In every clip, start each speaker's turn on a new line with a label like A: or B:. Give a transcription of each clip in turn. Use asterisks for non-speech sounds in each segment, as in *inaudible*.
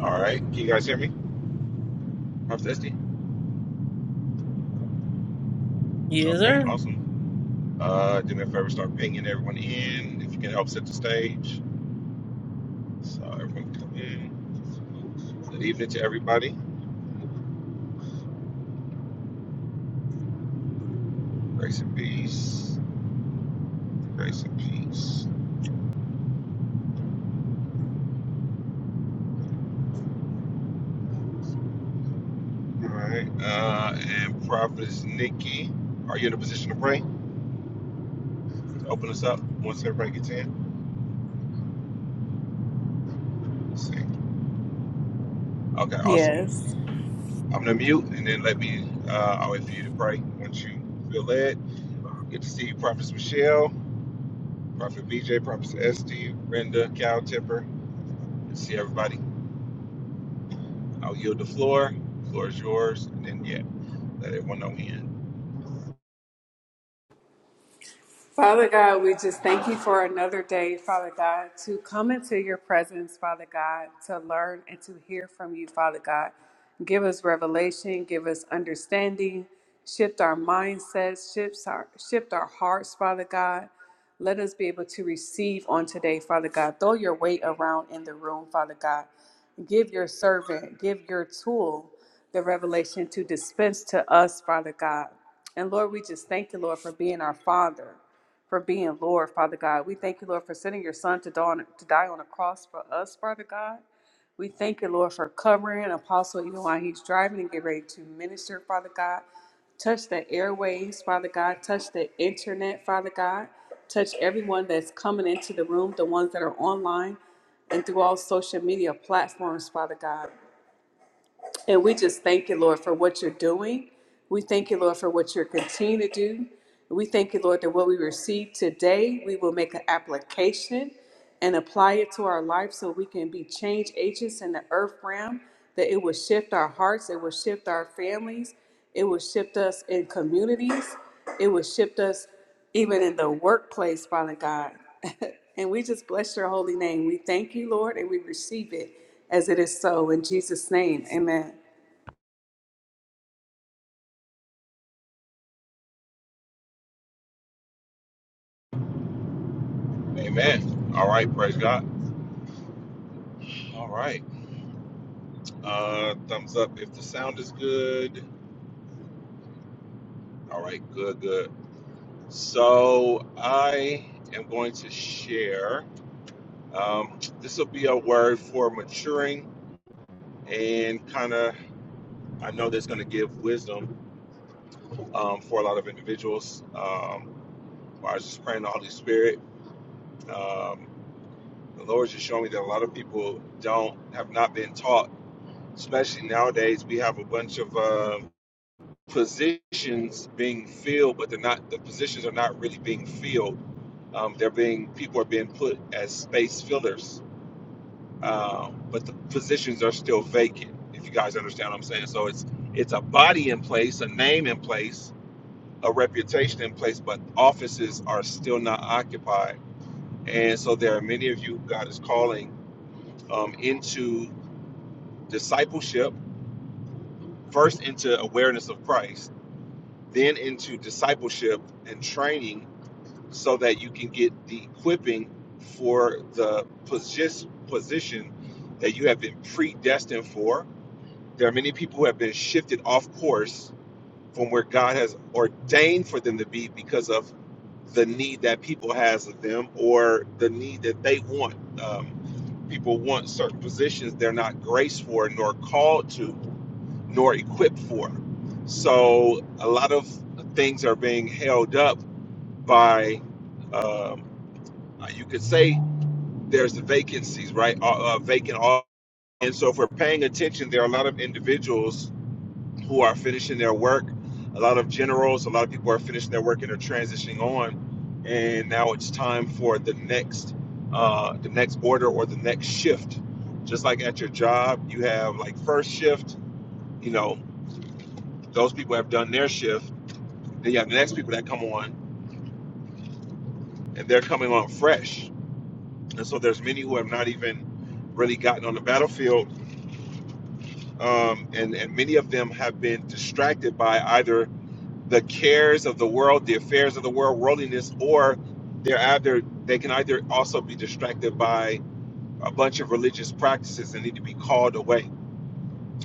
A: All right. Can you guys hear me? I'm
B: Yes,
A: Okay,
B: sir.
A: awesome. Uh, do me a favor, start pinging everyone in. If you can help set the stage. So everyone can come in. Good evening to everybody. Grace and peace. Grace and peace. All right. Uh, and Prophetess Nikki, are you in a position to pray? Open us up once everybody gets in. Let's see. Okay, awesome.
C: Yes.
A: I'm gonna mute and then let me. Uh, I'll wait for you to pray once you feel led. Good to see you, Prophetess Michelle. Prophet BJ, Prophet SD, Brenda, Cal Tipper. Good to see everybody. I'll yield the floor. The floor is yours. And then, yeah, let everyone know in.
C: Father God, we just thank you for another day, Father God, to come into your presence, Father God, to learn and to hear from you, Father God. Give us revelation, give us understanding, shift our mindsets, shift our, shift our hearts, Father God. Let us be able to receive on today, Father God. Throw your weight around in the room, Father God. Give your servant, give your tool the revelation to dispense to us, Father God. And Lord, we just thank you, Lord, for being our Father for being Lord, Father God. We thank you, Lord, for sending your son to die on, to die on a cross for us, Father God. We thank you, Lord, for covering Apostle even while he's driving and get ready to minister, Father God. Touch the airways, Father God. Touch the internet, Father God. Touch everyone that's coming into the room, the ones that are online and through all social media platforms, Father God. And we just thank you, Lord, for what you're doing. We thank you, Lord, for what you're continuing to do. We thank you, Lord, that what we receive today, we will make an application and apply it to our life so we can be change agents in the earth realm, that it will shift our hearts, it will shift our families, it will shift us in communities, it will shift us even in the workplace, Father God. *laughs* and we just bless your holy name. We thank you, Lord, and we receive it as it is so. In Jesus' name, amen.
A: Amen. All right. Praise God. All right. Uh, thumbs up if the sound is good. All right. Good, good. So I am going to share. Um, this will be a word for maturing and kind of, I know that's going to give wisdom um, for a lot of individuals. Um, well, I was just praying the Holy Spirit. um, the Lord just showed me that a lot of people don't have not been taught. Especially nowadays, we have a bunch of um positions being filled, but they're not. The positions are not really being filled. Um, they're being people are being put as space fillers, um, but the positions are still vacant. If you guys understand what I'm saying, so it's it's a body in place, a name in place, a reputation in place, but offices are still not occupied. And so there are many of you God is calling um, into discipleship, first into awareness of Christ, then into discipleship and training so that you can get the equipping for the position, position that you have been predestined for. There are many people who have been shifted off course from where God has ordained for them to be because of the need that people has of them or the need that they want. Um, people want certain positions they're not graced for nor called to nor equipped for. So a lot of things are being held up by, um, uh, you could say, there's vacancies, right? Uh, uh, vacant. off- And so, if we're paying attention, there are a lot of individuals who are finishing their work. A lot of generals, a lot of people are finishing their work and are transitioning on, and now it's time for the next, uh, the next order or the next shift. Just like at your job, you have like first shift. You know, those people have done their shift Then you have the next people that come on, and they're coming on fresh. And so there's many who have not even really gotten on the battlefield, um, and and many of them have been distracted by either the cares of the world, the affairs of the world, worldliness, or they're either they can either also be distracted by a bunch of religious practices and need to be called away.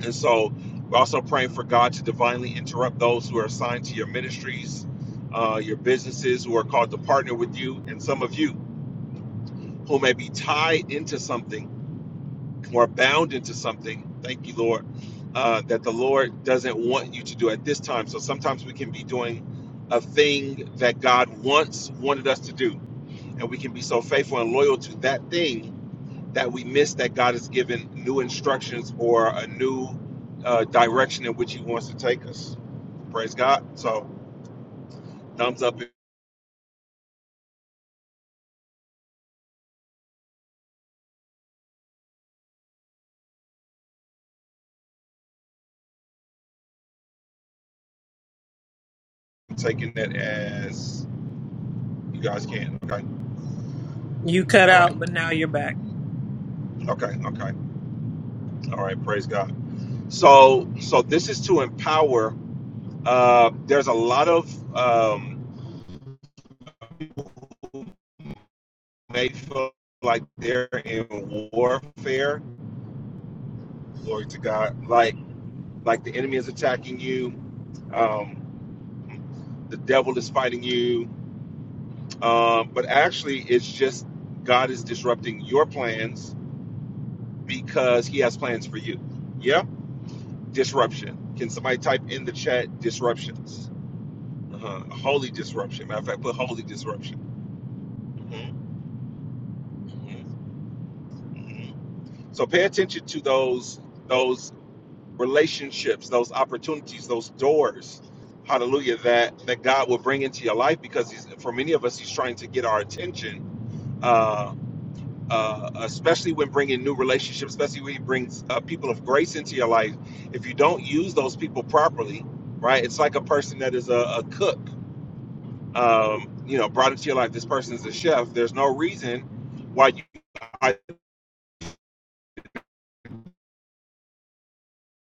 A: And so we're also praying for God to divinely interrupt those who are assigned to your ministries, uh, your businesses who are called to partner with you, and some of you. who may be tied into something or bound into something. Thank you, Lord, uh, that the Lord doesn't want you to do at this time. So sometimes we can be doing a thing that God once wanted us to do, and we can be so faithful and loyal to that thing that we miss that God has given new instructions or a new uh, direction in which He wants to take us. Praise God. So thumbs up. if you're Taking that as you guys can. Okay.
B: You cut
A: All right.
B: out, but now you're back.
A: Okay. Okay. All right. Praise God. So, so this is to empower. Uh, there's a lot of um, they feel like they're in warfare. Glory to God. Like, like the enemy is attacking you. Um, the devil is fighting you. Um, but actually, it's just God is disrupting your plans because He has plans for you. Yeah, disruption. Can somebody type in the chat disruptions? Uh-huh. Holy disruption. Matter of fact, put holy disruption. Mhm. Mhm. Mhm. So pay attention to those those relationships, those opportunities, those doors. Hallelujah! That that God will bring into your life because he's, for many of us, He's trying to get our attention. Uh, uh, especially when bringing new relationships, especially when He brings uh, people of grace into your life. If you don't use those people properly, right? It's like a person that is a, a cook. Um, you know, brought into your life. This person is a chef. There's no reason why you.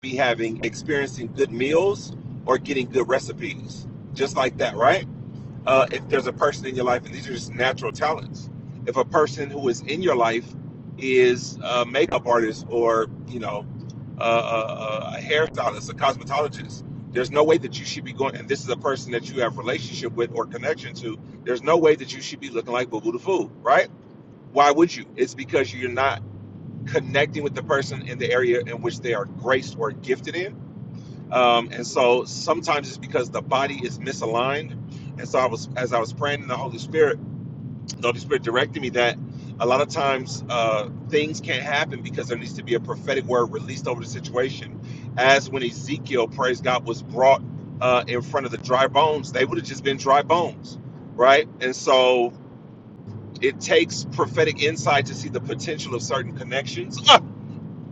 A: be having experiencing good meals or getting good recipes, just like that, right? Uh, if there's a person in your life, and these are just natural talents. If a person who is in your life is a makeup artist or you know a, a, a hairstylist, a cosmetologist, there's no way that you should be going. And this is a person that you have relationship with or connection to. There's no way that you should be looking like Boo Boo the Fool, right? Why would you? It's because you're not connecting with the person in the area in which they are graced or gifted in um, and so sometimes it's because the body is misaligned. And so I was, as I was praying in the Holy Spirit, the Holy Spirit directed me that a lot of times uh, things can't happen because there needs to be a prophetic word released over the situation. As when Ezekiel, praise God, was brought uh, in front of the dry bones, they would have just been dry bones, right? And so it takes prophetic insight to see the potential of certain connections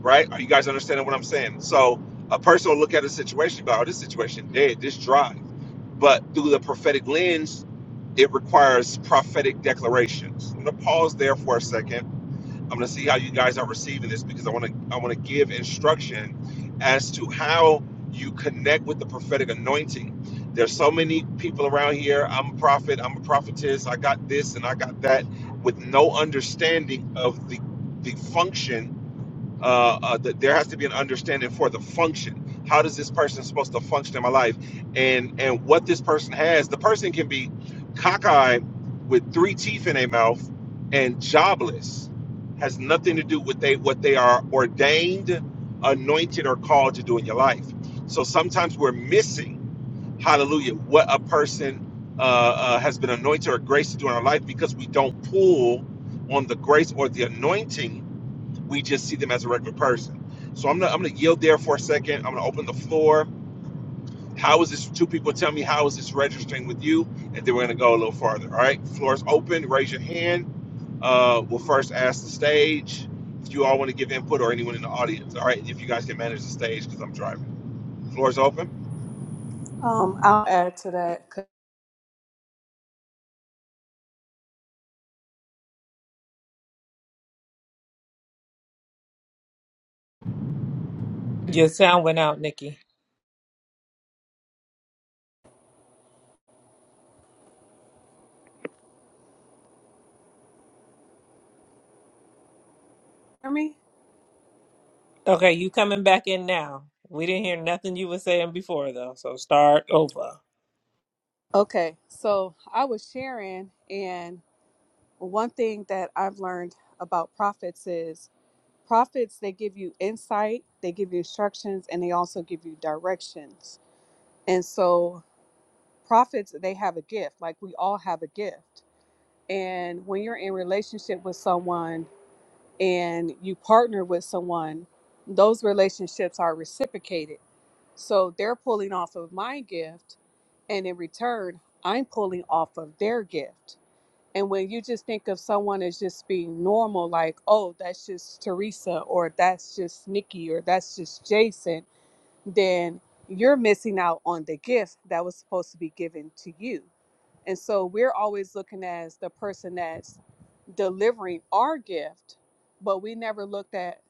A: right? Are you guys understanding what I'm saying? So a person will look at a situation, and go, oh, this situation dead, this dry. But through the prophetic lens, it requires prophetic declarations. I'm gonna pause there for a second. I'm gonna see how you guys are receiving this because I wanna I wanna give instruction as to how you connect with the prophetic anointing. There's so many people around here. I'm a prophet, I'm a prophetess, I got this and I got that, with no understanding of the the function uh, uh, that there has to be an understanding for the function. How does this person supposed to function in my life, and and what this person has? The person can be cockeyed with three teeth in their mouth and jobless, has nothing to do with they what they are ordained, anointed, or called to do in your life. So sometimes we're missing, Hallelujah, what a person uh, uh, has been anointed or graced to do in our life because we don't pull on the grace or the anointing we just see them as a regular person. So I'm gonna I'm gonna yield there for a second. I'm gonna open the floor. How is this? Two people tell me how is this registering with you, and then we're gonna go a little farther. All right, floor is open. Raise your hand. Uh, we'll first ask the stage if you all want to give input or anyone in the audience. All right, if you guys can manage the stage because I'm driving. Floor is open.
C: Um, I'll add to that. Could
B: Your sound went out, Nikki.
C: you hear me?
B: Okay, you coming back in now. We didn't hear nothing you were saying before though, so start over.
C: Okay, so I was sharing, and one thing that I've learned about prophets is prophets, they give you insight, they give you instructions, and they also give you directions. And so prophets, they have a gift, like we all have a gift. And when you're in relationship with someone and you partner with someone, those relationships are reciprocated. So they're pulling off of my gift, and in return, I'm pulling off of their gift. And when you just think of someone as just being normal, like, oh, that's just Teresa, or that's just Nikki, or that's just Jason, then you're missing out on the gift that was supposed to be given to you. And so we're always looking as the person that's delivering our gift, but we never looked at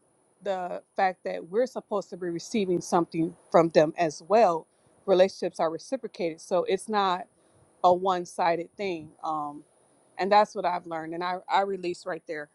C: the fact that we're supposed to be receiving something from them as well. Relationships are reciprocated, so it's not a one-sided thing. Um, and that's what I've learned, and I, I release right there.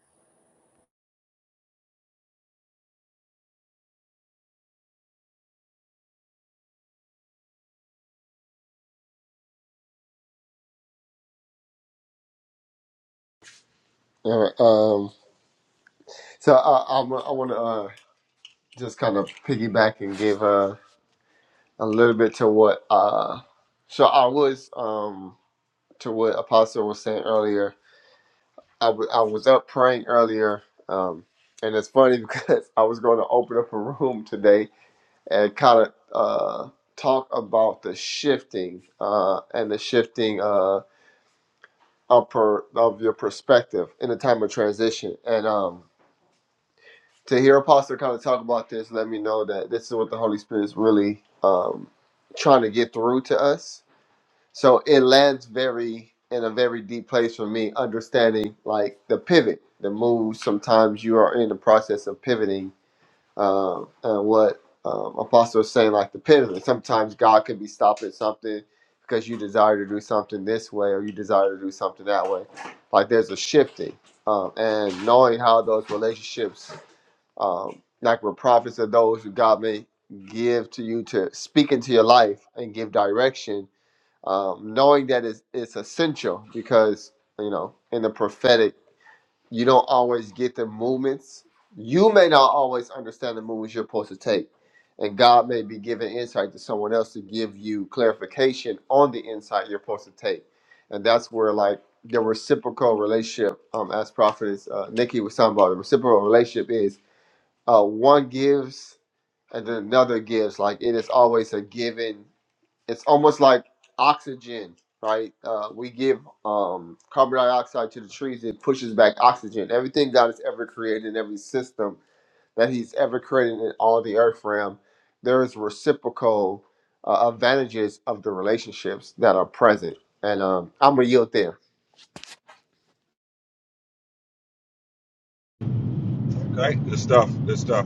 A: Okay, good stuff. Good stuff.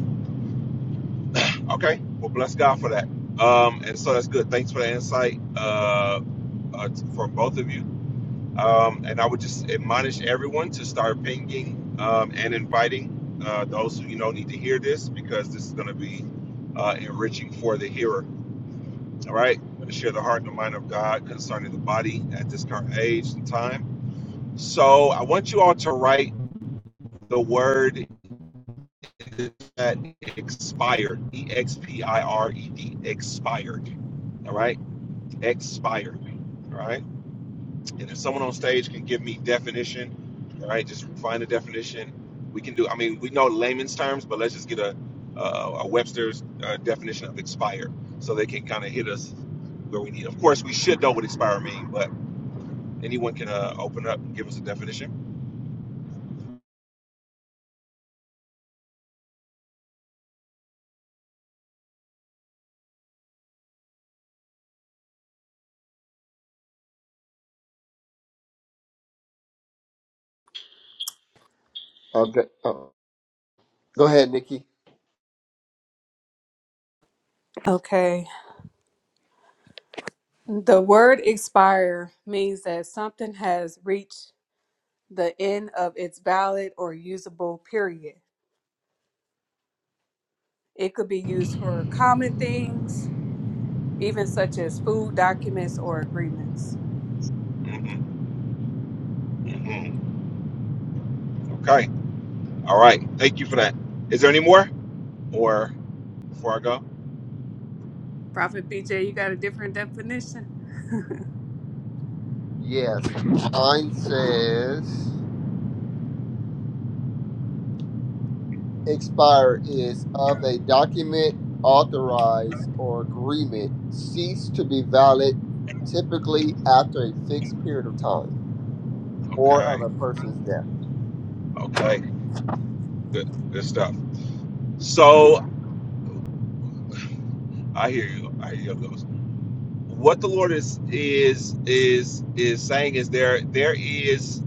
A: Okay, well bless God for that. Um, and so that's good. Thanks for the insight. Uh, uh, for both of you. Um, and I would just admonish everyone to start pinging um, and inviting uh, those who you know need to hear this because this is going to be uh, enriching for the hearer. All right, I'm going to share the heart and the mind of God concerning the body at this current age and time. So I want you all to write the word that expired, E X P I R E D, expired. expired, All right, expired. All right And if someone on stage can give me definition, all right, just find a definition. We can do. I mean, we know layman's terms, but let's just get a a, a Webster's uh, definition of expire, so they can kind of hit us where we need. Of course, we should know what expire mean, but anyone can uh, open up and give us a definition.
C: Okay. The word expire means that something has reached the end of its valid or usable period. It could be used for common things, even such as food documents or agreements.
A: Mm-mm, mm-mm. Okay. All right. Thank you for that. Is there any more? Or before I go?
C: Prophet BJ, you got a different definition? *laughs*
A: Okay. Okay. Good. Good stuff. So I hear you. I hear you. what the Lord is is is is saying is there there is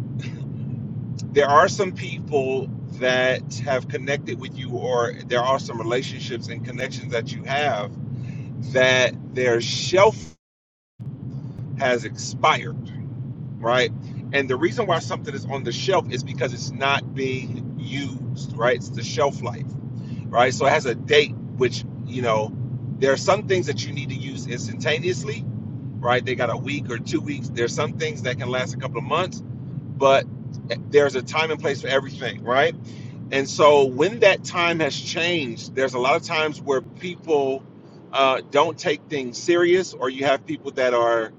A: there are some people that have connected with you or there are some relationships and connections that you have that their shelf has expired, right? And the reason why something is on the shelf is because it's not being used, right? It's the shelf life, right? So it has a date which, you know, there are some things that you need to use instantaneously right? They got a week or two weeks. There's some things that can last a couple of months, but there's a time and place for everything, right? And so when that time has changed, there's a lot of times where people uh, don't take things serious, or you have people that are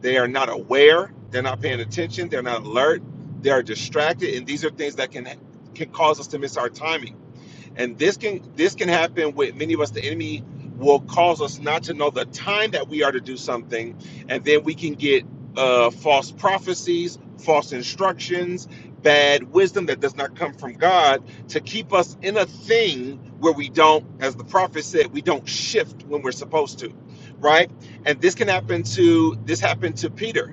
A: they are not aware, they're not paying attention, they're not alert, they are distracted, and these are things that can can cause us to miss our timing and this can this can happen with many of us the enemy will cause us not to know the time that we are to do something and then we can get uh, false prophecies false instructions bad wisdom that does not come from god to keep us in a thing where we don't as the prophet said we don't shift when we're supposed to right and this can happen to this happened to peter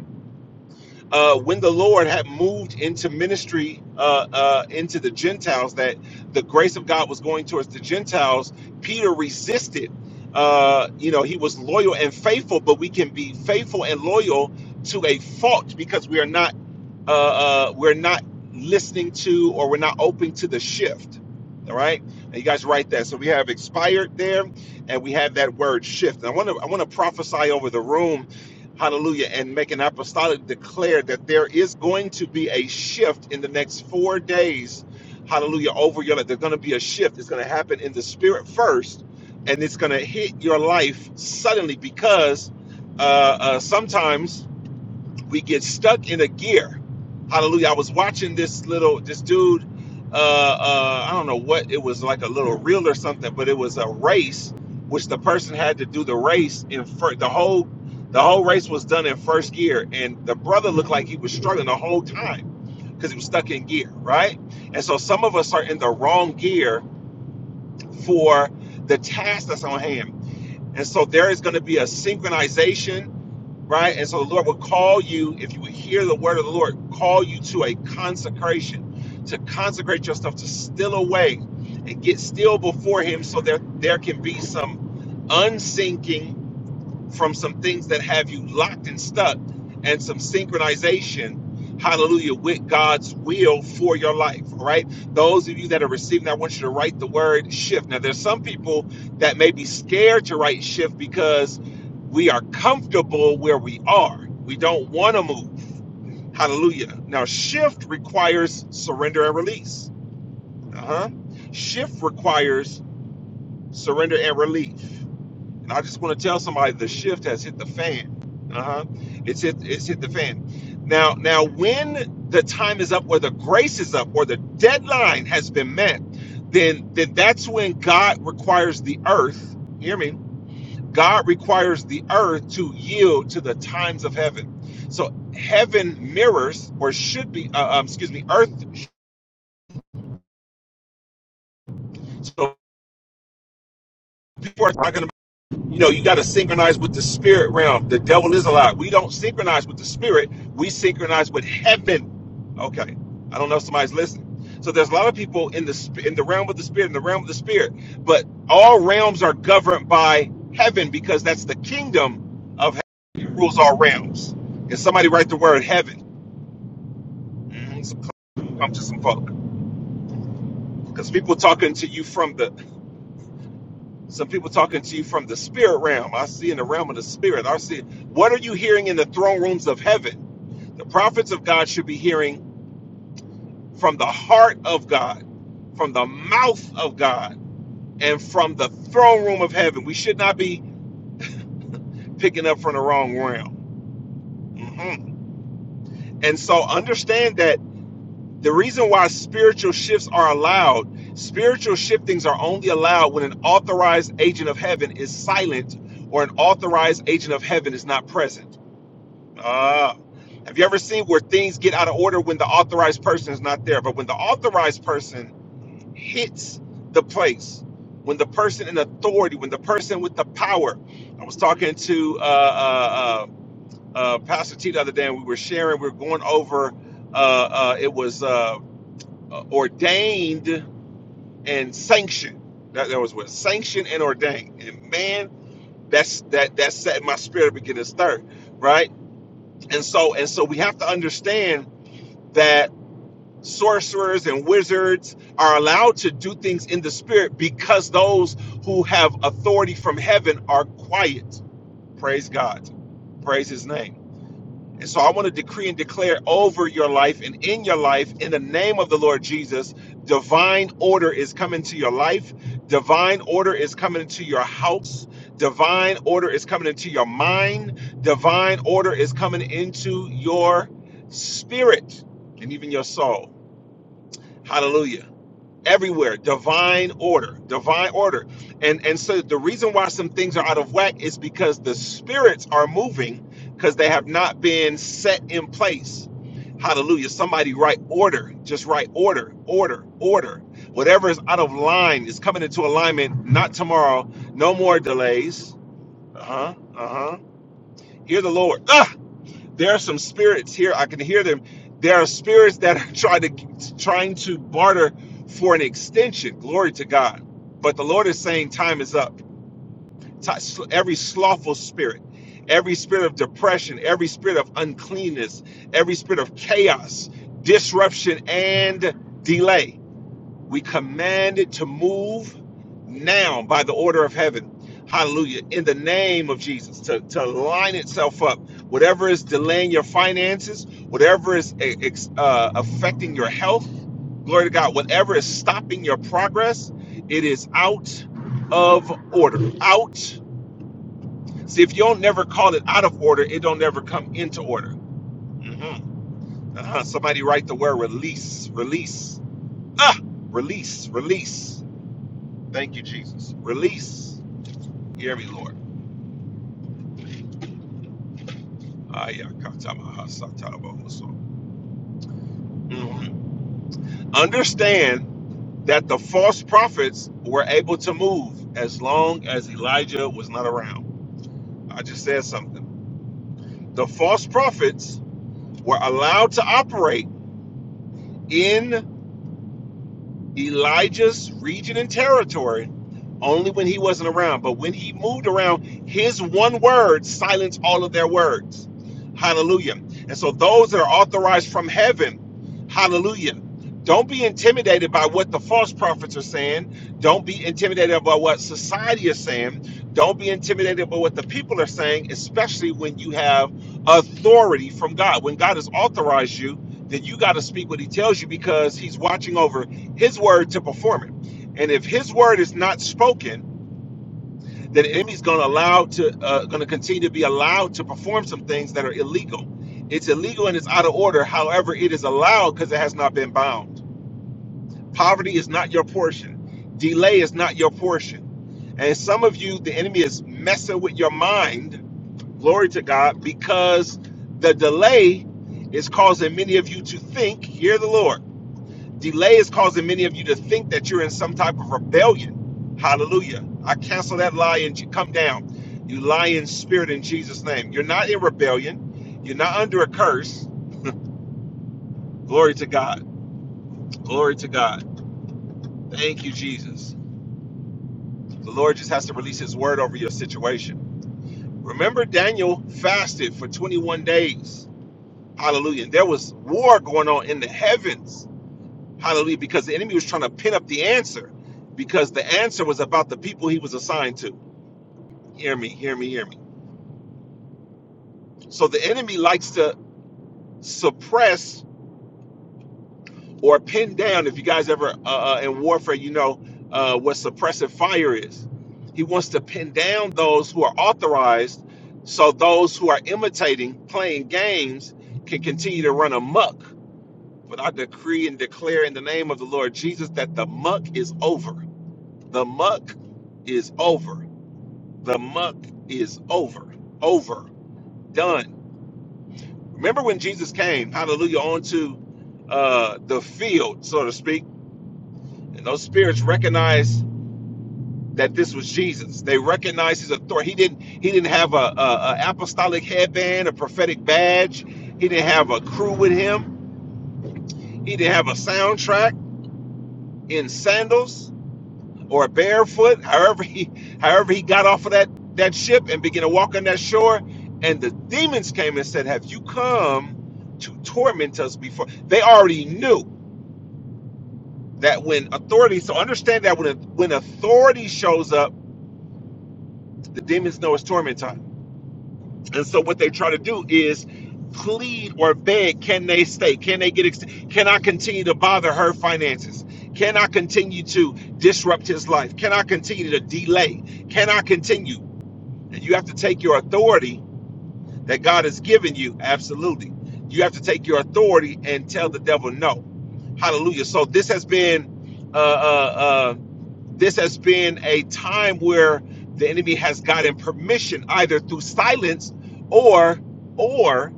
A: uh, when the Lord had moved into ministry uh, uh, into the Gentiles, that the grace of God was going towards the Gentiles, Peter resisted. Uh, you know, he was loyal and faithful, but we can be faithful and loyal to a fault because we are not uh, uh, we're not listening to or we're not open to the shift. All right, and you guys write that. So we have expired there, and we have that word shift. And I want to I want to prophesy over the room, hallelujah, and make an apostolic declare that there is going to be a shift in the next four days, hallelujah, over your life. There's going to be a shift. It's going to happen in the spirit first, and it's going to hit your life suddenly because uh, uh, sometimes we get stuck in a gear. Hallelujah. I was watching this little this dude uh uh I don't know what it was like a little reel or something, but it was a race which the person had to do the race in first the whole the whole race was done in first gear and the brother looked like he was struggling the whole time because he was stuck in gear, right? And so some of us are in the wrong gear for the task that's on hand. And so there is going to be a synchronization right? And so the Lord will call you, if you would hear the word of the Lord, call you to a consecration, to consecrate yourself, to still away and get still before Him so that there can be some unsinking from some things that have you locked and stuck and some synchronization hallelujah with god's will for your life all right those of you that are receiving i want you to write the word shift now there's some people that may be scared to write shift because we are comfortable where we are we don't want to move hallelujah now shift requires surrender and release uh-huh shift requires surrender and release and I just want to tell somebody the shift has hit the fan. Uh-huh. It's hit it's hit the fan. Now now when the time is up or the grace is up or the deadline has been met, then then that's when God requires the earth, hear me? God requires the earth to yield to the times of heaven. So heaven mirrors or should be uh, um, excuse me, earth so people are talking you know, you got to synchronize with the spirit realm. The devil is a lie. We don't synchronize with the spirit. We synchronize with heaven. Okay, I don't know if somebody's listening. So there's a lot of people in the sp- in the realm of the spirit, in the realm of the spirit, but all realms are governed by heaven because that's the kingdom of heaven. It rules all realms. And somebody write the word heaven. Mhm. So come to some folk because people talking to you from the Some people talking to you from the spirit realm. I see in the realm of the spirit. I see. What are you hearing in the throne rooms of heaven? The prophets of God should be hearing from the heart of God, from the mouth of God, and from the throne room of heaven. We should not be picking up from the wrong realm. Mhm. And so understand that the reason why spiritual shifts are allowed, spiritual shiftings are only allowed when an authorized agent of heaven is silent or an authorized agent of heaven is not present Uh, have you ever seen where things get out of order when the authorized person is not there? But when the authorized person hits the place, when the person in authority, when the person with the power, I was talking to uh, uh, uh, uh, Pastor T the other day, and we were sharing, we were going over, uh, uh, it was uh, uh, ordained and sanctioned. That, that was what sanctioned and ordained. And man, that's that that set my spirit beginning to stir, right? And so and so we have to understand that sorcerers and wizards are allowed to do things in the spirit because those who have authority from heaven are quiet. Praise God. Praise his name. And so I want to decree and declare over your life and in your life, in the name of the Lord Jesus, divine order is coming to your life, divine order is coming into your house, divine order is coming into your mind, divine order is coming into your spirit and even your soul. Hallelujah. Everywhere, divine order, divine order. And and so the reason why some things are out of whack is because the spirits are moving because they have not been set in place. Hallelujah. Somebody write order. Just write order, order, order. Whatever is out of line is coming into alignment, not tomorrow. No more delays. Uh-huh. Uh-huh. Hear the Lord. Ah! there are some spirits here i can hear them there are spirits that are trying to trying to barter for an extension glory to god but the lord is saying time is up Ti- every slothful spirit every spirit of depression every spirit of uncleanness every spirit of chaos disruption and delay we command it to move now by the order of heaven. Hallelujah. In the name of Jesus, to, to line itself up. Whatever is delaying your finances, whatever is eh, uh, affecting your health, glory to God, whatever is stopping your progress, it is out of order. Out. See, if you don't never call it out of order, it don't never come into order. Mhm. Uh-huh. Somebody write the word release, release. Ah, release, release. Thank you, Jesus. Release. Hear me, Lord. Mhm. Understand that the false prophets were able to move as long as Elijah was not around. I just said something. The false prophets were allowed to operate in Elijah's region and territory only when he wasn't around. But when he moved around, his one word silenced all of their words. Hallelujah. And so those that are authorized from heaven, hallelujah. Don't be intimidated by what the false prophets are saying. Don't be intimidated by what society is saying. Don't be intimidated by what the people are saying, especially when you have authority from God. When God has authorized you, then you got to speak what he tells you because he's watching over his word to perform it. And if his word is not spoken, then the enemy's going to allow to uh, going to continue to be allowed to perform some things that are illegal. It's illegal and it's out of order. However, it is allowed because it has not been bound. Poverty is not your portion. Delay is not your portion. And some of you, the enemy is messing with your mind. Glory to God, because the delay is causing many of you to think. Hear the Lord Delay is causing many of you to think that you're in some type of rebellion. Hallelujah. I cancel that lie and you come down. You lying spirit in Jesus' name. You're not in rebellion. You're not under a curse. Glory to God. Glory to God. Thank you, Jesus. The Lord just has to release his word over your situation. Remember, Daniel fasted for 21 days. Hallelujah. And there was war going on in the heavens. Hallelujah. Because the enemy was trying to pin up the answer because the answer was about the people he was assigned to. hear me, hear me, hear me. So the enemy likes to suppress or pin down. If you guys ever uh, uh, in warfare, you know uh, what suppressive fire is. He wants to pin down those who are authorized, so those who are imitating, playing games, can continue to run amok. But I decree and declare in the name of the Lord Jesus that the muck is over. The muck is over. The muck is over. Over. Done Remember when Jesus came, hallelujah, onto uh, the field, so to speak, and those spirits recognized that this was Jesus. They recognized his authority. He didn't he didn't have a, a, a apostolic headband, a prophetic badge. He didn't have a crew with him. He didn't have a soundtrack in sandals or barefoot. However he however he got off of that that ship and began to walk on that shore, and the demons came and said, "Have you come to torment us before?" They already knew. that when authority so understand that when when authority shows up the demons know it's torment time and so what they try to do is plead or beg can they stay can they get ex- can i continue to bother her finances can i continue to disrupt his life can i continue to delay can i continue and you have to take your authority that god has given you absolutely you have to take your authority and tell the devil no hallelujah so this has been uh uh uh, this has been a time where the enemy has gotten permission either through silence or or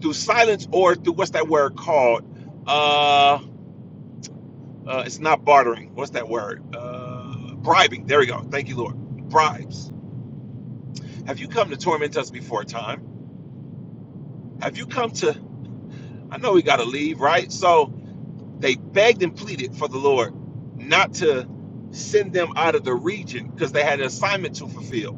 A: through silence or through what's that word called uh, uh it's not bartering what's that word uh bribing there we go thank you lord bribes have you come to torment us before time have you come to i know we got to leave right so they begged and pleaded for the lord not to send them out of the region because they had an assignment to fulfill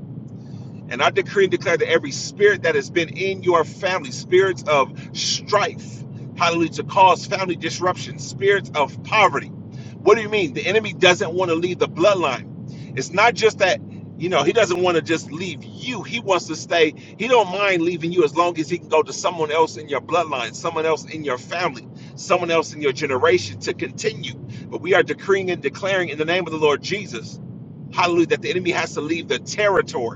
A: And I decree and declare that every spirit that has been in your family, spirits of strife, hallelujah, to cause family disruption, spirits of poverty. What do you mean? The enemy doesn't want to leave the bloodline. It's not just that, you know, he doesn't want to just leave you. He wants to stay. He don't mind leaving you as long as he can go to someone else in your bloodline, someone else in your family, someone else in your generation to continue. But we are decreeing and declaring in the name of the Lord Jesus, hallelujah, that the enemy has to leave the territory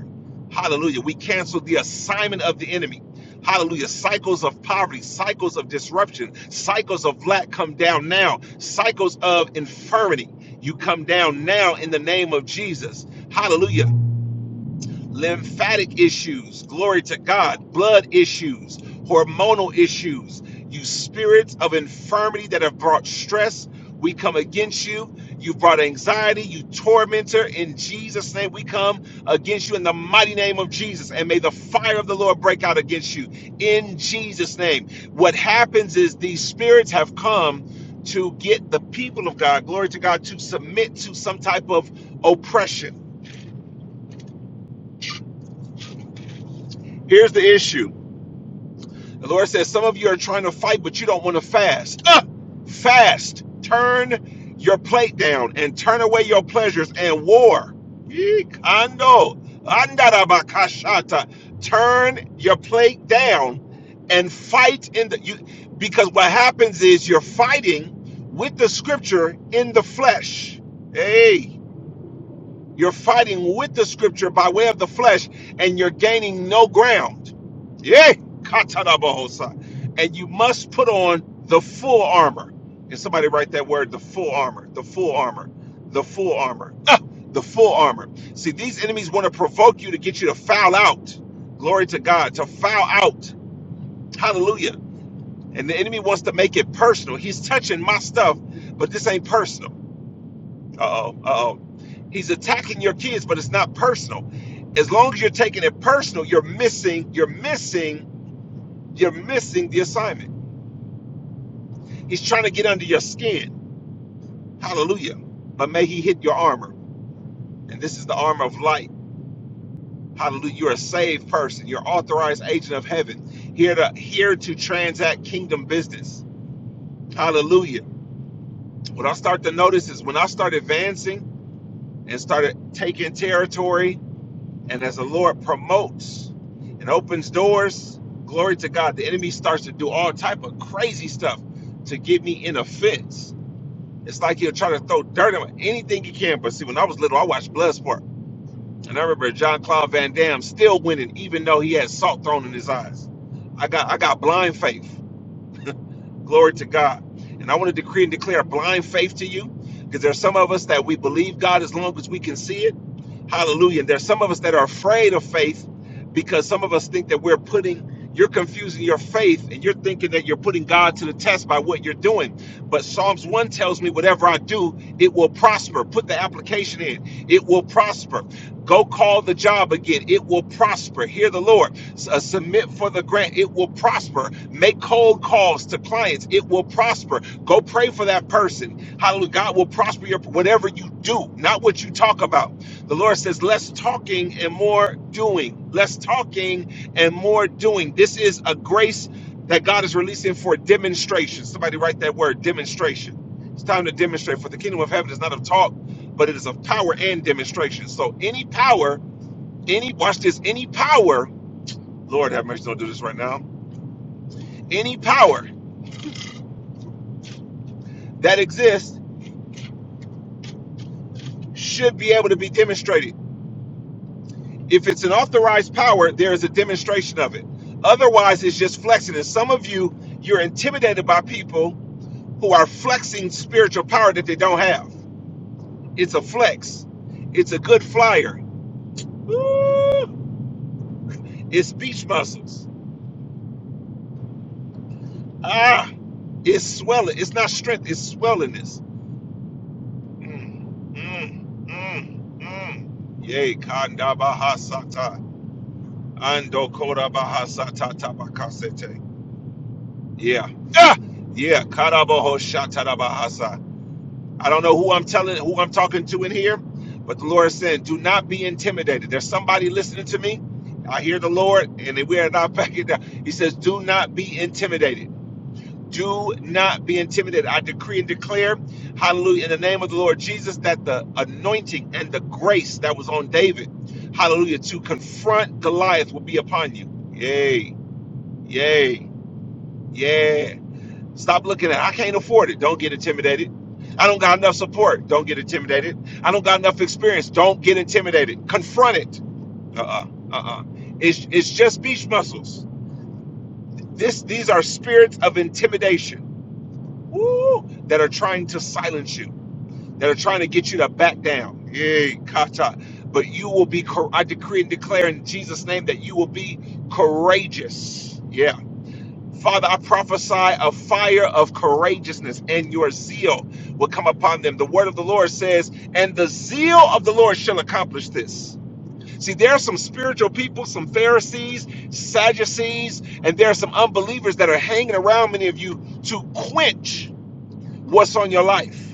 A: Hallelujah. We cancel the assignment of the enemy. Hallelujah. Cycles of poverty, cycles of disruption, cycles of lack come down now, cycles of infirmity. You come down now in the name of Jesus. Hallelujah lymphatic issues, glory to God, blood issues, hormonal issues, you spirits of infirmity that have brought stress, we come against you. You brought anxiety, you tormentor. In Jesus' name, we come against you in the mighty name of Jesus. And may the fire of the Lord break out against you in Jesus' name. What happens is these spirits have come to get the people of God, glory to God, to submit to some type of oppression. Here's the issue The Lord says, Some of you are trying to fight, but you don't want to fast. Ah, fast. Turn your plate down and turn away your pleasures and war. Yee, Kando. Turn your plate down and fight in the you because what happens is you're fighting with the scripture in the flesh. Hey." You're fighting with the scripture by way of the flesh, and you're gaining no ground. Yeah, katanabohosa. And you must put on the full armor. And somebody write that word, the full armor, the full armor, the full armor, ah, the full armor. See, these enemies want to provoke you to get you to foul out. Glory to God, to foul out. Hallelujah. And the enemy wants to make it personal. He's touching my stuff, but this ain't personal uh-oh, uh-oh. He's attacking your kids, but it's not personal. As long as you're taking it personal, you're missing, you're missing, you're missing the assignment. He's trying to get under your skin. Hallelujah. But may he hit your armor. And this is the armor of light. Hallelujah. You're a saved person. You're authorized agent of heaven. Here to here to transact kingdom business. Hallelujah. What I start to notice is when I start advancing and started taking territory And as the Lord promotes and opens doors, glory to God, the enemy starts to do all type of crazy stuff to get me in a fence. It's like he'll try to throw dirt on me, anything he can. But see, when I was little, I watched Bloodsport. And I remember John Claude Van Damme still winning, even though he had salt thrown in his eyes. I got I got blind faith. Glory to God. And I want to decree and declare blind faith to you because there's some of us that we believe God as long as we can see it. Hallelujah. And there's some of us that are afraid of faith because some of us think that we're putting, you're confusing your faith and you're thinking that you're putting God to the test by what you're doing. But Psalms 1 tells me, whatever I do, it will prosper. Put the application in, it will prosper. Go call the job again, it will prosper. Hear the Lord uh, submit for the grant. It will prosper. Make cold calls to clients. It will prosper. Go pray for that person. Hallelujah. God will prosper your whatever you do, not what you talk about. The Lord says, less talking and more doing. Less talking and more doing. This is a grace that God is releasing for demonstration. Somebody write that word, demonstration. It's time to demonstrate. For the kingdom of heaven is not of talk, but it is of power and demonstration. So any power, any watch this, any power Lord have mercy, don't do this right now. Any power that exists should be able to be demonstrated. If it's an authorized power, there is a demonstration of it. Otherwise, it's just flexing. And some of you, you're intimidated by people who are flexing spiritual power that they don't have. It's a flex, it's a good flyer. Woo! It's beach muscles. Ah, it's swelling. It's not strength, it's swellingness. Mm, mm, mm, mm. Yay, Kandabahasata. Ando kora korabaha satatabakasete. Yeah. Ah! Yeah. Karaboho shatarabahasa. I don't know who I'm telling, who I'm talking to in here, but the Lord said, do not be intimidated. There's somebody listening to me. I hear the Lord, and we are not *laughs* backing down. He says, do not be intimidated. Do not be intimidated. I decree and declare, hallelujah, in the name of the Lord Jesus, that the anointing and the grace that was on David, hallelujah, to confront Goliath will be upon you. Yay. Yeah, yeah. Stop looking at I can't afford it. Don't get intimidated. I don't got enough support. Don't get intimidated. I don't got enough experience. Don't get intimidated. Confront it. Uh-uh. Uh-uh. It's it's just beach muscles. This these are spirits of intimidation. Woo! That are trying to silence you. That are trying to get you to back down. Yay, kata. But you will be cour- I decree and declare in Jesus' name that you will be courageous. Yeah. Father, I prophesy a fire of courageousness and your zeal will come upon them. The word of the Lord says, and the zeal of the Lord shall accomplish this. See, there are some spiritual people, some Pharisees, Sadducees, and there are some unbelievers that are hanging around many of you to quench what's on your life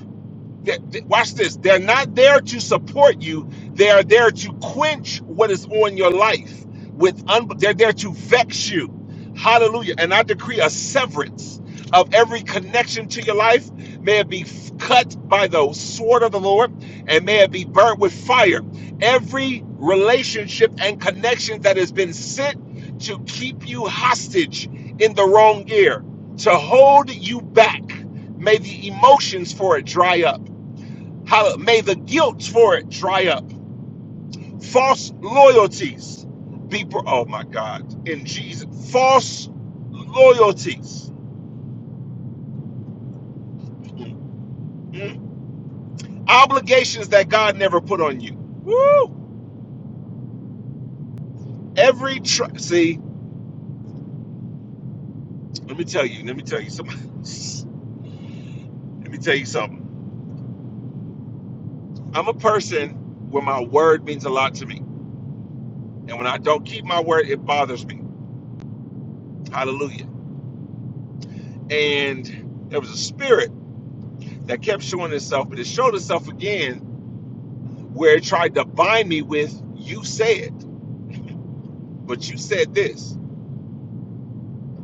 A: that- watch this they're not there to support you they are there to quench what is on your life with un- they're there to vex you hallelujah and i decree a severance of every connection to your life may it be f- cut by the sword of the lord and may it be burnt with fire every relationship and connection that has been sent to keep you hostage in the wrong gear to hold you back may the emotions for it dry up how may the guilt for it dry up. False loyalties be bro- oh my God. In Jesus. False loyalties. Mm. Obligations that God never put on you. Woo! Every tr- see, let me tell you, let me tell you something. *laughs* let me tell you something. I'm a person where my word means a lot to me. And when I don't keep my word, it bothers me. Hallelujah. And there was a spirit that kept showing itself, but it showed itself again where it tried to bind me with you said but you said this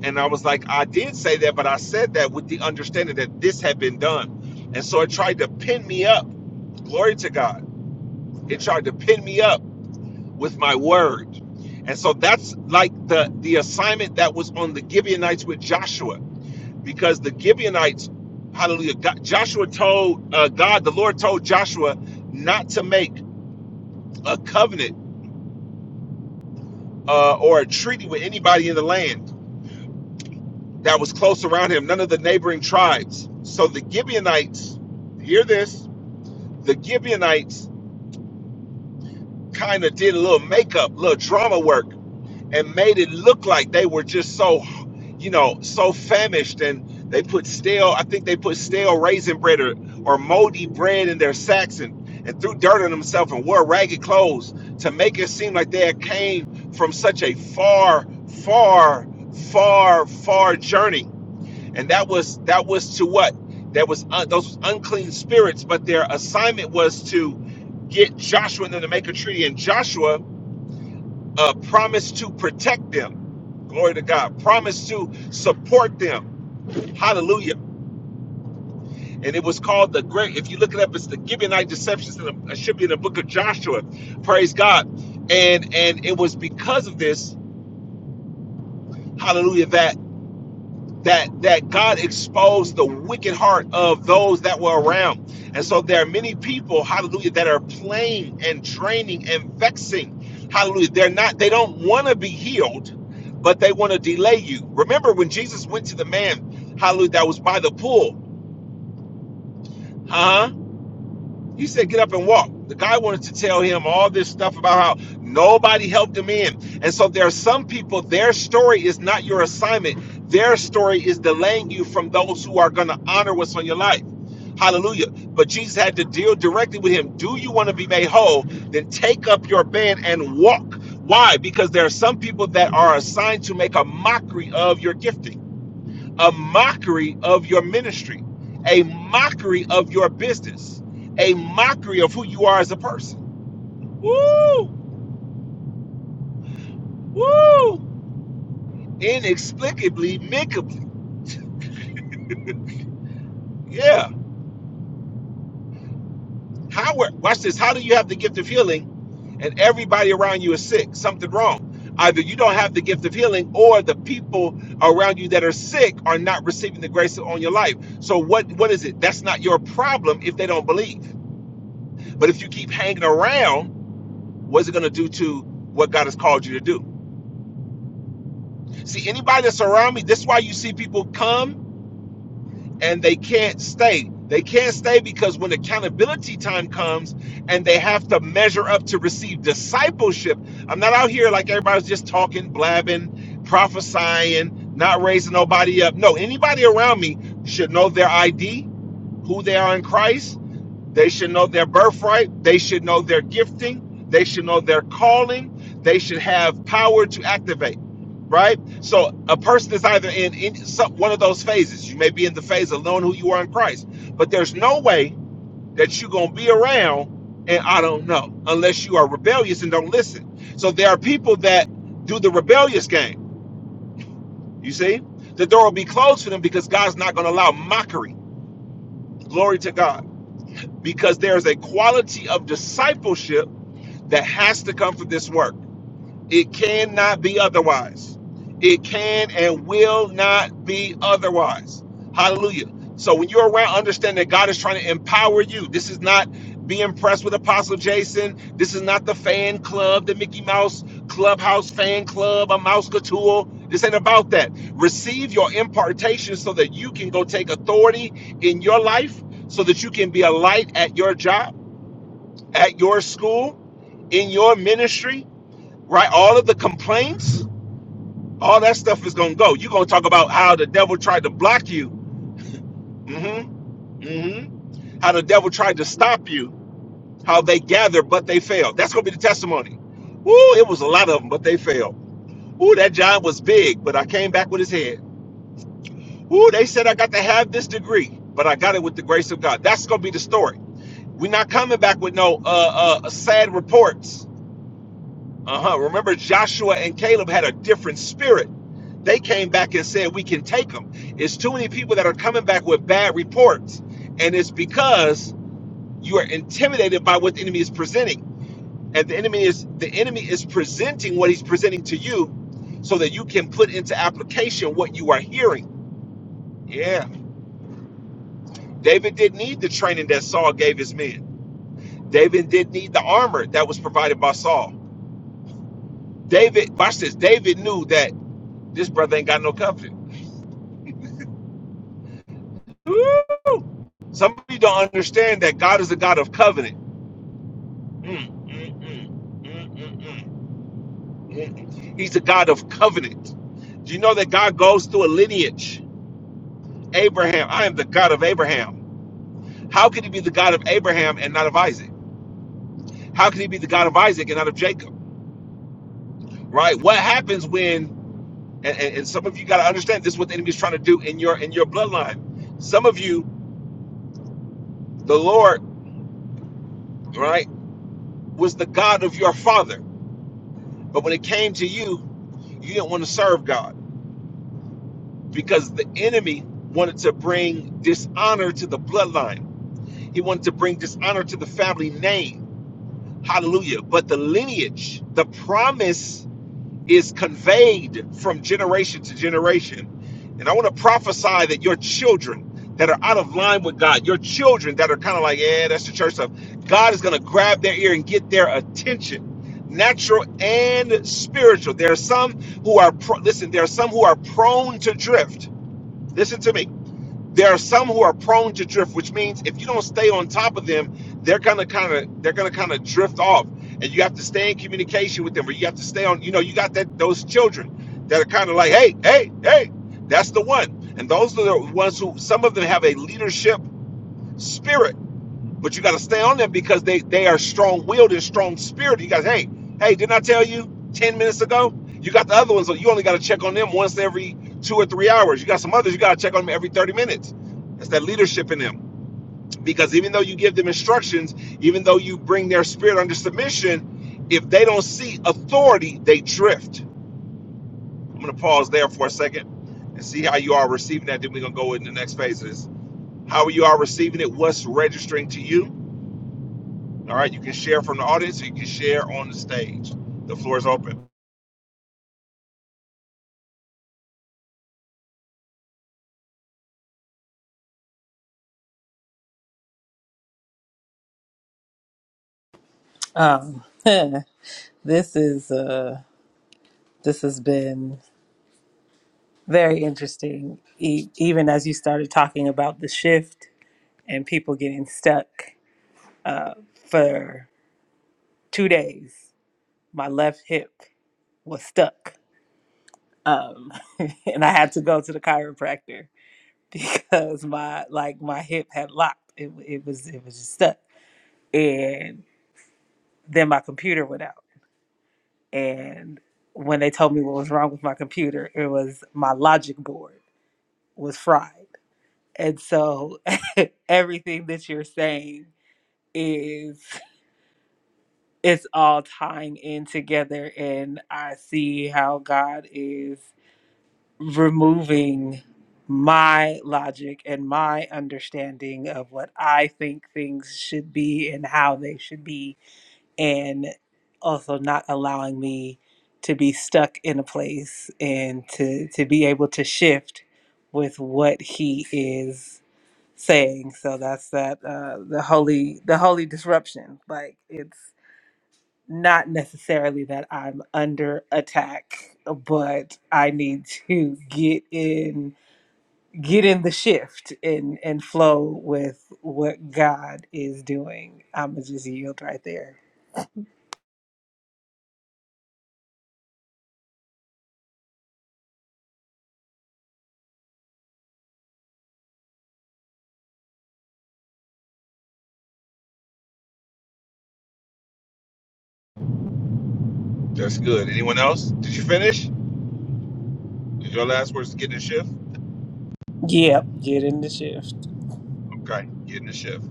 A: and i was like i did say that but i said that with the understanding that this had been done and so it tried to pin me up glory to god it tried to pin me up with my word and so that's like the the assignment that was on the gibeonites with joshua because the gibeonites hallelujah God, joshua told uh, god the lord told joshua not to make a covenant uh, or a treaty with anybody in the land that was close around him, none of the neighboring tribes. So the Gibeonites, hear this, the Gibeonites kind of did a little makeup, little drama work, and made it look like they were just so, you know, so famished. And they put stale, I think they put stale raisin bread or, or moldy bread in their sacks and, and threw dirt on themselves and wore ragged clothes to make it seem like they had came from such a far, far, far, far journey and that was that was to what that was un, those unclean spirits but their assignment was to get joshua and them to make a treaty and joshua uh, promised to protect them glory to god promised to support them hallelujah and it was called the great if you look it up it's the gibeonite deceptions it should be in the book of joshua praise god and and it was because of this hallelujah That. that that God exposed the wicked heart of those that were around. And so there are many people, hallelujah, that are playing and draining and vexing. Hallelujah. They're not, they don't want to be healed, but they want to delay you. Remember when Jesus went to the man, hallelujah, that was by the pool. Huh? He said, get up and walk. The guy wanted to tell him all this stuff about how nobody helped him in. And so there are some people, their story is not your assignment. Their story is delaying you from those who are going to honor what's on your life. Hallelujah. But Jesus had to deal directly with him. Do you want to be made whole? Then take up your bed and walk. Why? Because there are some people that are assigned to make a mockery of your gifting a mockery of your ministry, a mockery of your business, a mockery of who you are as a person. Woo! Woo! Inexplicably, micably. Yeah. How watch this. How do you have the gift of healing and everybody around you is sick? Something wrong. Either you don't have the gift of healing or the people around you that are sick are not receiving the grace on your life. So what what is it? That's not your problem if they don't believe. But if you keep hanging around What's it going to do to what God has called you to do? See, anybody that's around me, this is why you see people come and they can't stay. They can't stay because when accountability time comes and they have to measure up to receive discipleship, I'm not out here like everybody's just talking, blabbing, prophesying, not raising nobody up. No, anybody around me should know their ID, who they are in Christ, They should know their birthright. They should know their gifting. They should know their calling. They should have power to activate, right? So a person is either in, in some, one of those phases. You may be in the phase of knowing who you are in Christ, but there's no way that you're going to be around and I don't know unless you are rebellious and don't listen. So there are people that do the rebellious game. You see? The door will be closed for them because God's not going to allow mockery. Glory to God. Because there's a quality of discipleship that has to come from this work. It cannot be otherwise. It can and will not be otherwise. Hallelujah. So when you're around, understand that God is trying to empower you. This is not be impressed with Apostle Jason. This is not the fan club, the Mickey Mouse Clubhouse fan club, a mouse couture. This ain't about that. Receive your impartation so that you can go take authority in your life, so that you can be a light at your job, at your school, in your ministry, right? All of the complaints, all that stuff is gonna go. You're gonna talk about how the devil tried to block you, mm hmm mm hmm how the devil tried to stop you, how they gathered but they failed. That's gonna be the testimony. Ooh, it was a lot of them, but they failed. Ooh, that job was big, but I came back with his head. Ooh, they said I got to have this degree, but I got it with the grace of God. That's gonna be the story. We're not coming back with no uh, uh, sad reports Uh-huh. Remember, Joshua and Caleb had a different spirit. They came back and said, We can take them. It's too many people that are coming back with bad reports. And it's because you are intimidated by what the enemy is presenting. And the enemy is the enemy is presenting what he's presenting to you so that you can put into application what you are hearing. Yeah. David did need the training that Saul gave his men. David did need the armor that was provided by Saul. David, watch this, David knew that this brother ain't got no covenant. Woo! Some of you don't understand that God is a God of covenant. Mm, mm, mm, mm, mm, mm, mm. He's a God of covenant. Do you know that God goes through a lineage? Abraham, I am the God of Abraham. How could he be the God of Abraham and not of Isaac? How could he be the God of Isaac and not of Jacob? Right? What happens when and, and, and some of you gotta understand this is what the enemy is trying to do in your in your bloodline. Some of you, the Lord, right, was the God of your father. But when it came to you, you didn't want to serve God because the enemy wanted to bring dishonor to the bloodline. He wanted to bring dishonor to the family name. Hallelujah. But the lineage, the promise is conveyed from generation to generation. And I want to prophesy that your children that are out of line with God, your children that are kind of like, yeah, that's the church stuff, God is going to grab their ear and get their attention, natural and spiritual. There are some who are, pro- listen, there are some who are prone to drift. Listen to me there are some who are prone to drift which means if you don't stay on top of them they're gonna kind of they're gonna kind of drift off and you have to stay in communication with them or you have to stay on you know you got that those children that are kind of like hey hey hey that's the one and those are the ones who some of them have a leadership spirit but you got to stay on them because they they are strong willed and strong spirited. You guys, hey, hey, didn't I tell you ten minutes ago? You got the other ones, so you only got to check on them once every two or three hours. You got some others, you got to check on them every thirty minutes. That's that leadership in them. Because even though you give them instructions, even though you bring their spirit under submission, if they don't see authority, they drift. I'm gonna pause there for a second and see how you are receiving that. Then we're gonna go in the next phases. How you are receiving it? What's registering to you? All right, you can share from the audience. Or you can share on the stage. The floor is open.
B: Um, *laughs* this is uh, this has been very interesting. E- even as you started talking about the shift and people getting stuck for two days, my left hip was stuck, um, *laughs* and I had to go to the chiropractor. *laughs* because my like my hip had locked. It it was it was just stuck, and then my computer went out. And when they told me what was wrong with my computer, it was my logic board was fried. And so *laughs* everything that you're saying is it's all tying in together, and I see how God is. removing my logic and my understanding of what I think things should be and how they should be, and also not allowing me to be stuck in a place and to, to be able to shift with what he is saying. So that's that uh, the holy the holy disruption. Like it's not necessarily that I'm under attack, but I need to get in get in the shift and and flow with what God is doing. I'ma just yield right there.
A: That's good. Anyone else? Did you finish? Is Your last words getting a shift.
B: Yep, get in the shift.
A: Okay, getting a shift.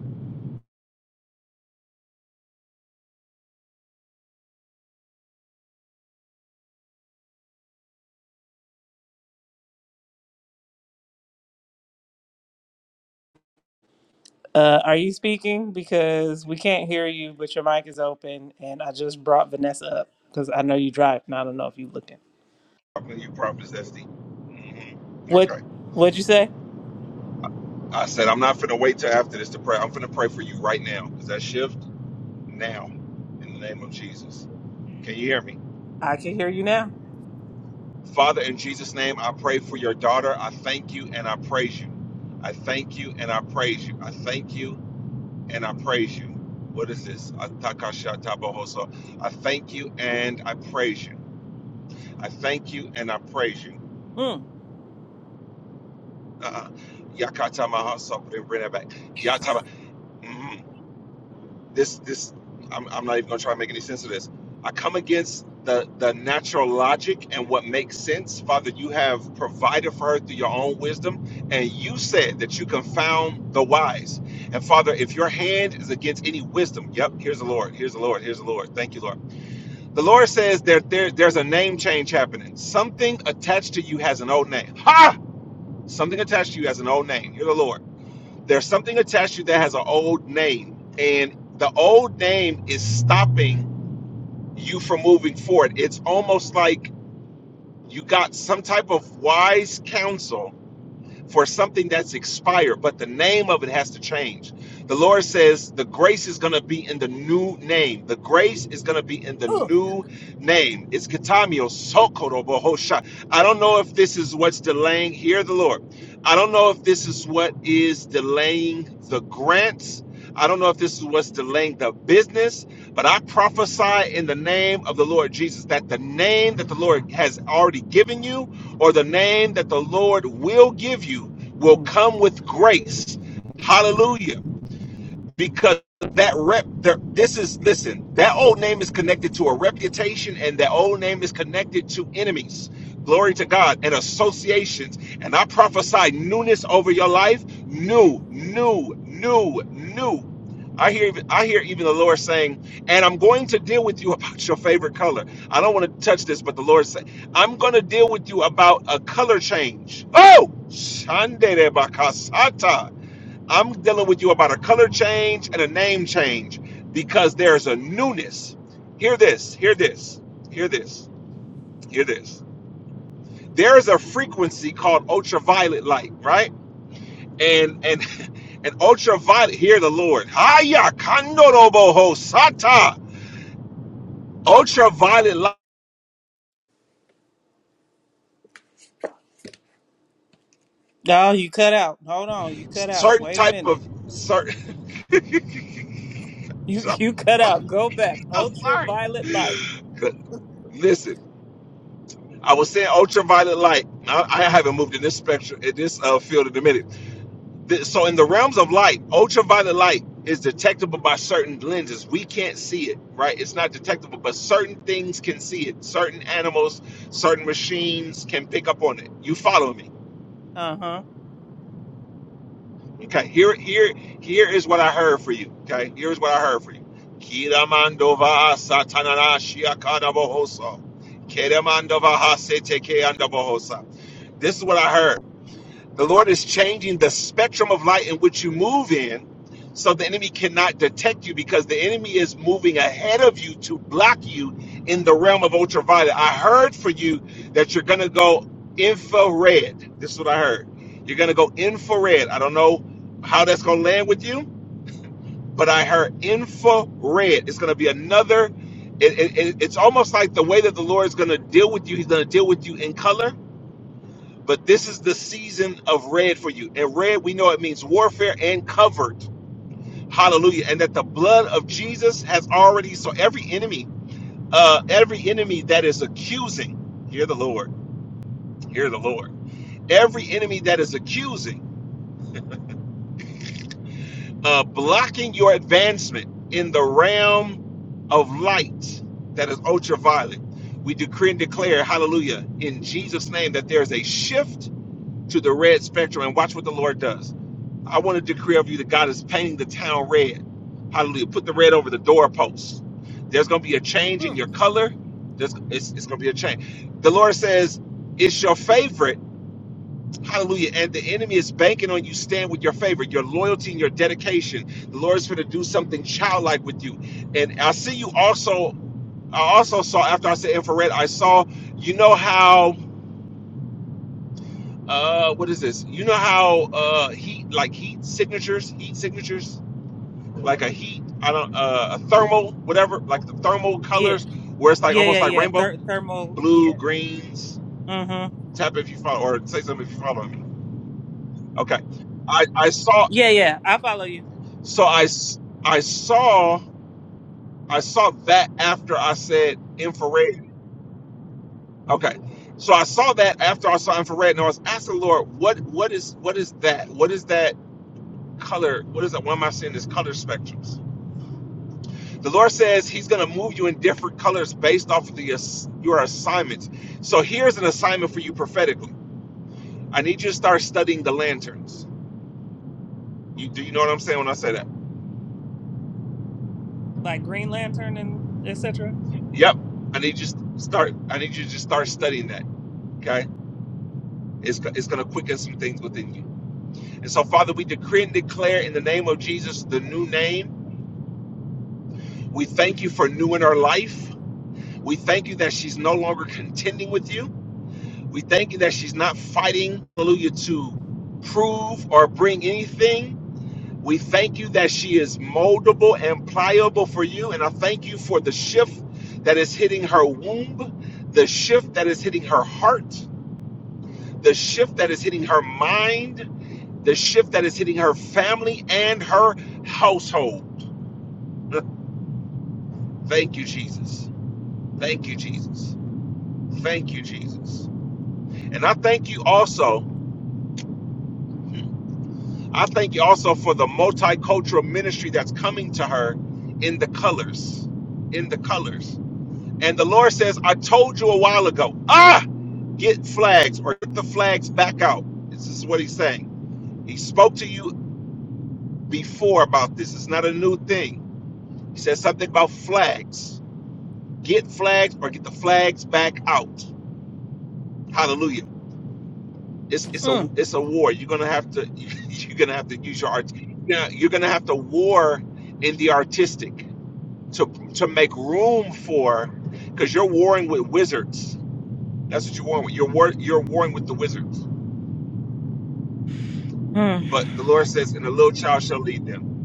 B: Uh, are you speaking? Because we can't hear you, but your mic is open, and I just brought Vanessa up because I know you drive, and I don't know if you're looking.
A: Talking to you, Prophet Zesty. hmm
B: What
A: Okay.
B: What'd you say?
A: I said I'm not finna wait till after this to pray. I'm finna pray for you right now. Is that shift now? In the name of Jesus. Can you hear me?
B: I can hear you now.
A: Father, in Jesus' name, I pray for your daughter. I thank you and I praise you. I thank you and I praise you. I thank you and I praise you. What is this? Atakashatabohoso. I thank you and I praise you. I thank you and I praise you.
B: Mm.
A: Uh, Yakatamahaso. Bring bring that back. Yataba. Mhm. This, this, I'm, I'm not even going to try to make any sense of this. I come against the, the natural logic and what makes sense. Father, you have provided for her through your own wisdom, and you said that you confound the wise. And Father, if your hand is against any wisdom, yep, here's the Lord, here's the Lord, here's the Lord. Thank you, Lord The Lord says that there, there's a name change happening. Something attached to you has an old name. Ha! Something attached to you has an old name. You're the Lord. There's something attached to you that has an old name. And the old name is stopping you from moving forward. It's almost like you got some type of wise counsel for something that's expired, but the name of it has to change. The Lord says the grace is going to be in the new name. The grace is going to be in the
B: Ooh.
A: new name. It's Kitamio Sokoro Bohosha. I don't know if this is what's delaying. Hear the Lord. I don't know if this is what is delaying the grants. I don't know if this is what's delaying the business, but I prophesy in the name of the Lord Jesus that the name that the Lord has already given you or the name that the Lord will give you will
B: Mm.
A: come with grace. Hallelujah because that rep there, this is listen that old name is connected to a reputation and that old name is connected to enemies glory to god and associations and i prophesy newness over your life new new new new I hear, I hear even the Lord saying, and I'm going to deal with you *laughs* about your favorite color. I don't want to touch this, but the Lord said, I'm going to deal with you about a color change. Oh, Shandere Bakasata. I'm dealing with you about a color change and a name change because there's a newness. Hear this, hear this, hear this, hear this. There's a frequency called ultraviolet light, right? And and *laughs* and ultraviolet, hear the Lord. Haya kandoroboho sata. Ultraviolet light,
B: No, you cut out. Hold on, you cut out.
A: certain
B: Wait a
A: type
B: minute.
A: of certain. *laughs*
B: You you cut out. Go back.
A: I'm sorry.
B: Ultraviolet light.
A: Listen, I was saying ultraviolet light. I, I haven't moved in this spectrum in this uh, field in a minute Th- so in the realms of light, ultraviolet light is detectable by certain lenses. We can't see it, right? It's not detectable, but certain things can see it. Certain animals, certain machines can pick up on it. You follow me.
B: Uh huh.
A: Okay, here here here is what I heard for you. Okay, here's what I heard for you. Kiramandova satanana shiakadabohosa. Keremandovaha setekeandabohosa. This is what I heard. The Lord is changing the spectrum of light in which you move in so the enemy cannot detect you because the enemy is moving ahead of you to block you in the realm of ultraviolet. I heard for you that you're going to go infrared. This is what I heard. You're going to go infrared. I don't know how that's going to land with you, but I heard infrared. It's going to be another. It, it, it's almost like the way that the Lord is going to deal with you, He's going to deal with you in color but this is the season of red for you. And red, we know it means warfare and covert. Hallelujah. And that the blood of Jesus has already, so every enemy, uh, every enemy that is accusing, hear the Lord, hear the Lord. Every enemy that is accusing, uh, blocking your advancement in the realm of light that is ultraviolet. We decree and declare, hallelujah, in Jesus' name, that there is a shift to the red spectrum. And watch what the Lord does I want to decree over you that God is painting the town red. Hallelujah. Put the red over the doorposts. There's going to be a change in
B: Hmm.
A: your color. There's, it's it's going to be a change. The Lord says, it's your favorite. Hallelujah. And the enemy is banking on you. Stand with your favorite, your loyalty and your dedication. The Lord is going to do something childlike with you. And I see you also, I also saw, after I said infrared, I saw, you know how, uh, what is this? You know how uh, heat, like heat signatures, heat signatures? like a heat, I don't uh, a thermal, whatever, like the thermal
B: Yeah.
A: colors where it's like
B: Yeah.
A: almost
B: Yeah.
A: like
B: Yeah.
A: rainbow,
B: Ther- thermal.
A: blue,
B: Yeah.
A: greens.
B: Mm hmm.
A: Tap if you follow, or say something if you follow me. Okay, I I saw
B: Yeah. Yeah. I follow you.
A: so I s- I saw I saw that after I said infrared. Okay, so I saw that after I saw infrared, and I was asking the Lord, what what is what is that? What is that color? What is that? Why am I seeing this color spectrums? The Lord says He's going to move you in different colors based off of the ass- your assignments. So here's an assignment for you prophetically. I need you to start studying the lanterns. You do you know what I'm saying when I say that?
B: Like Green Lantern and etc.
A: Yep. I need you to start. I need you to just start studying that. Okay. It's, it's going to quicken some things within you. And so, Father, we decree and declare in the name of Jesus the new name. We thank you for new in her life. We thank you that she's no longer contending with you. We thank you that she's not fighting, hallelujah, to prove or bring anything. We thank you that she is moldable and pliable for you. And I thank you for the shift that is hitting her womb, the shift that is hitting her heart, the shift that is hitting her mind, the shift that is hitting her family and her household. *laughs* Thank you, Jesus. Thank you, Jesus. Thank you, Jesus. And I thank you also. I thank you also for the multicultural ministry that's coming to her in the colors. In the colors. And the Lord says, I told you a while ago, ah, get flags or get the flags back out. This is what he's saying. He spoke to you before about this. It's not a new thing. He said something about flags. Get flags or get the flags back out. Hallelujah. It's it's a
B: Mm.
A: it's a war. You're gonna have to *laughs* you're gonna have to use your art. Now you're gonna have to war in the artistic. to to make room for because you're warring with wizards. That's what you're warring with. You're war, you're warring with the wizards.
B: Mm.
A: But the Lord says, "And a little child shall lead them."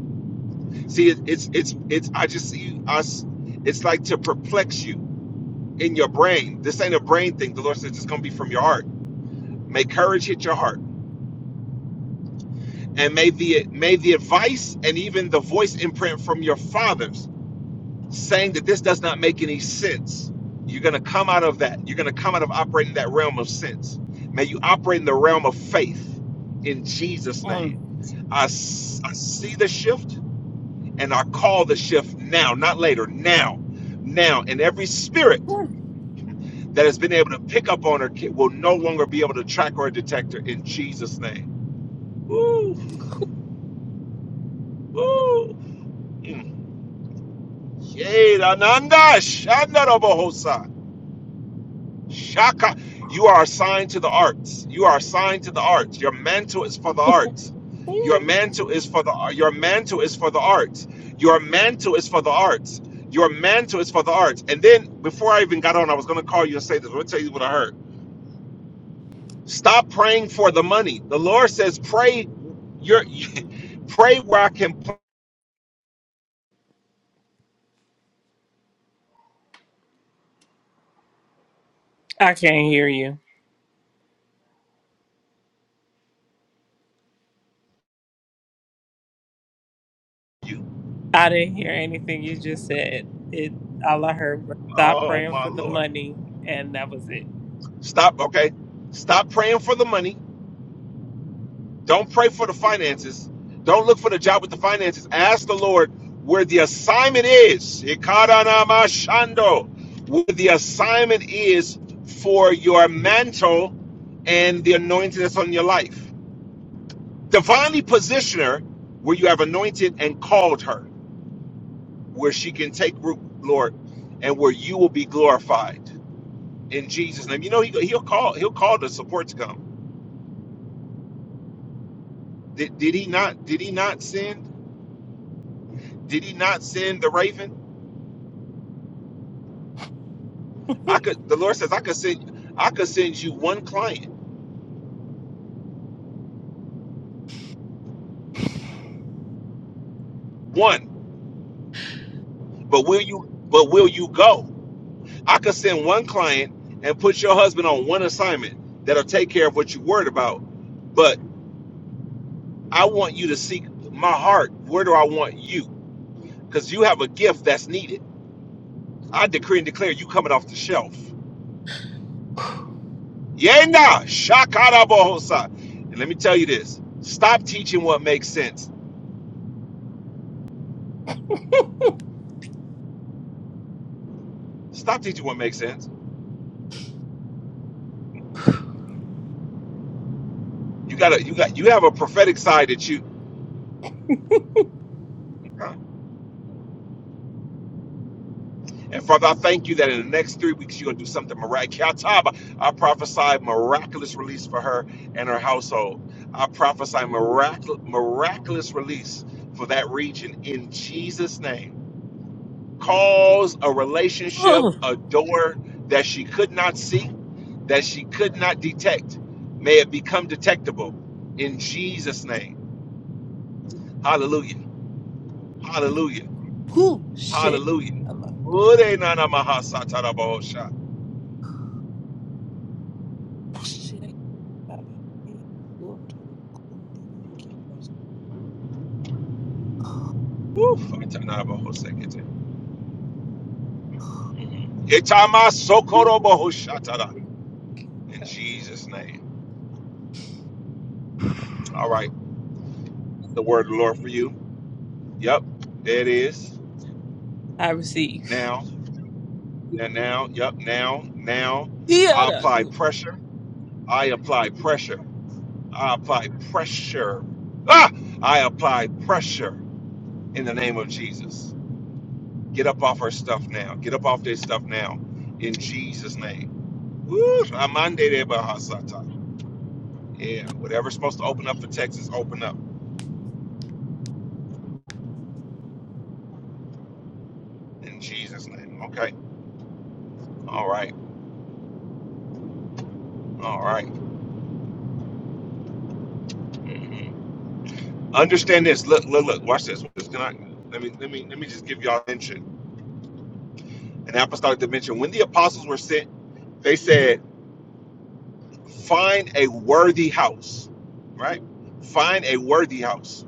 A: See, it, it's it's it's. I just see us. It's like to perplex you in your brain. This ain't a brain thing. The Lord says it's going to be from your heart. May courage hit your heart, and may the may the advice and even the voice imprint from your fathers saying that this does not make any sense. You're going to come out of that. You're going to come out of operating that realm of sense. May you operate in the realm of faith in Jesus'
B: Mm.
A: name. I, s- I see the shift and I call the shift now, not later, now, now. And every spirit
B: Mm.
A: that has been able to pick up on her kid will no longer be able to track or detect her in Jesus' name. Woo, woo. Mm. Yay, Ananda, Shandarabohosa. Shaka. You are assigned to the arts. You are assigned to the arts. Your mantle is for the arts. Your
B: Mm.
A: mantle is for the your mantle is for the arts. Your mantle is for the arts. Your mantle is for the arts. And then before I even got on, I was gonna call you and say this. I'm gonna tell you what I heard. Stop praying for the money. The Lord says, pray your *laughs* pray where I can put
B: I can't hear you.
A: you.
B: I didn't hear anything you just said. It all I heard was stop
A: Oh
B: praying
A: my
B: for the
A: Lord.
B: money, and that was it.
A: Stop, okay? Stop praying for the money Don't pray for the finances. Don't look for the job with the finances. Ask the Lord where the assignment is. Ikaranamashando. Where the assignment is for your mantle and the anointing that's on your life. Divinely position her where you have anointed and called her, where she can take root, Lord, and where you will be glorified in Jesus' name. You know, he, he'll call, he'll call the support to come. Did, did he not, did he not send? Did he not send the raven? I could the Lord says I could send I could send you one client. One. But will you but will you go? I could send one client and put your husband on one assignment that'll take care of what you're worried about. But I want you to seek my heart. Where do I want you? Because you have a gift that's needed. I decree and declare you coming off the shelf. Yena shakarabohosa. And let me tell you this. Stop teaching what makes sense. Stop teaching what makes sense. You gotta you got you have a prophetic side that you huh? And Father, I thank you that in the next three weeks you're going to do something miraculous. I prophesy miraculous release for her and her household. I prophesy miraculous, miraculous release for that region in Jesus' name. Cause a relationship,
B: oh,
A: a door that she could not see, that she could not detect. May it become detectable in Jesus' name. Hallelujah. Hallelujah.
B: whew, shit.
A: Hallelujah.
B: I'm out of- the- shit.
A: Woo, Fatanabahosekete. Itamasokorobohoshatara. In Jesus' name. All right. The word of the Lord for you. Yep. There it is.
B: I receive. *laughs*
A: Now. Now, now. Yep. Now. Now.
B: Yeah,
A: I
B: I
A: apply
B: do.
A: pressure. I apply pressure. I apply pressure. Ah! I apply pressure in the name of Jesus. Get up off her stuff now. Get up off this stuff now. In Jesus' name. Woo! Amande de Bahasata. Yeah, whatever's supposed to open up for Texas, open up in Jesus' name. Okay. All right. All right. Mhm. Understand this. Look, look, look. Watch this. Watch this. Can I? Let me, let me, let me just give y'all mention an apostolic dimension. When the apostles were sent, they said, "Find a worthy house." Right? Find a worthy house.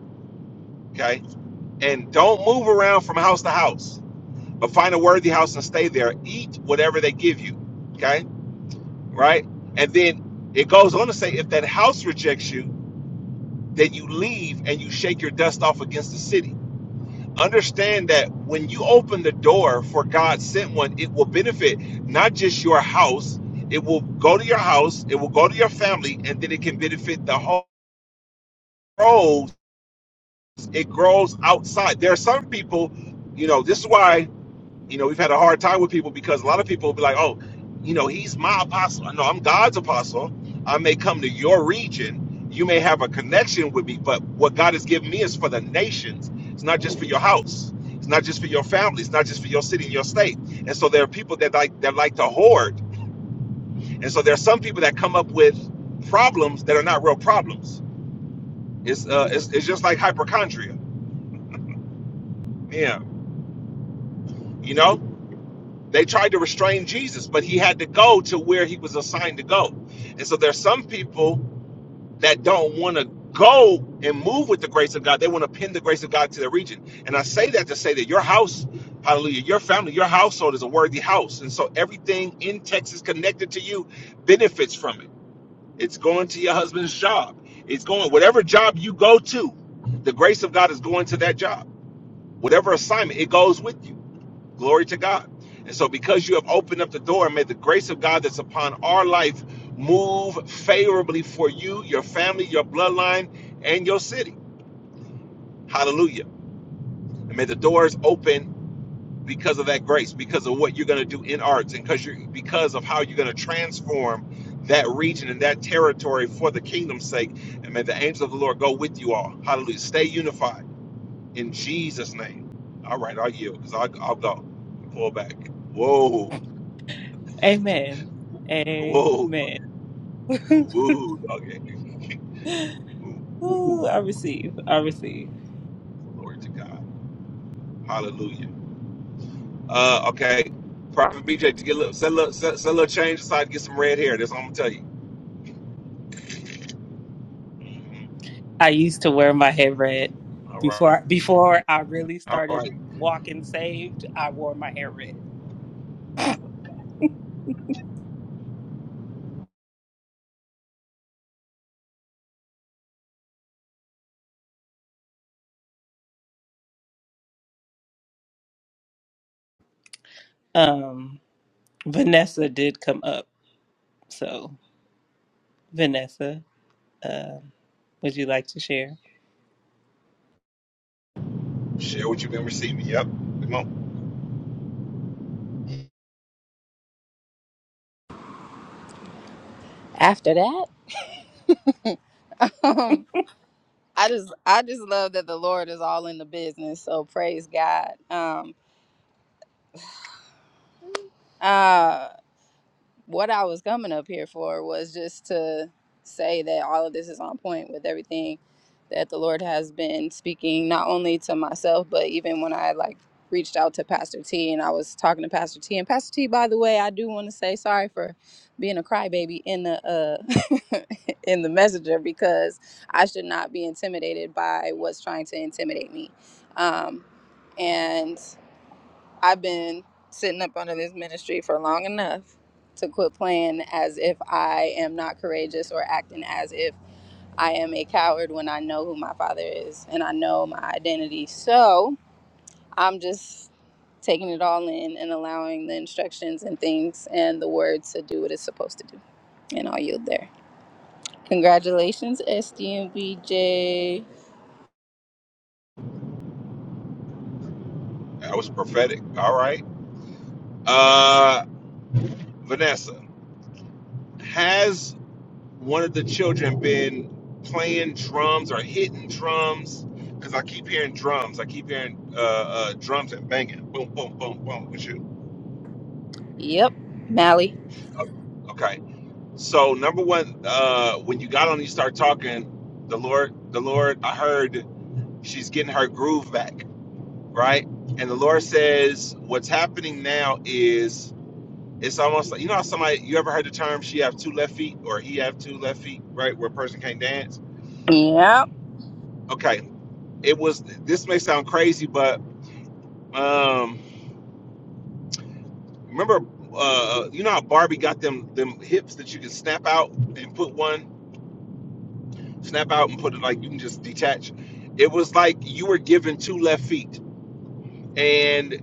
A: Okay. And don't move around from house to house, but find a worthy house and stay there. Eat whatever they give you. Okay right? And then it goes on to say, if that house rejects you, then you leave and you shake your dust off against the city. Understand that when you open the door for God sent one, it will benefit not just your house, it will go to your house, it will go to your family, and then it can benefit the whole grows. It grows outside. There are some people, you know, this is why You know, we've had a hard time with people because a lot of people will be like, oh, you know, he's my apostle. No, I'm God's apostle. I may come to your region. You may have a connection with me, but what God has given me is for the nations. It's not just for your house. It's not just for your family. It's not just for your city and your state. And so there are people that like that like to hoard. And so there are some people that come up with problems that are not real problems. It's uh, it's, it's just like hypochondria. Yeah, you know They tried to restrain Jesus, but he had to go to where he was assigned to go. And so there's some people that don't want to go and move with the grace of God. They want to pin the grace of God to their region. And I say that to say that your house, hallelujah, your family, your household is a worthy house. And so everything in Texas connected to you benefits from it. It's going to your husband's job. It's going whatever job you go to, the grace of God is going to that job. Whatever assignment, it goes with you. Glory to God. And so, because you have opened up the door, may the grace of God that's upon our life move favorably for you, your family, your bloodline, and your city. Hallelujah. And may the doors open because of that grace, because of what you're going to do in arts, and because you because of how you're going to transform that region and that territory for the kingdom's sake. And may the angels of the Lord go with you all. Hallelujah. Stay unified in Jesus' name. All right, I'll yield because I'll, I'll go. Pull back. Whoa.
B: Amen.
A: Whoa,
B: Amen. *laughs*
A: whoa, okay. Woo, woo,
B: Ooh, I
A: woo.
B: receive. I receive.
A: Glory to God. Hallelujah. Uh, okay. Prophet BJ to get a little, set a little, set, set a little change aside, to get some red hair. That's all I'm gonna tell you.
B: I used to wear my hair red
A: All right,
B: before before I really
A: all right.
B: started walking saved. I wore my hair red. Um, Vanessa did come up, so Vanessa, uh, would you like to share?
A: Share what you've been receiving. Yep. Come on.
D: After that, *laughs* um, I just I just love that the Lord is all in the business. So praise God. Um, uh, what I was coming up here for was just to say that all of this is on point with everything that the Lord has been speaking, not only to myself, but even when I like reached out to Pastor T and I was talking to Pastor T. And Pastor T, by the way, I do want to say sorry for being a crybaby in the uh *laughs* in the messenger because I should not be intimidated by what's trying to intimidate me. Um, and I've been sitting up under this ministry for long enough to quit playing as if I am not courageous or acting as if I am a coward when I know who my father is and I know my identity. So I'm just taking it all in and allowing the instructions and things and the words to do what it's supposed to do. And I'll yield there. Congratulations, SDMBJ.
A: That was prophetic. All right. Uh, Vanessa, has one of the children been playing drums or hitting drums? Because I keep hearing drums. I keep hearing uh, uh, drums and banging. Boom, boom, boom, boom.
D: Yep. Mally.
A: Oh, Okay. So number one, uh, when you got on, and you start talking. The Lord, the Lord, I heard she's getting her groove back, right? And the Lord says, what's happening now is it's almost like you know how somebody you ever heard the term she have two left feet or he have two left feet, right? Where a person can't dance.
D: Yep.
A: Okay. It was. This may sound crazy, but um, remember, uh, you know how Barbie got them them hips that you can snap out and put one snap out and put it like you can just detach. It was like you were given two left feet, and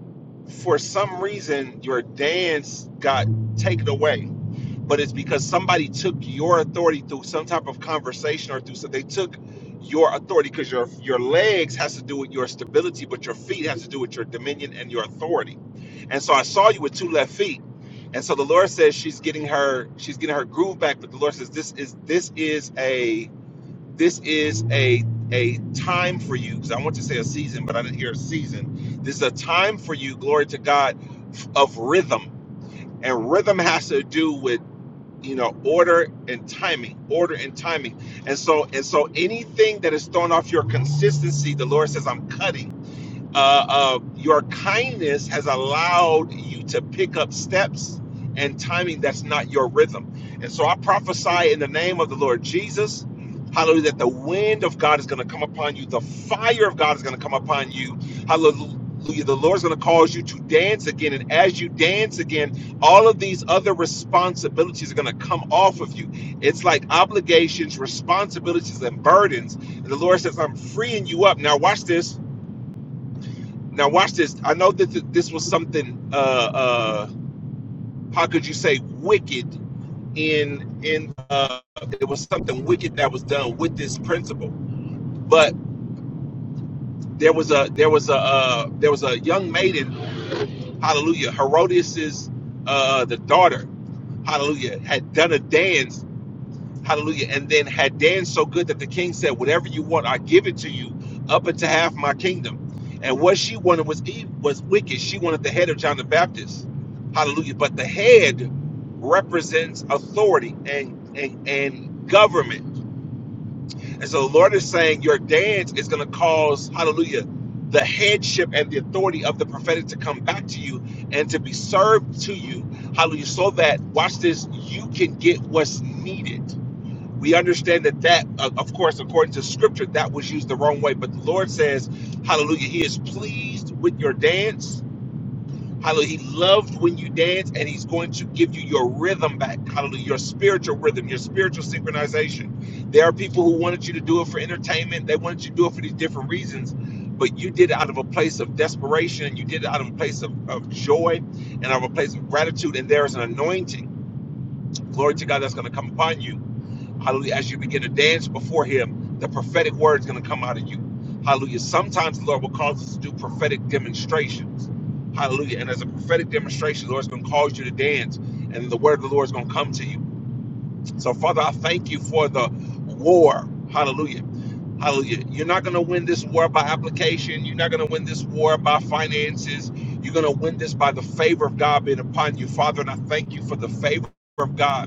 A: for some reason your dance got taken away. But it's because somebody took your authority through some type of conversation or through so they took your authority because your your legs has to do with your stability, but your feet has to do with your dominion and your authority. And so I saw you with two left feet. And so the Lord says she's getting her she's getting her groove back, but the Lord says this is this is a this is a a time for you because I want to say a season, but I didn't hear a season. This is a time for you, glory to God, f- of rhythm, and rhythm has to do with you know order and timing, order and timing, and so and so anything that is thrown off your consistency, the Lord says, I'm cutting uh, uh, your kindness has allowed you to pick up steps and timing that's not your rhythm. And so I prophesy in the name of the Lord Jesus, hallelujah, that the wind of God is going to come upon you, the fire of God is going to come upon you, hallelujah. The Lord's going to cause you to dance again. And as you dance again, all of these other responsibilities are going to come off of you. It's like obligations, responsibilities, and burdens. And the Lord says, I'm freeing you up. Now, watch this now watch this. I know that this was something. Uh, uh, how could you say wicked in in? Uh, it was something wicked that was done with this principle. But there was a there was a uh, there was a young maiden. Hallelujah. Herodias's uh, the daughter. Hallelujah had done a dance Hallelujah. And then had danced so good that the king said, Whatever you want, I give it to you, up into half my kingdom. And what she wanted was ev- was wicked. She wanted the head of John the Baptist. Hallelujah. But the head represents authority and and, and government. And so the Lord is saying your dance is going to cause, hallelujah, the headship and the authority of the prophetic to come back to you and to be served to you. Hallelujah. So that, watch this, you can get what's needed we understand that that uh, of course according to scripture that was used the wrong way but the lord says hallelujah he is pleased with your dance hallelujah he loved when you dance and he's going to give you your rhythm back hallelujah your spiritual rhythm your spiritual synchronization there are people who wanted you to do it for entertainment they wanted you to do it for these different reasons but you did it out of a place of desperation you did it out of a place of, of joy and out of a place of gratitude and there is an anointing glory to god that's going to come upon you Hallelujah. As you begin to dance before him, the prophetic word is going to come out of you. Hallelujah. Sometimes the Lord will cause us to do prophetic demonstrations. Hallelujah. And as a prophetic demonstration, the Lord's going to cause you to dance, and the word of the Lord is going to come to you. So, Father, I thank you for the war. Hallelujah. Hallelujah. You're not going to win this war by application. You're not going to win this war by finances. You're going to win this by the favor of God being upon you, Father. And I thank you for the favor of God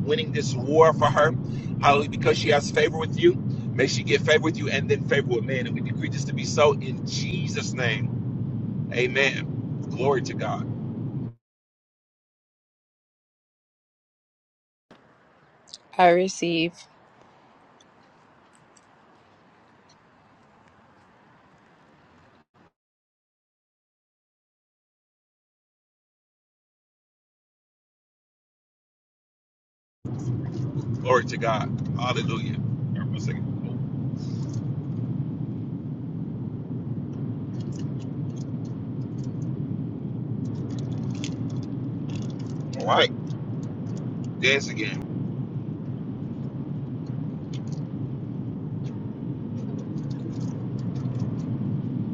A: winning this war for her. Hallelujah. Because she has favor with you. May she get favor with you and then favor with man. And we decree this to be so in Jesus' name. Amen. Glory to God.
D: I receive.
A: Glory to God. Hallelujah. All right, one second. All right. Dance again.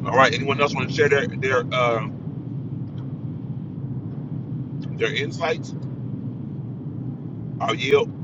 A: All right. Anyone else want to share their their uh, their insights? I'll yield.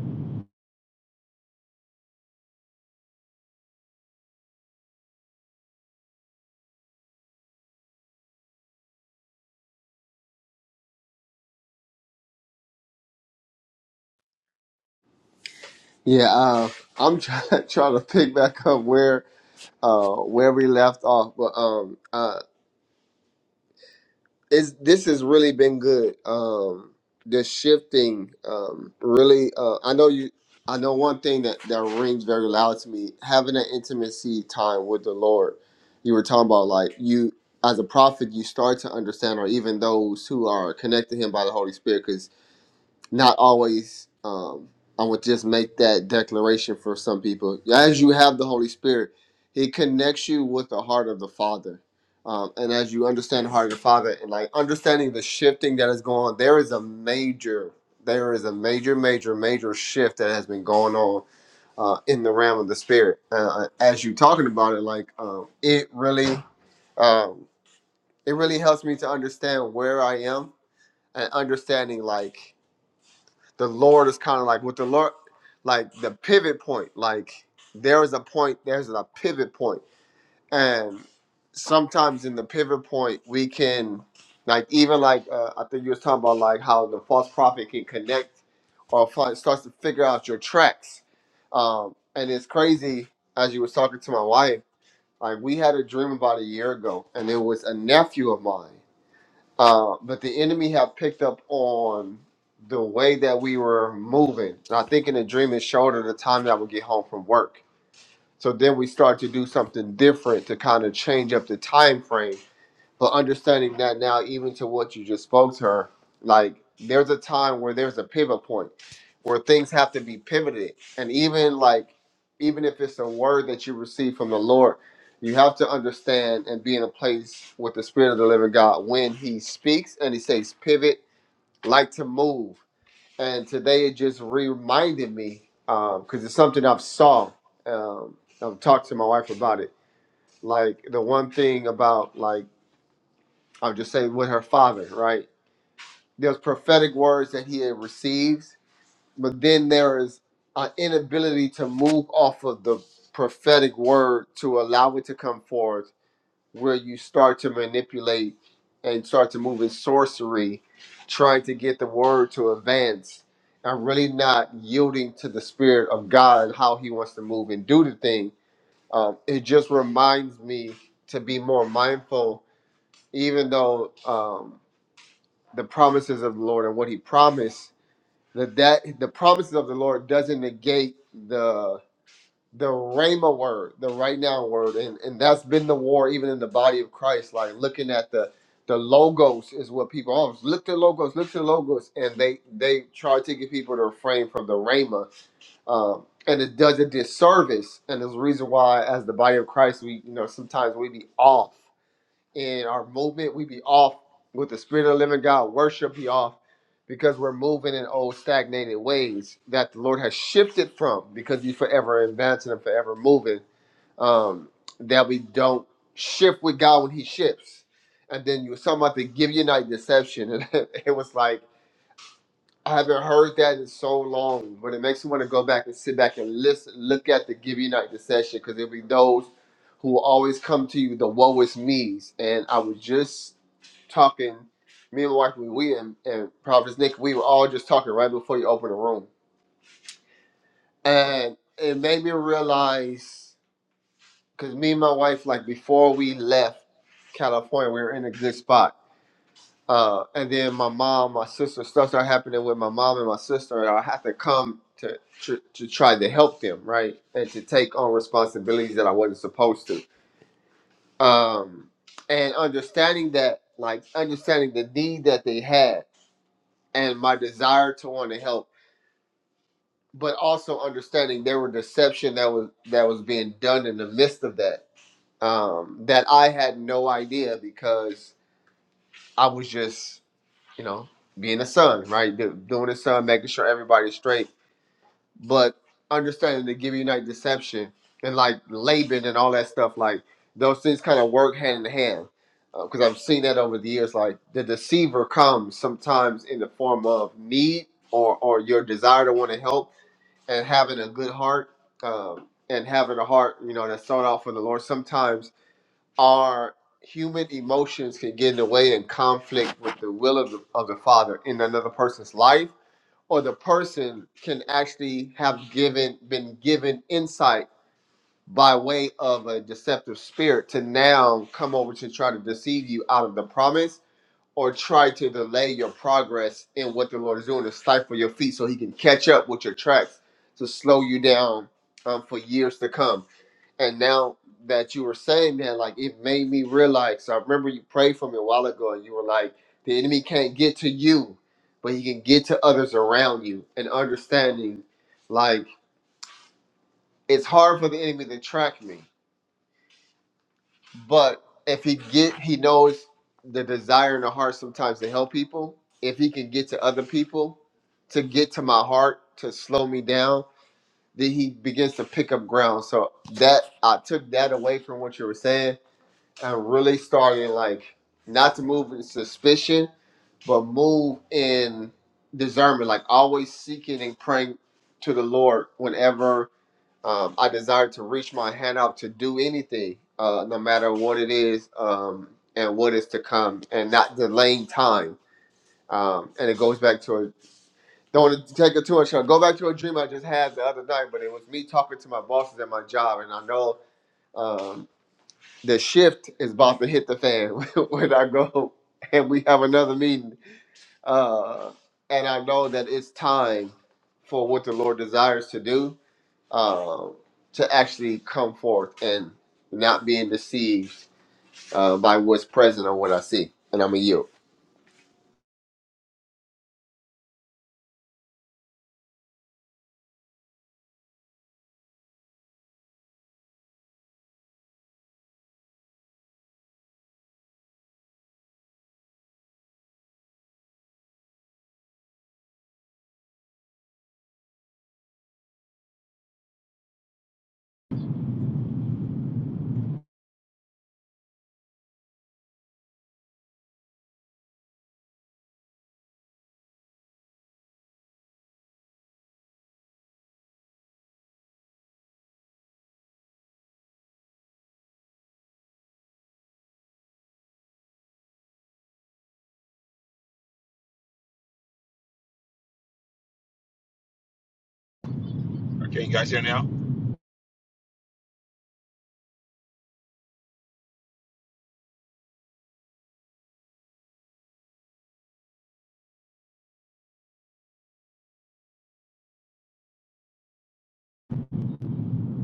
A: Can you guys hear now?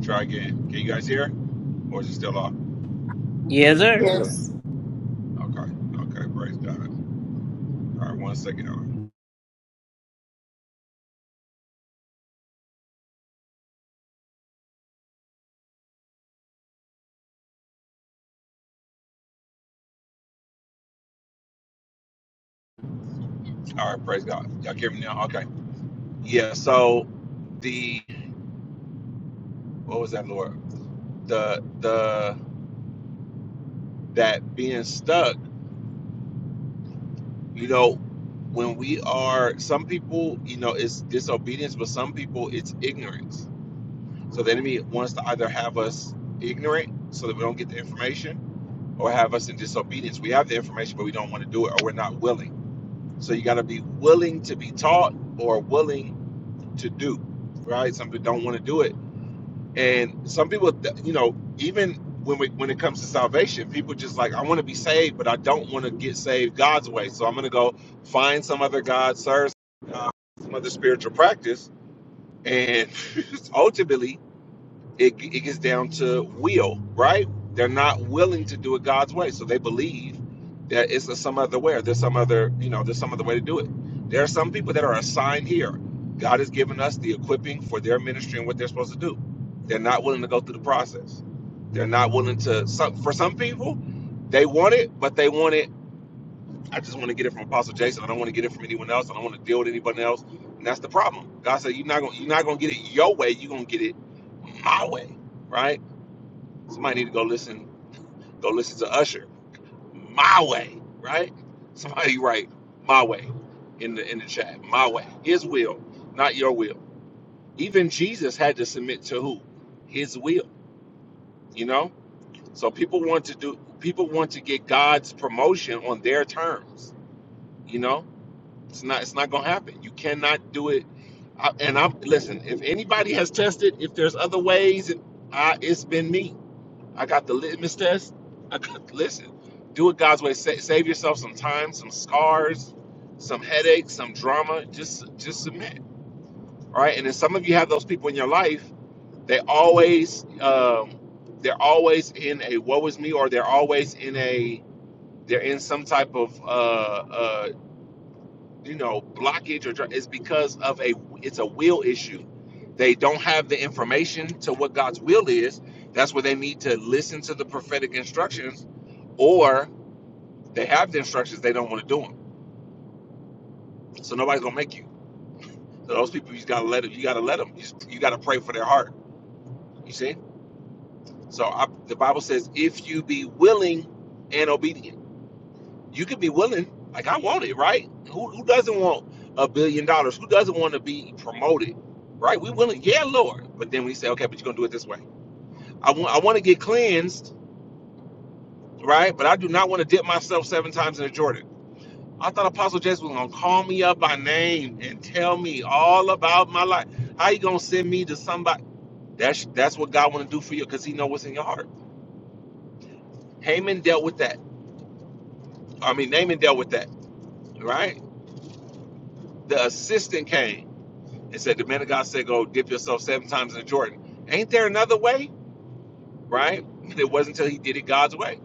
A: Try again. Can you guys hear? Or is it still off?
B: Yes,
E: Yeah.
B: sir.
C: Yes.
A: Okay. Okay. Praise God. All right. One second. All right. All right. Praise God. Y'all hear me now? Okay. Yeah. So the what was that lord the the that being stuck you know when we are some people you know it's disobedience but some people it's ignorance so the enemy wants to either have us ignorant so that we don't get the information or have us in disobedience we have the information but we don't want to do it or we're not willing so you got to be willing to be taught or willing to do right some people don't want to do it And some people, th- you know, even when we, when it comes to salvation, people just like, I want to be saved, but I don't want to get saved God's way. So I'm going to go find some other God, serve uh, some other spiritual practice. And *laughs* ultimately, it, it gets down to will, right? They're not willing to do it God's way, so they believe that it's a, some other way, or there's some other, you know, there's some other way to do it. There are some people that are assigned here. God has given us the equipping for their ministry and what they're supposed to do. They're not willing to go through the process. They're not willing to. Some, for some people, they want it, but they want it I just want to get it from Apostle Jason. I don't want to get it from anyone else. I don't want to deal with anybody else. And that's the problem. God said, "You're not gonna, you're not gonna get it your way. You're gonna get it my way, right? Somebody need to go listen, go listen to Usher, my way, right? Somebody write my way in the in the chat, my way, His will, not your will. Even Jesus had to submit to who? His will, you know. So people want to do, people want to get God's promotion on their terms, you know It's not. It's not gonna happen. You cannot do it. I, and I'm listen. If anybody has tested, if there's other ways, it, I, it's been me. I got the litmus test. I got listen. Do it God's way. Sa- save yourself some time, some scars, some headaches, some drama. Just just submit. All right. And then some of you have those people in your life. They always um, they're always in a woe is me, or they're always in a they're in some type of uh, uh, you know blockage or dr- it's because of a it's a will issue they don't have the information to what god's will is that's where they need to listen to the prophetic instructions or they have the instructions they don't want to do them so nobody's gonna make you so those people you gotta let them you gotta let them you, just- you gotta pray for their heart you see so I, the bible says if you be willing and obedient you could be willing. Like I want it, right? Who who doesn't want a billion dollars? Who doesn't want to be promoted, right? We willing, yeah, Lord. But then we say, okay, but you're gonna do it this way. I want I want to get cleansed, right? But I do not want to dip myself seven times in the Jordan. I thought Apostle Jess was gonna call me up by name and tell me all about my life. How you gonna send me to somebody? That's that's what God want to do for you, cause He know what's in your heart. Haman dealt with that. I mean, Naaman dealt with that, right? The assistant came It said, the man of God said, go dip yourself seven times in the Jordan. Ain't there another way? Right? *laughs* It wasn't until he did it God's way.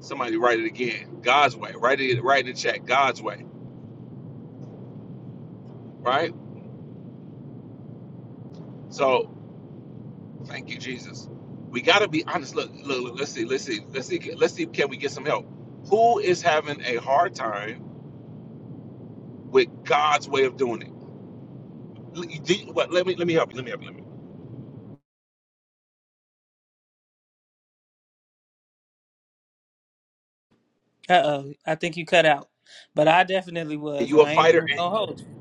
A: Somebody write it again. God's way. Write it, write in the check. God's way. Right? So thank you, Jesus. We gotta be honest. Look, look, look, let's see, let's see, let's see, let's see, can we get some help? Who is having a hard time with God's way of doing it? L- you- What, let me let me help you. Let me help you. Let me.
B: Uh oh, I think you cut out, but I definitely
A: Are
B: was.
A: You a
B: I ain't
A: fighter
B: even
A: and
B: gonna hold you.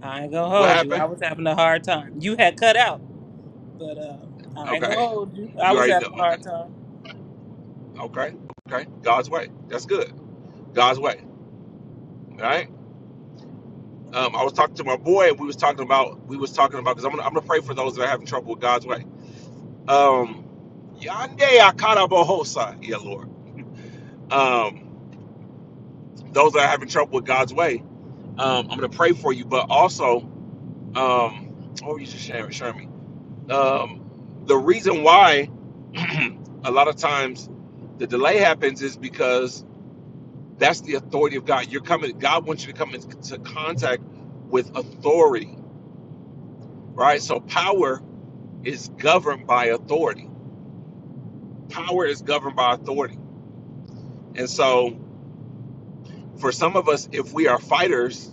B: I ain't gonna
A: what
B: hold you. I
A: happened?
B: was having a hard time. You had cut out, but um, I ain't gonna
A: Okay.
B: hold you.
A: *laughs*
B: I
A: You
B: was
A: already know.
B: having a hard
A: Okay.
B: time.
A: Okay. Okay. God's way. That's good. God's way. All right. Um, I was talking to my boy, and we was talking about we was talking about because I'm gonna I'm gonna pray for those that are having trouble with God's way. Um, Yande akara bohosa, yeah, Lord. Um, those that are having trouble with God's way, um, I'm gonna pray for you. But also, um, what were you just sharing, sharing me? Um, the reason why *clears throat* a lot of times the delay happens is because that's the authority of God. You're coming. God wants you to come into contact with authority, right? So power is governed by authority. Power is governed by authority. And so, for some of us, if we are fighters,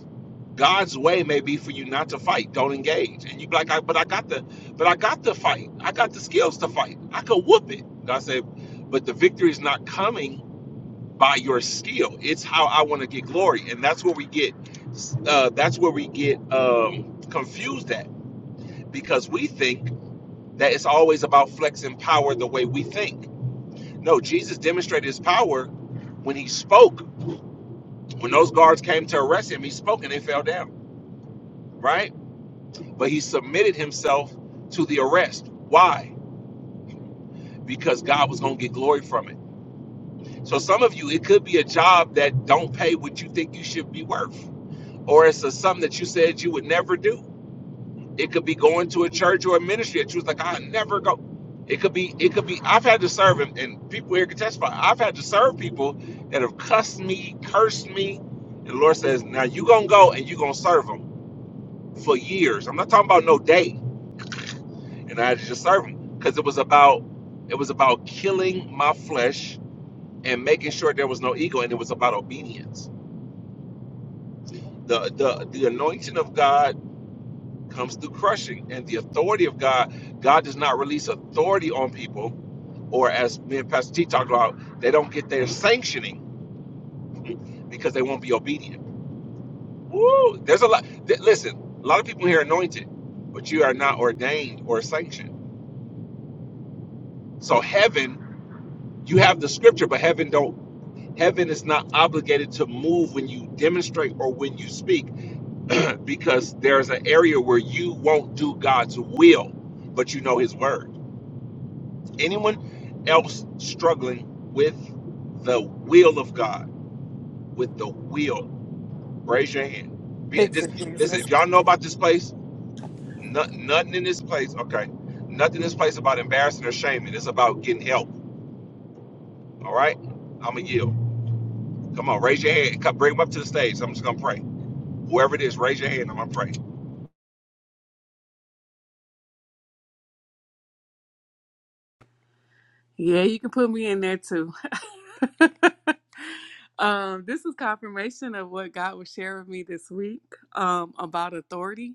A: God's way may be for you not to fight. Don't engage. And you be like, I, but I got the, but I got the fight. I got the skills to fight. I could whoop it. God said, but the victory is not coming by your skill. It's how I want to get glory. And that's where we get, uh, that's where we get um, confused at because we think that it's always about flexing power the way we think. No, Jesus demonstrated his power when he spoke. When those guards came to arrest him, he spoke and they fell down, right? But he submitted himself to the arrest. Why? Because God was going to get glory from it. So some of you, it could be a job that don't pay what you think you should be worth, or it's a something that you said you would never do It could be going to a church or a ministry that you was like, I never go. It could be, it could be, I've had to serve, and, and people here can testify. I've had to serve people that have cussed me, cursed me. And the Lord says, Now you going to go and you going to serve them for years. I'm not talking about no day. And I had to just serve them because it was about, it was about killing my flesh and making sure there was no ego. And it was about obedience. The, the, the anointing of God comes through crushing and the authority of God God does not release authority on people. or as me and Pastor T talked about, they don't get their sanctioning because they won't be obedient. Woo! There's a lot. th- listen, a lot of people here are anointed, but you are not ordained or sanctioned. So heaven, you have the scripture, but heaven don't. Heaven is not obligated to move when you demonstrate or when you speak, because there's an area where you won't do God's will, but you know His word. Anyone else struggling with the will of God, with the will Raise your hand. Be,
C: Fix
A: just
C: it,
A: listen.
C: Jesus.
A: If y'all know about this place, no, nothing in this place. Okay, nothing in this place about embarrassing or shaming. It's about getting help. All right. I'm gonna yield. Come on, raise your hand. Come, bring them up to the stage. I'm just gonna pray. Whoever it is, raise your hand. I'm gonna pray.
C: Yeah, you can put me in there too. *laughs* um, this is confirmation of what God was sharing with me this week um, about authority,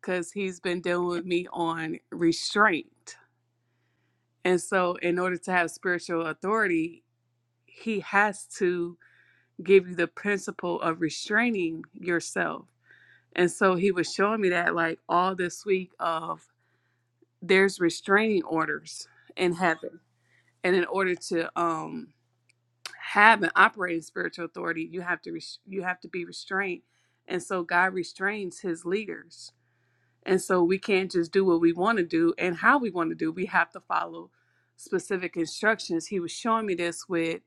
C: because He's been dealing with me on restraint. And so, in order to have spiritual authority, He has to. give you the principle of restraining yourself. And so he was showing me that like all this week of there's restraining orders in heaven. And in order to um have an operating spiritual authority, you have to res- you have to be restrained. And so God restrains his leaders and so we can't just do what we want to do and how we want to do. We have to follow specific instructions. He was showing me this with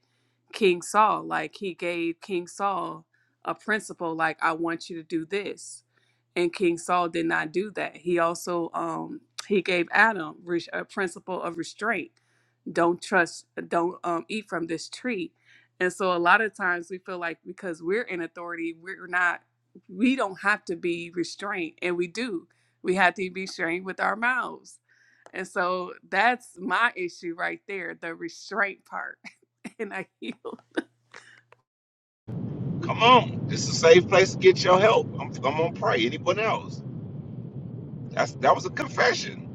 C: King Saul. Like he gave King Saul a principle, like, I want you to do this and King Saul did not do that. He also um, he gave Adam res- a principle of restraint. Don't trust. Don't um, eat from this tree. And so a lot of times we feel like because we're in authority, we're not. We don't have to be restrained, and we do. We have to be restrained with our mouths. And so that's my issue right there, the restraint part. *laughs* And I heal.
A: Come on. This is a safe place to get your help. I'm, I'm gonna pray. Anyone else? That's that was a confession.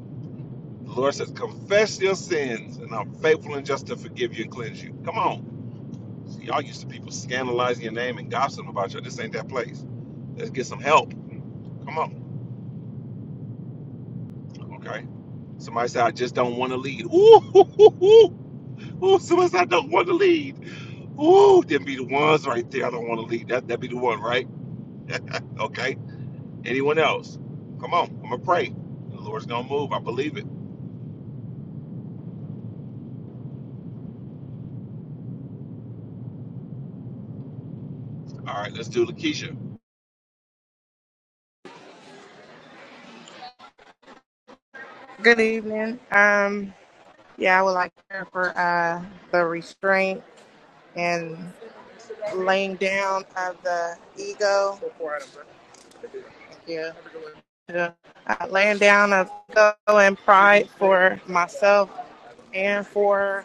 A: The Lord says, confess your sins, and I'm faithful and just to forgive you and cleanse you. Come on. See, y'all used to people scandalizing your name and gossiping about you. This ain't that place. Let's get some help. Come on. Okay. Somebody said, I just don't want to lead. Ooh, *laughs* Ooh. Ooh. Ooh. Ooh, somebody said, I don't want to lead. Ooh, them be the ones right there. I don't want to lead. That, that be the one, right? *laughs* okay. Anyone else? Come on. I'm going to pray. The Lord's going to move. I believe it. All right. Let's do Lakeisha.
F: Good evening. Um, yeah, I would like to hear for uh, the restraint and laying down of the ego. Yeah. yeah. Uh, laying down of ego and pride for myself and for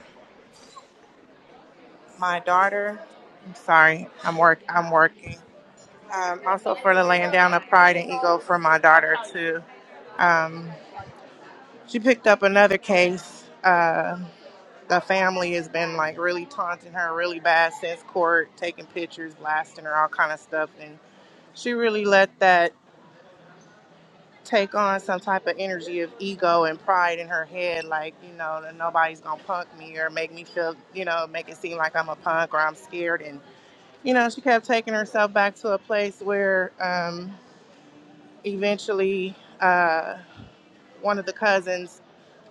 F: my daughter. I'm sorry, I'm work. I'm working. Um, also for the laying down of pride and ego for my daughter too. Um, she picked up another case. Uh, the family has been like really taunting her really bad since court, taking pictures, blasting her, all kind of stuff. And she really let that take on some type of energy of ego and pride in her head, like, you know, that nobody's gonna punk me or make me feel, you know, make it seem like I'm a punk or I'm scared. And, you know, she kept taking herself back to a place where um, eventually uh, one of the cousins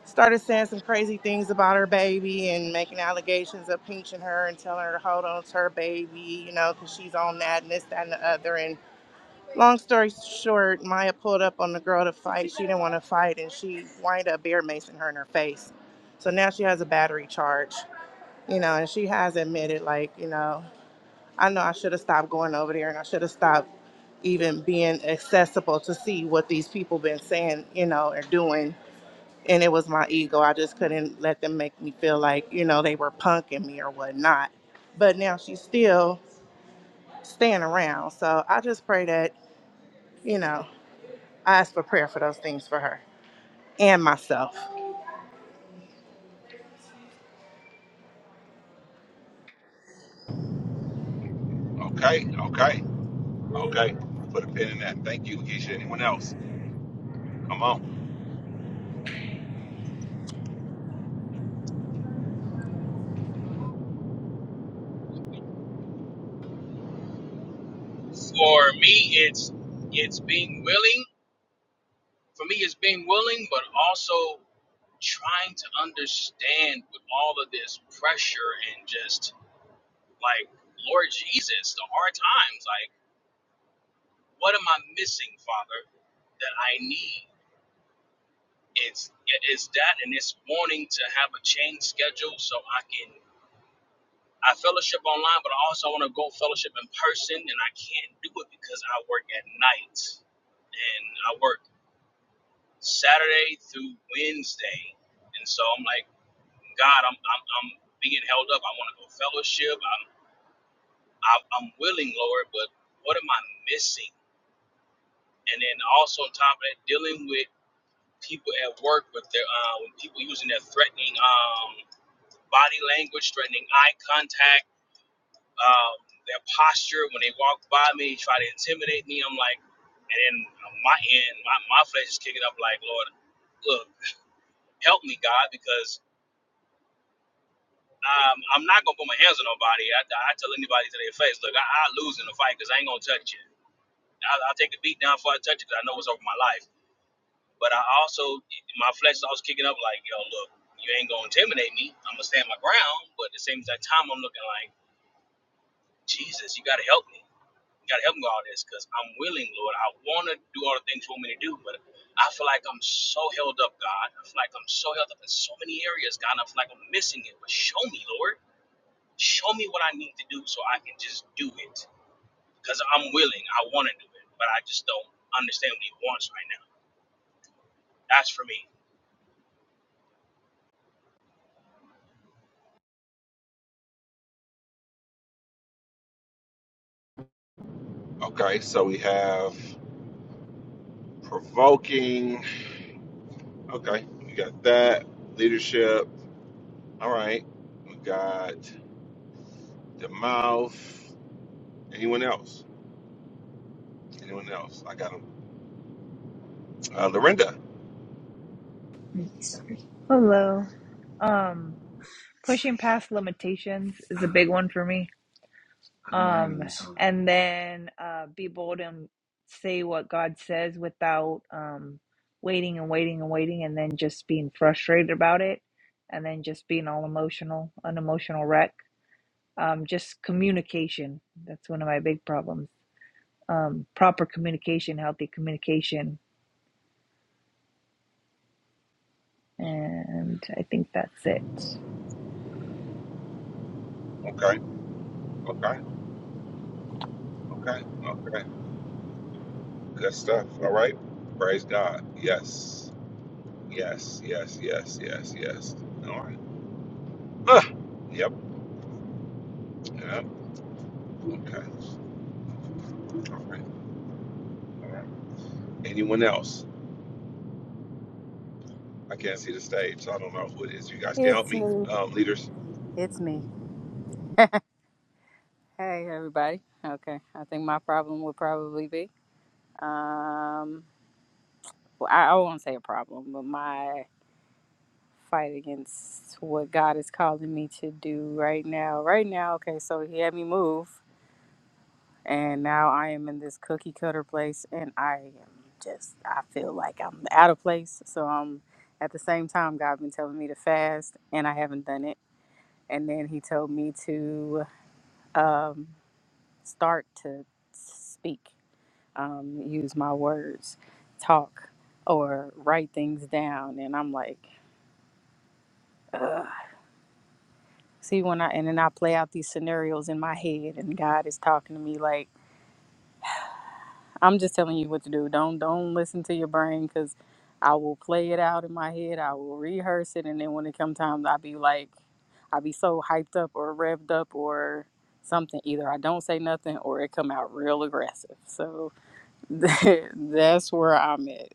F: started saying some crazy things about her baby and making allegations of pinching her and telling her to hold on to her baby, you know, because she's on that and this, that, and the other. And long story short, Maya pulled up on the girl to fight. She didn't want to fight, and she wind up bear macing her in her face. So now she has a battery charge, you know, and she has admitted, like, you know, I know I should have stopped going over there and I should have stopped even being accessible to see what these people been saying, you know, or doing and it was my ego. I just couldn't let them make me feel like, you know, they were punking me or whatnot. But now she's still staying around. So I just pray that, you know, I ask for prayer for those things for her and myself.
A: Okay. Okay. Okay. Put a pin in that. Thank you, Lakeisha. Anyone else? Come on.
G: For me, it's it's being willing. For me, it's being willing, but also trying to understand with all of this pressure and just like Lord Jesus, the hard times. Like, what am I missing, Father, that I need? It's it's that, and it's wanting to have a change schedule so I can. I fellowship online, but I also want to go fellowship in person, and I can't do it because I work at night and I work Saturday through Wednesday. And so I'm like, God, I'm I'm, I'm being held up. I want to go fellowship. I'm I'm I'm willing, Lord, but what am I missing? And then also on top of that, dealing with people at work with their uh, with people using their threatening um, body language, threatening eye contact, um, their posture when they walk by me, try to intimidate me. I'm like, and then on my end, my, my flesh is kicking up like, Lord, look, help me, God, because Um, I'm not gonna put my hands on nobody. I, I tell anybody to their face, look, I, I lose in a fight because I ain't gonna touch you. I'll, I'll take a beat down before I touch you because I know what's over my life. But I also, my flesh is always kicking up like, yo, look, you ain't gonna intimidate me. I'm gonna stand my ground. But at the same exact time, I'm looking like, Jesus, you gotta help me. You gotta help me with all this because I'm willing, Lord. I wanna do all the things you want me to do, but I feel like I'm so held up, God. I feel like I'm so held up in so many areas, God. and I feel like I'm missing it. But show me, Lord. Show me what I need to do so I can just do it. Because I'm willing. I want to do it. But I just don't understand what he wants right now. That's for me.
A: Okay. So we have provoking. Okay, we got that leadership. All right, we got the mouth. Anyone else? Anyone else? I got them. Uh, Lorinda.
H: Hello. Um, pushing past limitations is a big one for me. Um, and then uh, be bold and say what God says without um, waiting and waiting and waiting, and then just being frustrated about it, and then just being all emotional, an emotional wreck. Um, just communication. That's one of my big problems. Um, proper communication, healthy communication, and I think that's it.
A: Okay, okay, okay, okay. Good stuff. All right. Praise God. Yes, yes, yes, yes, yes, yes. All right. Ah, yep. Yep. Okay. All right. All right. Anyone else? I can't see the stage, so I don't know who it is. You guys can help
I: It's
A: me,
I: me.
A: um, leaders.
I: It's me. Hey, everybody. Okay, I think my problem would probably be um, well, I, I won't say a problem, but my fight against what God is calling me to do right now. Right now, okay, so He had me move, and now I am in this cookie cutter place, and I am just, I feel like I'm out of place. So I'm at the same time, God been telling me to fast, and I haven't done it. And then He told me to. uh, start to speak, um, use my words, talk, or write things down. And I'm like, Ugh. see, when I, and then I play out these scenarios in my head, and God is talking to me like, I'm just telling you what to do. Don't, don't listen to your brain because I will play it out in my head. I will rehearse it. And then when it comes time, I'll be like, I'll be so hyped up or revved up or something. Either I don't say nothing or it come out real aggressive. So *laughs* that's where I'm at.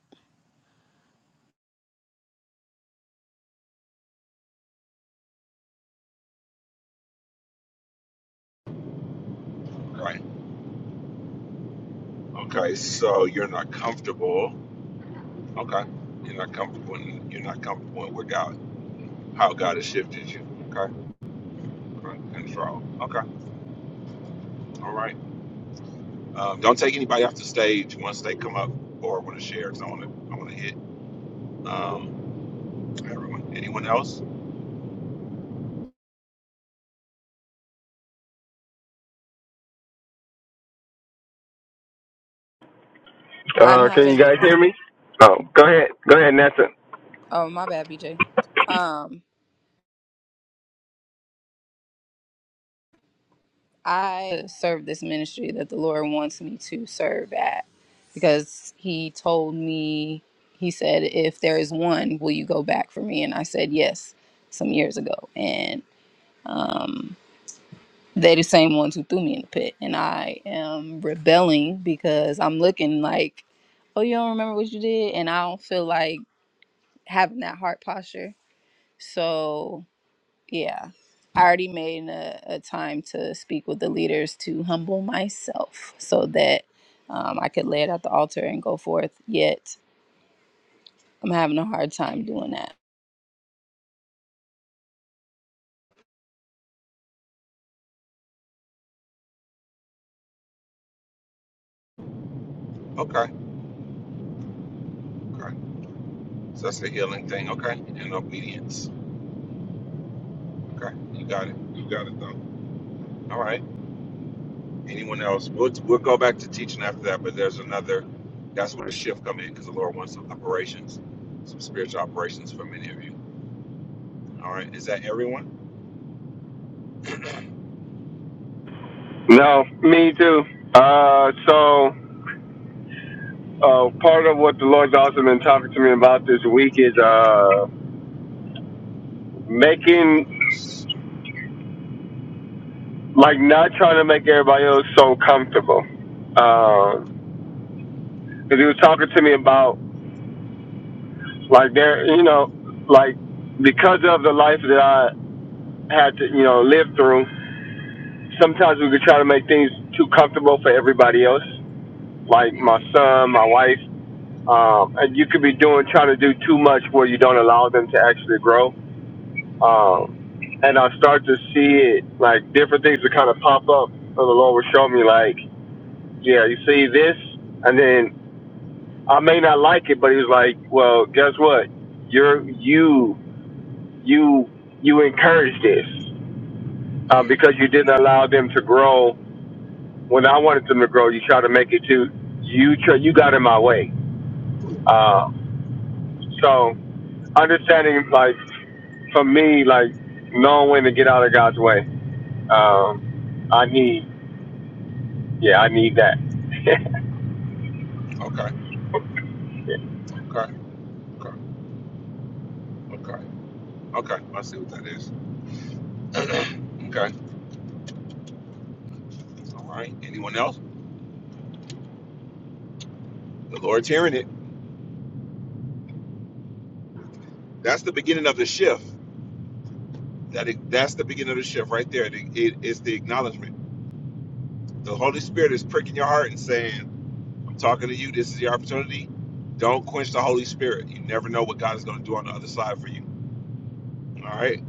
A: All right. Okay. So you're not comfortable. Okay. You're not comfortable in, you're not comfortable in where God how God has shifted you. Okay. Okay. Control. Okay. All right. Um, don't take anybody off the stage once they come up or want to share because I want to I want to hit um, everyone. Anyone else?
D: I'm
E: Uh, can you
D: having,
E: guys hear me? Oh, go ahead. Go ahead, Nathan.
D: oh, my bad, BJ. Um. I serve this ministry that the Lord wants me to serve at because He told me, He said, if there is one, will you go back for me? And I said, yes, some years ago. And um, they the same ones who threw me in the pit. And I am rebelling because I'm looking like, oh, you don't remember what you did? And I don't feel like having that heart posture. So yeah i already made a, a time to speak with the leaders to humble myself so that um, i could lay it at the altar and go forth yet i'm having a hard time doing that
A: Okay. Okay. So that's the healing thing. Okay. And obedience. Okay. You got it. You got it though. All right. Anyone else? We'll we'll go back to teaching after that, but there's another. That's where the shift come in because the Lord wants some operations, some spiritual operations for many of you. All right. Is that everyone?
E: No, me too. Uh, so, uh, part of what the Lord's also been talking to me about this week is, uh, making,
A: Okay.
E: like, not trying to make everybody else so comfortable. Um, cause he was talking to me about, like, there, you know, like, because of the life that I had to, you know, live through, sometimes we could try to make things too comfortable for everybody else. Like my son, my wife, Um, and you could be doing trying to do too much where you don't allow them to actually grow. Um, and I start to see it like different things that kind of pop up. So the Lord will show me like, yeah, you see this, and then I may not like it, but He was like, well, guess what? You're you you you encourage this um, because you didn't allow them to grow when I wanted them to grow. You try to make it to you. Try, you got in my way. Uh, so understanding like for me, like knowing when to get out of God's way. Um, I need, yeah, I need that.
A: Okay. Okay. Okay. Okay. I see what that is. *clears throat* okay. All right. Anyone else? The Lord's hearing it. That's the beginning of the shift. That it, that's the beginning of the shift right there. It, it is the acknowledgement. The Holy Spirit is pricking your heart and saying, "I'm talking to you. This is your opportunity. Don't quench the Holy Spirit. You never know what God is going to do on the other side for you. All right.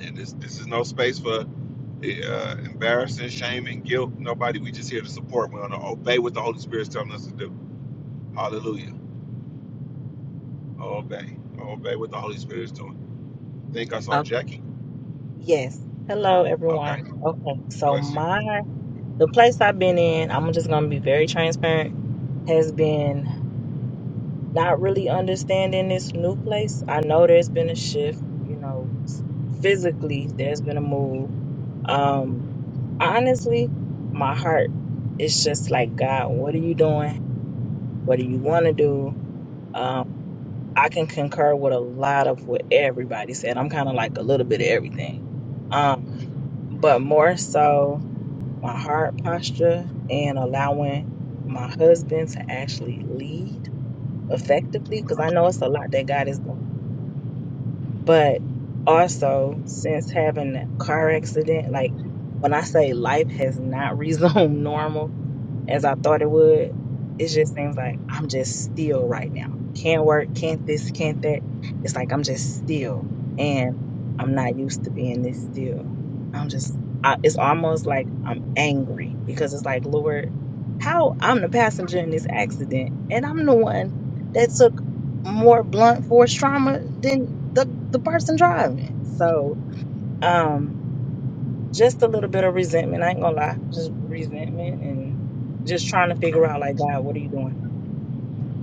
A: And this this is no space for uh, embarrassing, shame, and guilt. Nobody. We just here to support We're gonna Obey what the Holy Spirit's telling us to do. Hallelujah. Obey. Obey what the Holy Spirit is doing. I think I saw
J: Okay.
A: Jackie.
J: Yes. Hello,
A: Okay.
J: everyone. Okay. So
A: Bless you.
J: my the place I've been in, I'm just gonna be very transparent, has been not really understanding this new place. I know there's been a shift, you know, s- physically there's been a move. Um, honestly, my heart is just like, God, what are you doing? What do you want to do? Um, I can concur with a lot of what everybody said. I'm kind of like a little bit of everything. Um, but more so my heart posture and allowing my husband to actually lead effectively because I know it's a lot that God is doing. But also, since having that car accident, like when I say life has not *laughs* resumed normal, as I thought it would. It just seems like I'm just still right now. Can't work, can't this, can't that. It's like I'm just still, and I'm not used to being this still. I'm just, I, it's almost like I'm angry because it's like, Lord, how I'm the passenger in this accident, and I'm the one that took more blunt force trauma than the the person driving. So, um, just a little bit of resentment. I ain't gonna lie, just resentment and just trying to
A: Okay.
J: figure out, like, God, what are you doing?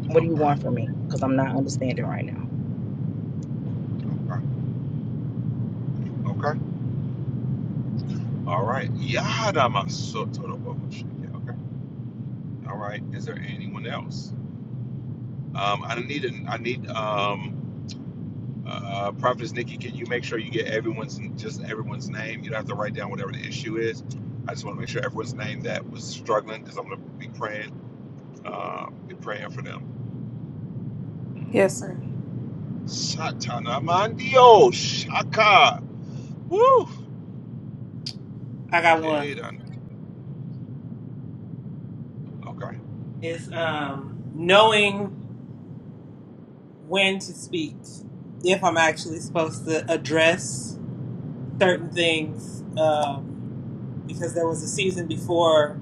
J: What do you
A: Okay.
J: want from me? Because I'm not understanding right now.
A: Okay. Okay. All right. Yada masoto bosh. Okay. All right. Is there anyone else? Um, I need an, I need um Uh, Prophetess Nikki, can you make sure you get everyone's just everyone's name? You don't have to write down whatever the issue is. I just want to make sure everyone's name that was struggling because I'm going to be praying, uh, be praying for them. Mhm.
C: Yes, sir.
A: Satanamandio shaka. Woo.
B: I got one.
A: Okay, done. Okay.
B: It's um knowing when to speak. If I'm actually supposed to address certain things, um, because there was a season before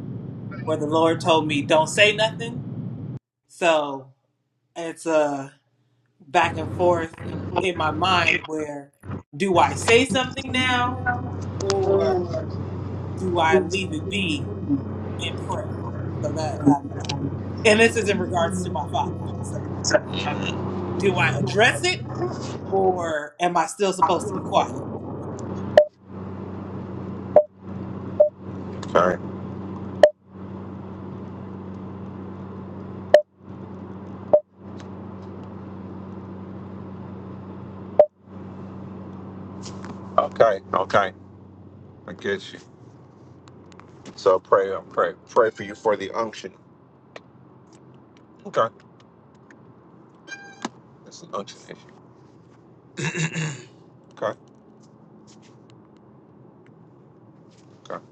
B: where the Lord told me don't say nothing. So it's a back and forth in my mind where do I say something now do I leave it be and pray? So that, um, and this is in regards to my father. So, um, do I address it or am I still supposed to be quiet?
A: Okay, okay, I get you. So pray, uh, pray, pray for you for the unction. Okay, that's an unction issue. Okay, okay.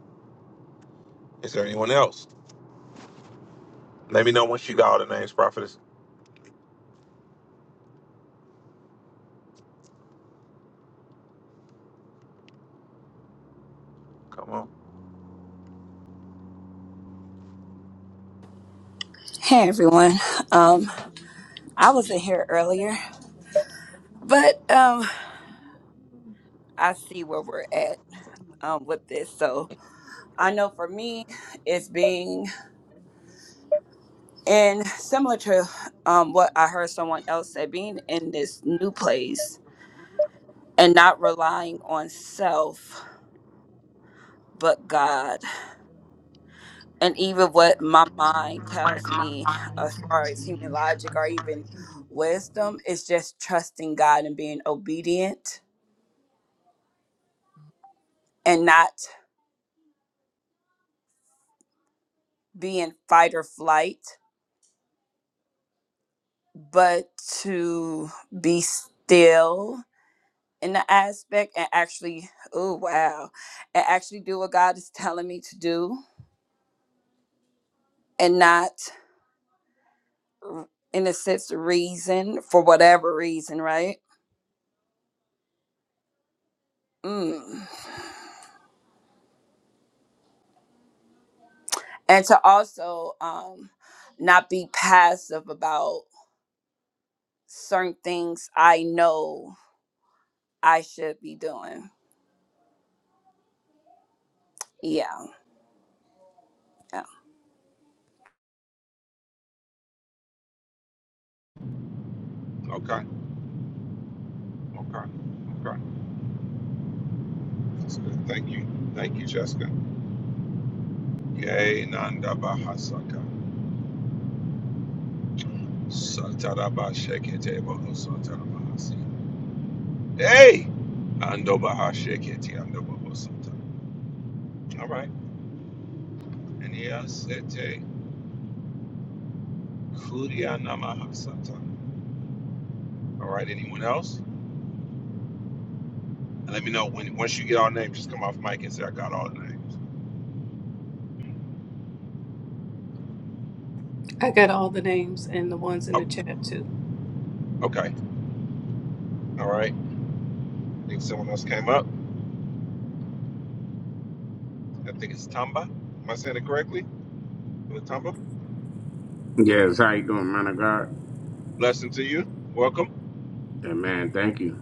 A: Is there anyone else? Let me know once you got all the names, prophetess. Come on.
K: Hey everyone. Um, I was in here earlier, but um, I see where we're at um, with this. So I know for me, it's being in similar to um, what I heard someone else say, being in this new place and not relying on self, but God, and even what my mind tells me as far as human logic or even wisdom is just trusting God and being obedient and not be in fight or flight, but to be still in the aspect and actually, oh wow, and actually do what God is telling me to do and not, r- in a sense, reason for whatever reason, right? Mm. And to also um, not be passive about certain things I know I should be doing. Yeah.
A: Okay. Okay. Okay. That's good. Thank you. Thank you, Jessica. Yay, Nanda Bahasaka. Sataraba Shekete Boho Satarabahasi. Hey! Ando Baha Shekete Ando Sata. All right. Ania Sete Kuria Namaha Sata. All right. Anyone else? And let me know when once you get all names, just come off mic and say, I got all the names.
C: I got all the names and the ones in the
A: Oh,
C: chat too.
A: okay. All right. I think someone else came up. I think it's Tamba. Am I saying it correctly? Tamba?
L: Yes, how you doing, man of God?
A: Blessing to you. Welcome.
L: And man, thank you.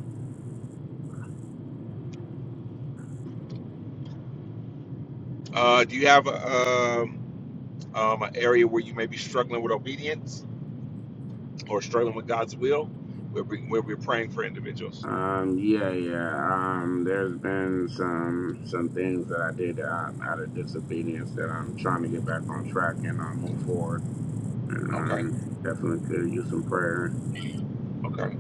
A: Uh, do you have um, um, an area where you may be struggling with obedience or struggling with God's will? Where, we, where we're praying for individuals.
L: Um, yeah, yeah. Um, there's been some some things that I did um, out of disobedience that I'm trying to get back on track and um, move forward. And
A: Okay,
L: um, definitely could use some prayer.
A: okay,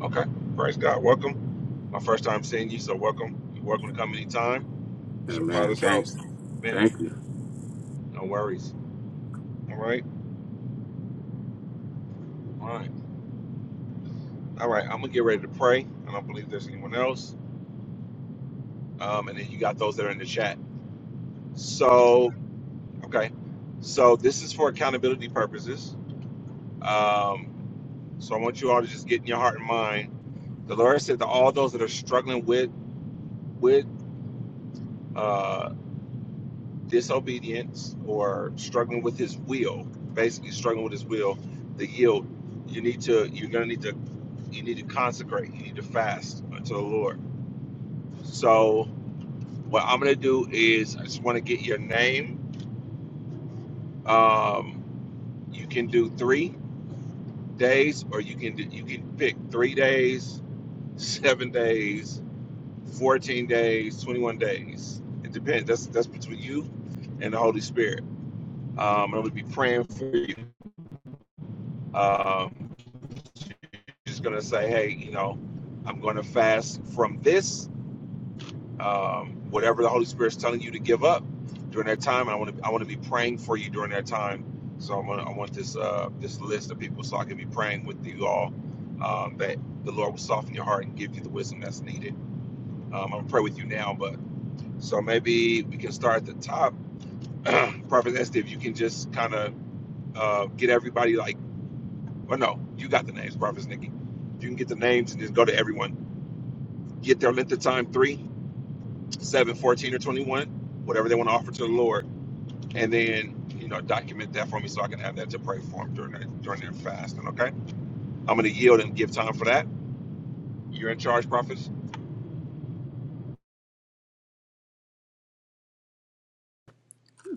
A: okay. Praise God. Welcome. My first time seeing you, so welcome. You're welcome to come anytime. It's your
L: And man,
A: father's
L: thank
A: house. Man,
L: thank you.
A: no worries. All right, all right, all right. I'm gonna get ready to pray. I don't believe there's anyone else. Um, and then you got those that are in the chat. So, okay. So this is for accountability purposes. Um, So I want you all to just get in your heart and mind. The Lord said to all those that are struggling with with uh, disobedience or struggling with His will, basically struggling with His will, the yield. You need to. You're gonna need to. You need to consecrate. You need to fast unto the Lord. So what I'm gonna do is I just want to get your name. Um, you can do three days, or you can do, you can pick three days, seven days, 14 days, 21 days. It depends. That's that's between you and the Holy Spirit. Um, I'm gonna be praying for you. Um, just gonna say, hey, you know, I'm gonna fast from this. Um, whatever the Holy Spirit's telling you to give up during that time, and I want to I want to be praying for you during that time. So I'm gonna, I want this uh, this list of people so I can be praying with you all um, that the Lord will soften your heart and give you the wisdom that's needed. Um, I'm gonna pray with you now, but so maybe we can start at the top *clears throat* Prophet Esther, if you can just kind of uh, get everybody like, or no, you got the names, Prophet Nikki. You can get the names and just go to everyone. Get their length of time three, seven, fourteen, or 21, whatever they want to offer to the Lord. And then, you know, document that for me so I can have that to pray for them during their, during their fasting, okay? I'm going to yield and give time for that. You're in charge, prophets.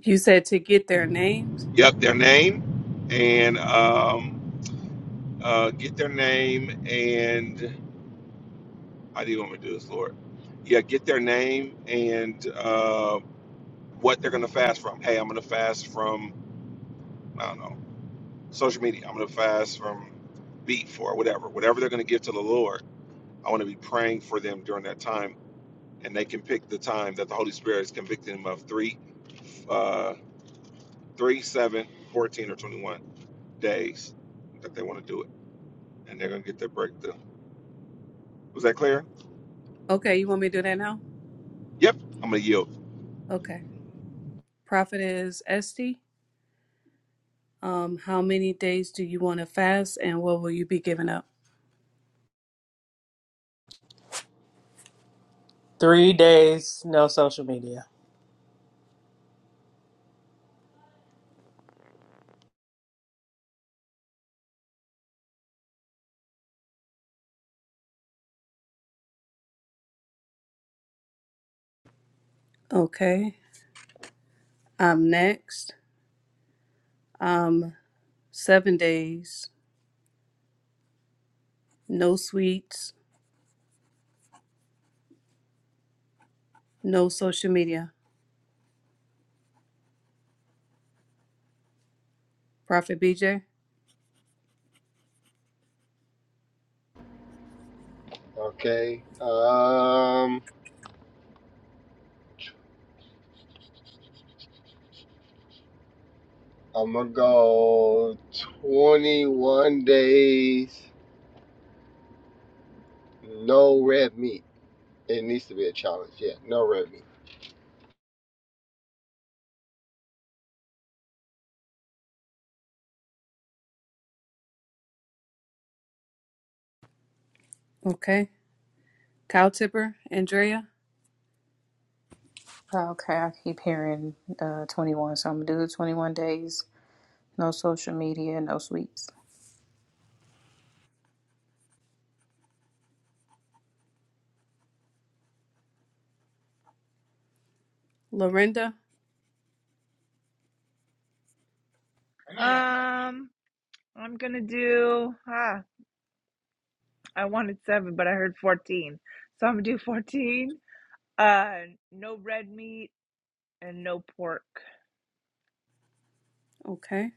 C: You said to get their names.
A: Yep, their name and um, uh, get their name and. How do you want me to do this, Lord? Yeah, get their name and uh, what they're going to fast from. Hey, I'm going to fast from, I don't know, social media. I'm going to fast from beef or whatever. Whatever they're going to give to the Lord, I want to be praying for them during that time. And they can pick the time that the Holy Spirit is convicting them of three, uh, three, seven, fourteen, or 21 days that they want to do it. And they're going to get their breakthrough. Was that clear?
C: Okay, you want me to do that now?
A: Yep. I'm going to yield.
C: Okay. Prophet is Esti. Um, how many days do you want to fast and what will you be giving up?
B: Three days, no social media.
C: Okay. I'm next. Um, seven days. No sweets, no social media. Prophet BJ.
E: *laughs* About 20.
C: Okay. Cow Tipper, Andrea,
I: Okay, I keep hearing uh, 21, so I'm gonna do 21 days, no social media, no sweets.
C: Lorinda.
H: Um, I'm gonna do. ah. I wanted seven, but I heard 14. So I'm gonna do 14. Uh, no red meat and no pork.
C: Okay.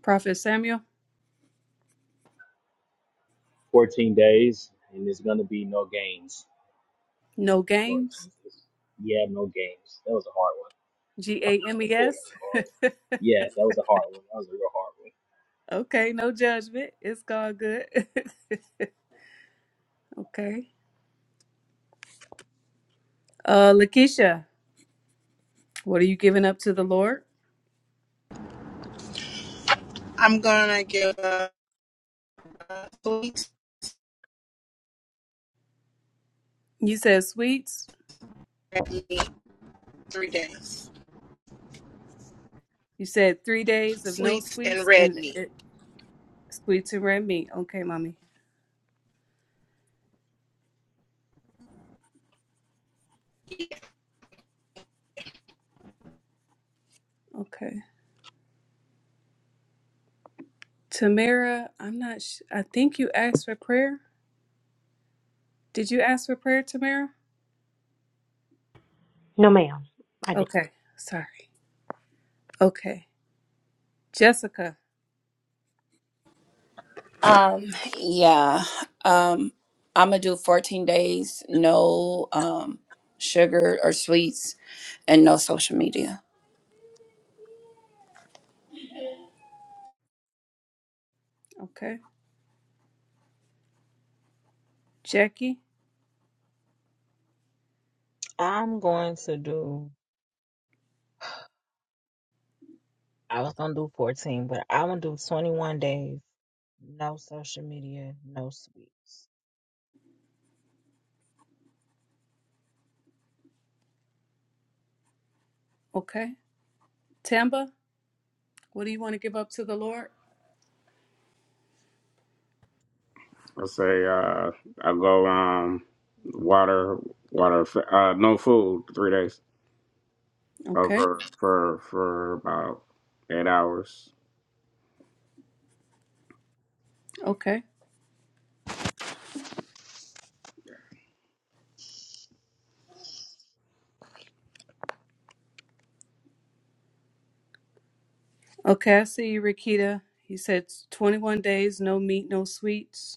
C: Prophet Samuel.
G: 14 days, and there's going to be no games,
C: No
G: Lord
C: games.
G: Jesus. Yeah, no games. That was a hard one.
C: G A M E
G: Hold
C: S.
G: on,
C: *laughs*
G: Carl. Yeah, that was a hard one. That was a real hard one.
C: Okay, no judgment. It's all good. *laughs* Okay. Uh, Lakeisha, what are you giving up to the Lord?
F: I'm gonna give uh, sweets
C: You said sweets.
F: and red meat three days.
C: You said three days of no
F: Sweets and
C: sweets
F: red
C: and
F: meat.
C: it, sweets and red meat. Okay, mommy. Okay. Tamara, I'm not. Sh- I think you asked for prayer. Did you ask for prayer, Tamara?
M: No ma'am, I
C: Okay. Sorry. Okay. Jessica.
K: Um, yeah. Um, I'm gonna do 14 days, no um sugar or sweets and no social media.
C: Okay. Jackie.
J: I'm going to do, I was going to do 14, but I'm going to do 21 days. No social media, no sweets.
C: Okay. Tamba, what do you want to give up to the Lord?
L: i say uh, I go um, water, water, uh, no food, three days uh,
C: Okay.
L: for for for about eight hours.
C: Okay. Okay. I see you, Rakita. You said 21 days, no meat, no sweets.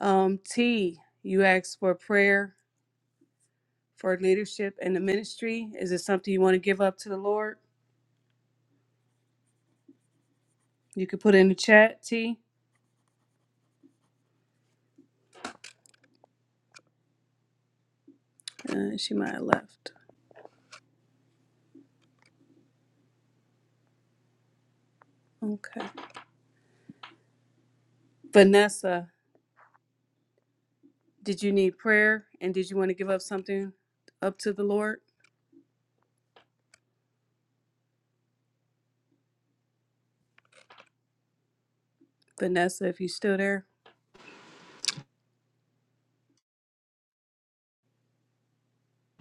C: Um, T, you asked for prayer for leadership in the ministry. Is it something you want to give up to the Lord? You could put it in the chat, T. Uh, she might have left. Okay. Vanessa, did you need prayer and did you want to give up something up to the Lord? Vanessa, if you're still there,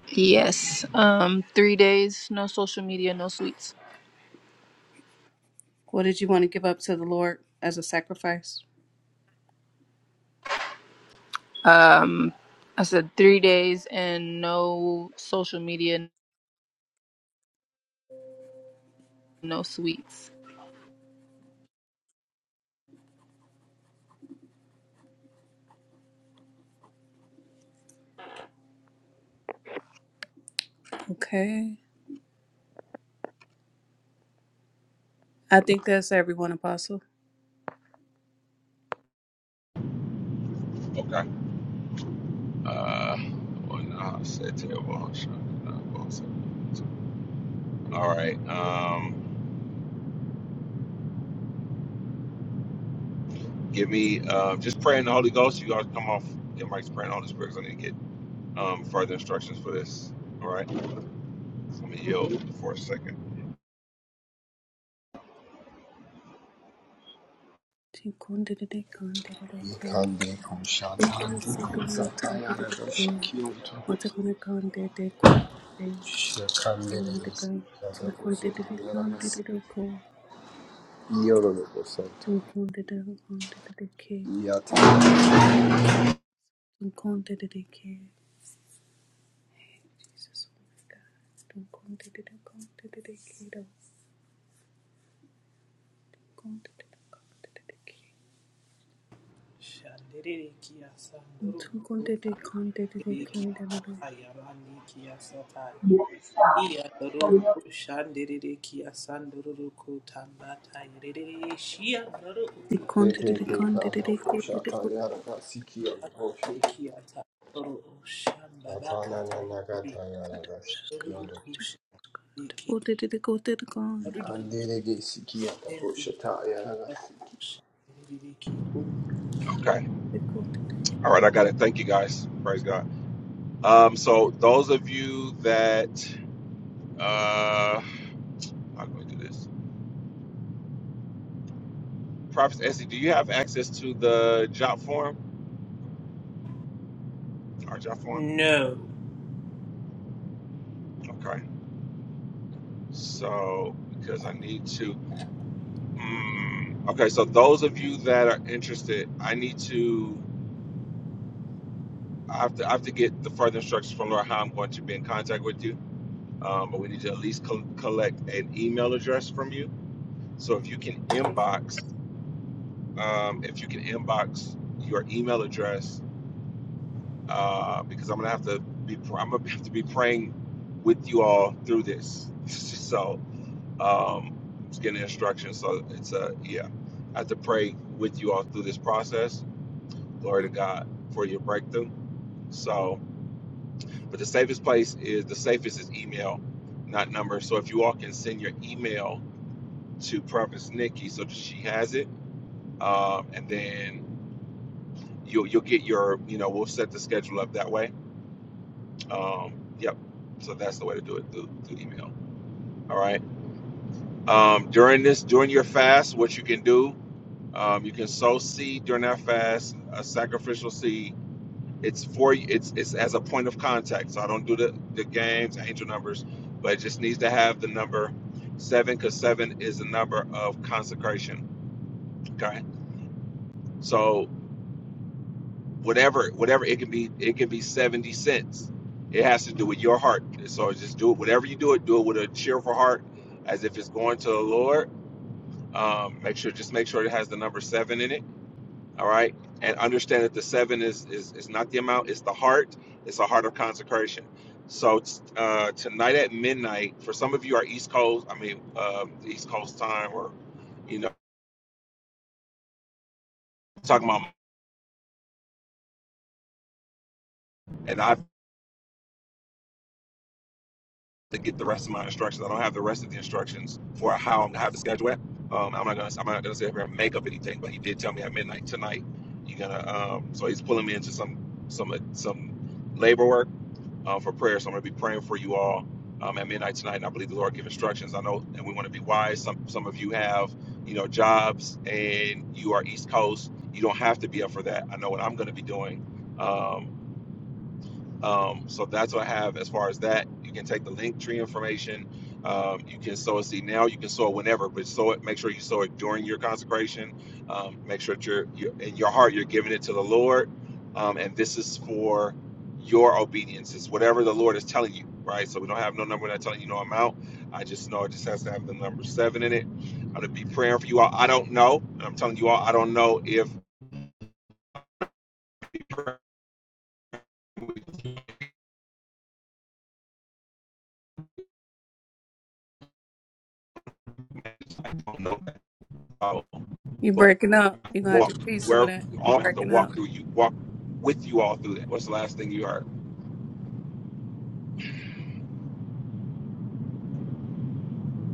D: yes um three days no social media no sweets
C: what did you want to give up to the Lord as a sacrifice?
D: um i said three days and no social media no sweets
C: Okay. I think that's everyone, Apostle.
A: Okay. Uh, well, no, I said terrible. I'm sure. No, well, so- so- All right. Um, give me uh, just pray in the Holy Ghost. You guys come off your mics praying all the spirits. I need to get um, further instructions for this. All right. So I'm gonna yield for a second.
C: Mata kona kande de konde, sun konde de de kande de de ko, sun konde de de konde de de ke, sun konde de de ke, Jesus, sun konde de de konde de de ke, da konde de de, sun konde de konde de de ke, da da da, the konde de de konde de de ke, de de ko,
B: *laughs*
C: konde de de ko, de de kon,
A: Okay.
C: de ko.
A: All right. I got it. Thank you guys. Praise God. Um, so those of you that uh, how can we do this? Prophet Essie, do you have access to the job form? Our job form.
B: No.
A: Okay. So because I need to. Mm, Okay, so those of you that are interested, I need to. I have to. I have to get the further instructions from Laura how I'm going to be in contact with you. Um, but we need to at least co- collect an email address from you. So if you can inbox, um, if you can inbox your email address, uh, because I'm gonna have to be. pr- I'm gonna have to be praying with you all through this. *laughs* so um, just getting instructions. So it's a yeah. I have to pray with you all through this process Glory to God for your breakthrough. So, but the safest place is the safest is email, not number. So if you all can send your email to Prophetess Nikki so that she has it, um, and then you'll you'll get your you know we'll set the schedule up that way. Um, yep. So that's the way to do it through, through email. All right. Um, during this during your fast, what you can do, um, you can sow seed during that fast, a sacrificial seed it's for it's it's as a point of contact. So I don't do the the games, angel numbers, but it just needs to have the number seven because seven is the number of consecration. Okay, so whatever whatever it can be, it can be seventy cents. It has to do with your heart. So just do it. Whatever you do, it do it with a cheerful heart, as if it's going to the Lord. Um, make sure just make sure it has the number seven in it all right and understand that the seven is is, is not the amount it's the heart it's a heart of consecration so uh, tonight at midnight for some of you are east coast i mean um, east coast time or you know talking about and i have to get the rest of my instructions i don't have the rest of the instructions for how i'm gonna have the schedule at um, i'm not gonna i'm not gonna sit here and make up anything but he did tell me at midnight tonight you're gonna um, so he's pulling me into some some uh, some labor work um, for prayer. So I'm going to be praying for you all um, at midnight tonight, and I believe the Lord give instructions. I know, and we want to be wise. Some some of you have, you know, jobs, and you are East Coast. You don't have to be up for that. I know what I'm going to be doing. Um, um, so that's what I have as far as that. You can take the link tree information. Um, you can sow a seed now. You can sow it whenever, but sow it. Make sure you sow it during your consecration. Um, make sure that you're, you're in your heart. You're giving it to the Lord, um, and this is for your obedience. It's whatever the Lord is telling you, right? So we don't have no number. We're not telling you no amount. I just know it just has to have the number seven in it. I'm gonna be praying for you all. I don't know. and I'm telling you all, I don't know if we don't know,
C: You
A: but
C: breaking up? You gonna have
A: walk
C: to see some of
A: wherever
C: that.
A: we
C: You
A: all have to
C: breaking up
A: walk through you walk with you all through that what's the last thing you heard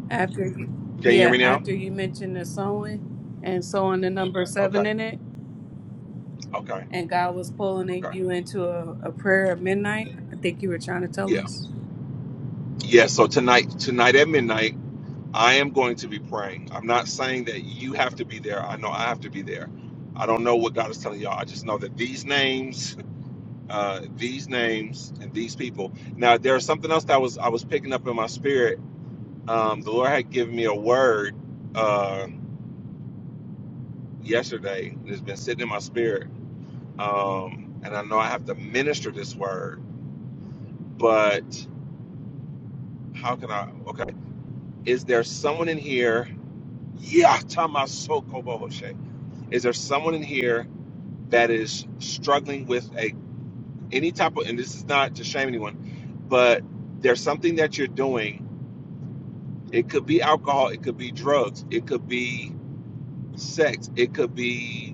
C: after you,
A: can you hear
C: yeah,
A: me now
C: after you mentioned the sewing and sewing the number seven
A: okay
C: in it.
A: okay
C: and God was pulling
A: okay
C: you into a, a prayer at midnight. I think you were trying to tell
A: yeah
C: us.
A: yeah so tonight tonight at midnight i am going to be praying i'm not saying that you have to be there i know i have to be there i don't know what god is telling y'all i just know that these names uh these names and these people now there's something else that was i was picking up in my spirit um the lord had given me a word uh yesterday it's been sitting in my spirit um, and I know I have to minister this word, but how can I? Okay, is there someone in here? Yeah, tamasokobohoshe. Is there someone in here that is struggling with a any type of? And this is not to shame anyone, but there's something that you're doing. It could be alcohol. It could be drugs. It could be sex. It could be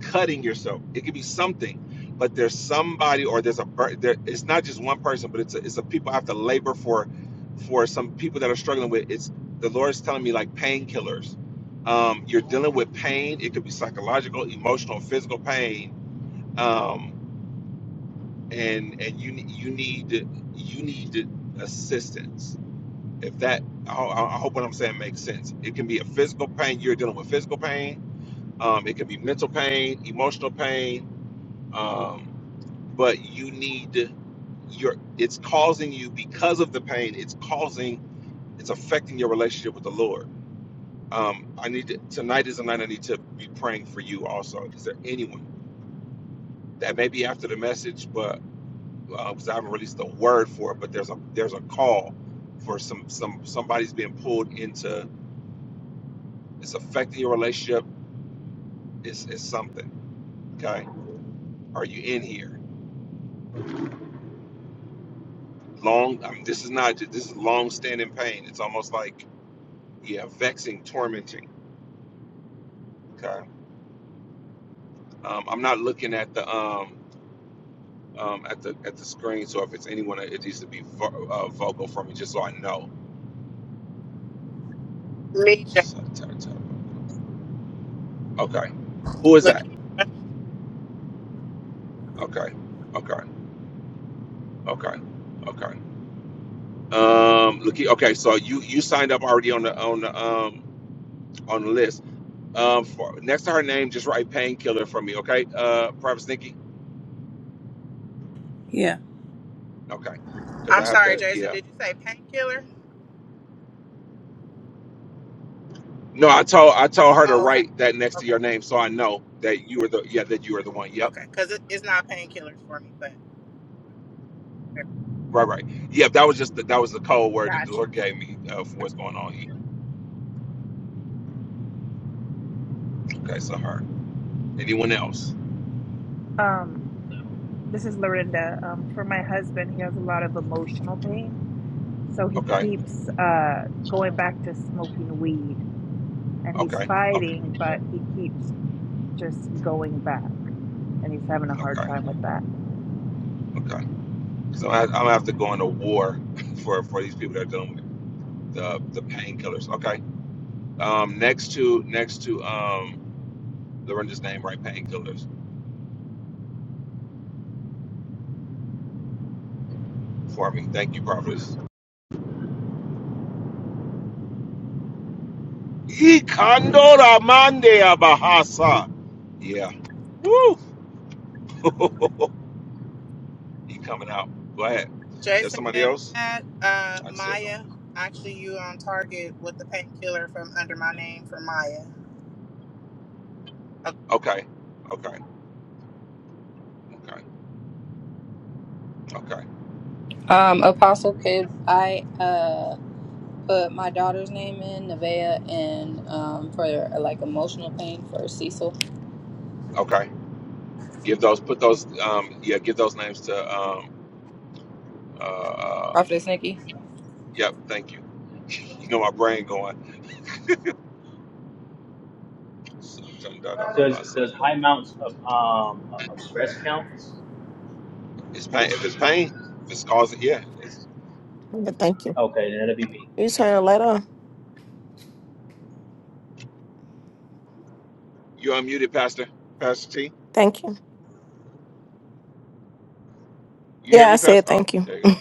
A: cutting yourself. It could be something, but there's somebody or there's a there. It's not just one person, but it's a, it's a people I have to labor for, for some people that are struggling with. It's the Lord's telling me like painkillers. Um, you're dealing with pain. It could be psychological, emotional, physical pain, um, and and you you need you need assistance. If that, I, ho- I hope what I'm saying makes sense. It can be a physical pain. You're dealing with physical pain. Um, it can be mental pain, emotional pain. Um, but you need your it's causing you because of the pain it's causing it's affecting your relationship with the lord um i need to, tonight is a night i need to be praying for you also is there anyone that may be after the message but uh, because i haven't released the word for it but there's a there's a call for some some somebody's being pulled into it's affecting your relationship it's, it's something okay are you in here long I mean, this is not this is long standing pain it's almost like yeah vexing tormenting Okay. Um, I'm not looking at the um, um, at the at the screen, so if it's anyone, it needs to be vo- uh, vocal for me, just so I know.
F: Me, Jason.
A: Okay. Who is
F: Look,
A: that? Okay. Okay. Okay. Okay. Um, look. Okay. So you you signed up already on the on the um on the list. Um, for, next to her name, just write painkiller for me. Okay. Uh, Private Nikki.
C: Yeah,
A: Okay. Because
F: I'm
A: I have
F: sorry,
A: to.
F: Jason.
A: Yeah.
F: Did you say painkiller?
A: No, I told I told her to
F: Oh, okay,
A: write that next to
F: okay,
A: your name, so I know that you were the yeah that you were the one. Yep.
F: okay. Because it, it's not painkillers for me, but yeah,
A: Right, right. Yeah, that was just the, that was the code word that the
F: gotcha.
A: Lord gave me uh, for what's going on here. Okay, so her. Anyone else?
H: Um, this is Lorinda. Um, for my husband, he has a lot of emotional pain. So he
A: Okay,
H: keeps uh, going back to smoking weed and he's
A: okay, okay,
H: fighting, but he keeps just going back and he's having a hard
A: okay,
H: time with that.
A: okay. So I, I'm gonna have to go into war *laughs* for for these people that are dealing with the the painkillers. Okay. Um, next to next to um, Lorenzo's name, right? Painkillers for me. Thank you, prophets. Ikandora mandea bahasa. Yeah. Woo. *laughs* he coming out. Go ahead. There's
F: Jason,
A: somebody
F: may I
A: else.
F: add, uh,
A: I see her.
F: Maya, actually, you on target with the painkiller from under my name for Maya. Okay.
A: Okay. Okay. Okay. Okay.
D: um apostle kid i uh put my daughter's name in Nevaeh and um for like emotional pain for cecil
A: Okay. Give those. Put those. Um. Yeah. Give those names to. Um. Uh. uh
D: Prophetess Nikki,
A: yep. Thank you. You know my brain going. It's
G: Does does high amounts of um of stress count?
A: pain. If it's pain. If it's causing. Yeah. It's,
N: Yeah, Thank you.
G: Okay, then that'll be me.
N: You turn the light on.
A: you unmuted, Pastor. Pastor T.
N: Thank you.
A: You
N: Yeah,
A: hear
N: I
A: me,
N: said
A: Pastor? Oh,
N: thank you.
A: there you go.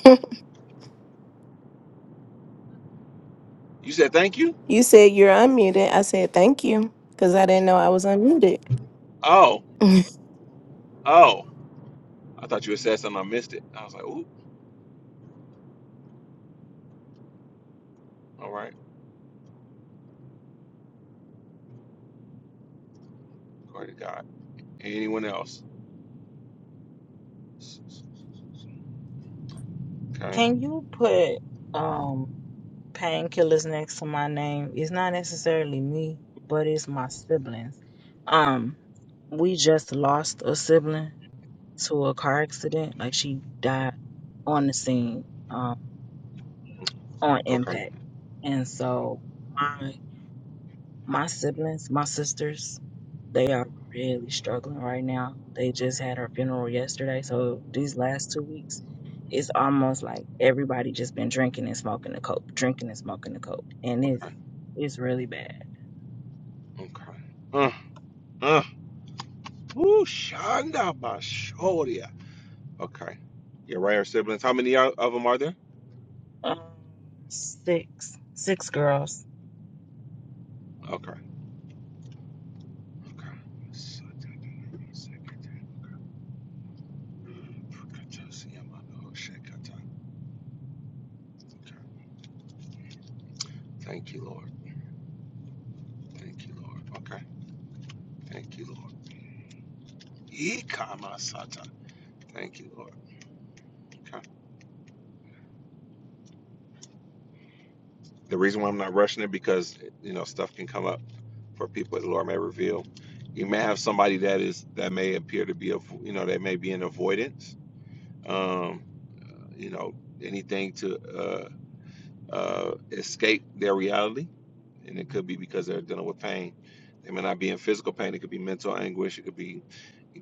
A: You said thank you.
N: You said you're unmuted. I said thank you because I didn't know I was unmuted.
A: Oh.
N: *laughs*
A: Oh. I thought you had said something. I missed it. I was like, ooh. All right. Glory to God. Anyone else? Okay.
J: Can you put um painkillers next to my name? It's not necessarily me, but it's my siblings. Um, we just lost a sibling to a car accident. Like she died on the scene, um, on
A: Okay.
J: impact. And so my my siblings, my sisters. They are really struggling right now. They just had her funeral yesterday, so these last two weeks, it's almost like everybody just been drinking and smoking the coke, drinking and smoking the coke, and it's
A: Okay.
J: it's really bad.
A: Okay. Uh, uh. Ooh, Shanda Bashoria. Okay. Your right. Our siblings. How many are, of them are there?
J: Um, six, six girls.
A: Okay. Okay. Thank you, Lord. Thank you, Lord. Okay. Thank you, Lord. Ikamasata. Thank you, Lord. Okay. The reason why I'm not rushing it because you know stuff can come up for people that the Lord may reveal. You may have somebody that is that may appear to be a you know they may be in avoidance. Um. you know, anything to uh, uh, escape their reality. And it could be because they're dealing with pain. They may not be in physical pain. It could be mental anguish. It could be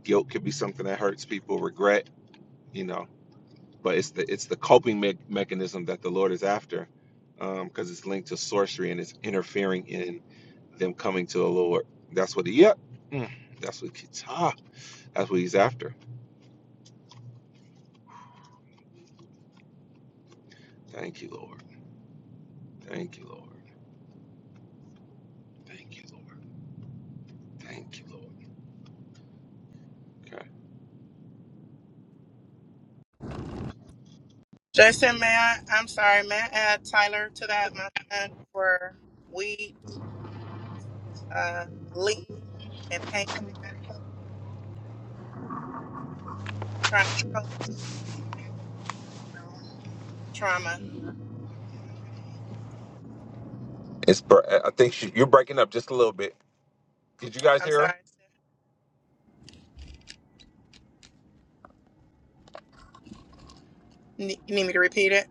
A: guilt. Could be something that hurts people. Regret. You know. But it's the it's the coping me- mechanism that the Lord is after, um, because it's linked to sorcery and it's interfering in them coming to the Lord. That's what he. Yep. Mm, that's what. He's, ah, that's what he's after. Thank you, Lord. Thank you, Lord. Thank you, Lord. Thank you, Lord. Okay.
F: Jason, may I? I'm sorry. May I add Tyler to that, my son, for weed, uh, lean, and pain medication, trying to cope with trauma and pain.
A: It's. br- I think she, you're breaking up just a little bit. Did you guys
F: I'm
A: hear
F: sorry.
A: her?
F: Ne- You need me to repeat it?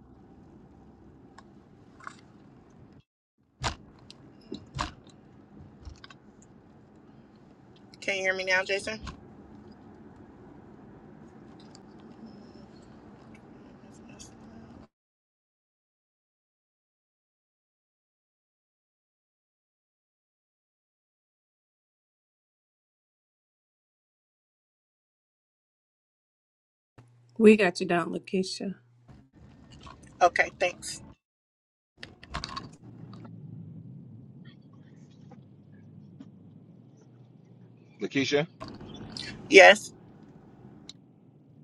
F: Can you hear me now, Jason?
C: we got you down, Lakeisha.
F: Okay. Thanks.
A: Lakeisha?
F: Yes.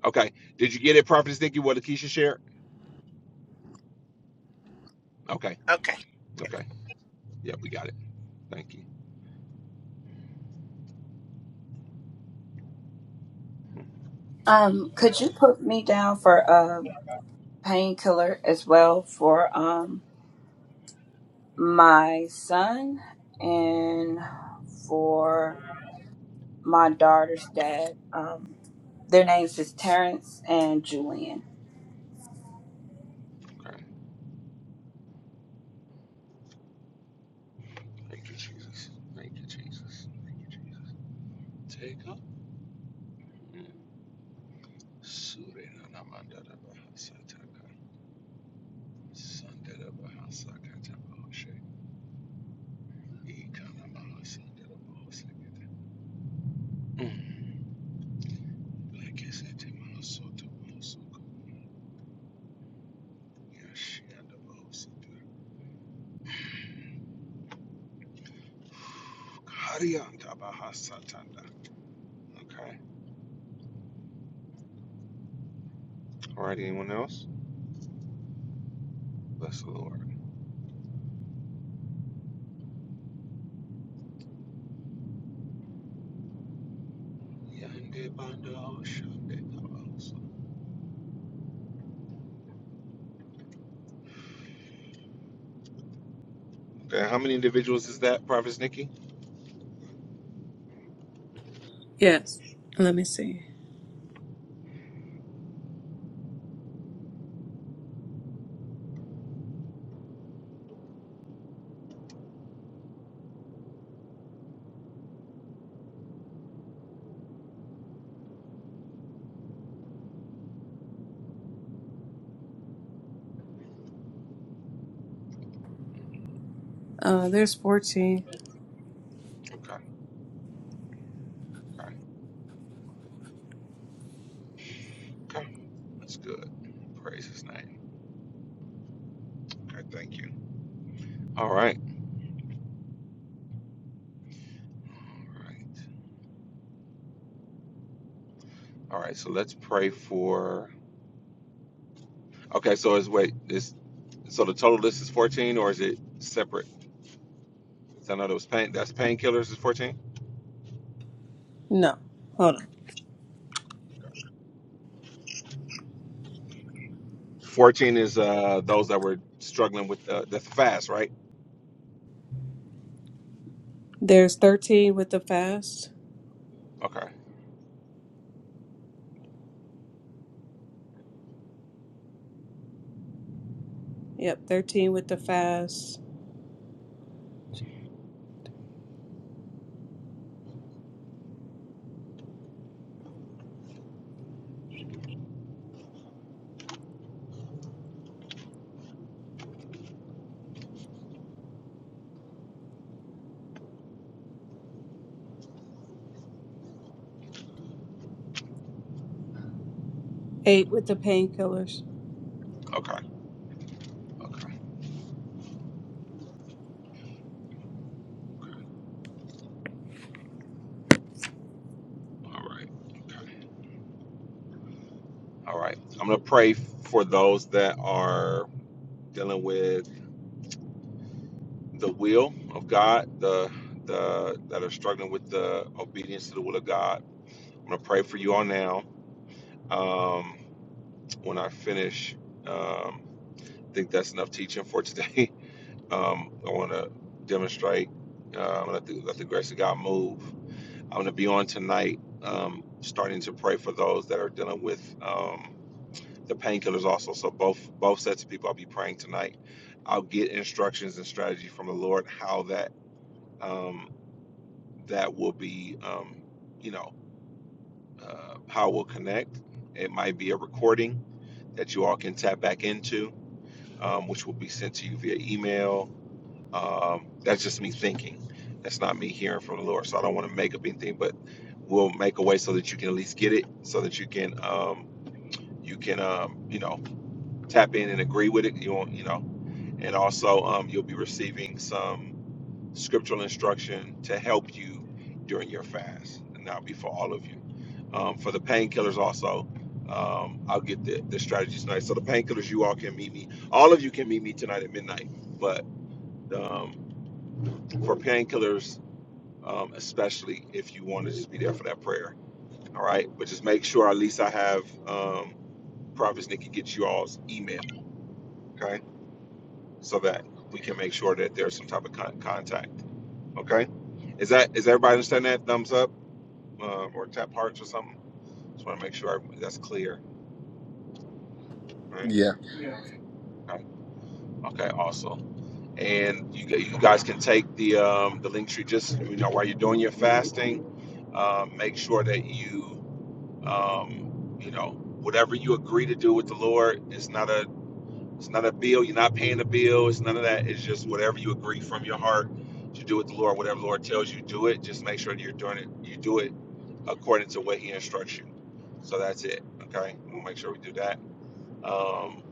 A: Okay. Did you get it, Prophetess Nikki, what Lakeisha shared? Okay.
F: Okay.
A: Okay. Yeah, we got it. Thank you.
K: Um, could you put me down for a painkiller as well for um my son and for my daughter's dad? Um, their names is Terrence and Julian.
A: Okay. Thank you, Jesus. Thank you, Jesus. Thank you, Jesus. Take up. Surena namandada bahasataka. Sandada bahasakata bahashe. Ikana bahasandada bahasakata. Mm. Lekesete mahasoto bahasoko. Yashianda bahasito. Harianda Baha Satanda. Okay. All right. Anyone else? Bless the Lord. Okay. How many individuals is that, Prophet Nikki?
C: Yes. Let me see. Uh, there's 14.
A: Okay. Okay. Okay. That's good. Praise his name. Okay. Thank you. All right. All right. All right. So let's pray for. Okay. So is wait is so the total list is fourteen or is it separate? 'Cause I know those pain that's painkillers is fourteen.
C: No, hold on.
A: Fourteen is uh those that were struggling with the that's fast right?
C: There's 13 with the fast.
A: Okay.
C: Yep, 13 with the fast. Eight with the painkillers.
A: Okay. Okay. Okay. All right. Okay. All right. I'm going to pray for those that are dealing with the will of God, the the that are struggling with the obedience to the will of God. I'm going to pray for you all now. Um, when I finish, um, I think that's enough teaching for today. *laughs* Um, I want to demonstrate. Uh, gonna let let the grace of God move. I'm going to be on tonight, um, starting to pray for those that are dealing with. um, the painkillers also. So both both sets of people I'll be praying tonight. I'll get instructions and strategy from the Lord how that um, that will be, um, you know, uh, how it will connect. It might be a recording that you all can tap back into, um, which will be sent to you via email. Um, that's just me thinking. That's not me hearing from the Lord. So I don't want to make up anything, but we'll make a way so that you can at least get it, so that you can um, you can um, you know tap in and agree with it. You won't you know and also um, you'll be receiving some scriptural instruction to help you during your fast and that'll be for all of you um, for the painkillers also um, i'll get the, the strategies tonight so the painkillers you all can meet me all of you can meet me tonight at midnight but um, for painkillers um, especially if you want to just be there for that prayer all right but just make sure at least i have um, prophet nikki get you all's email okay so that we can make sure that there's some type of con- contact Okay, is that is everybody understand that? Thumbs up uh, or tap hearts or something. Just want to make sure I, that's clear. Right. Okay. Okay. Awesome. And you g- you guys can take the um, the link tree just you know while you're doing your fasting. Um, make sure that you um, you know whatever you agree to do with the Lord. is not a It's not a bill. You're not paying a bill. It's none of that. It's just whatever you agree from your heart to do with the Lord. Whatever the Lord tells you, do it. Just make sure that you're doing it. You do it according to what He instructs you. So that's it. Okay. We'll make sure we do that. Um,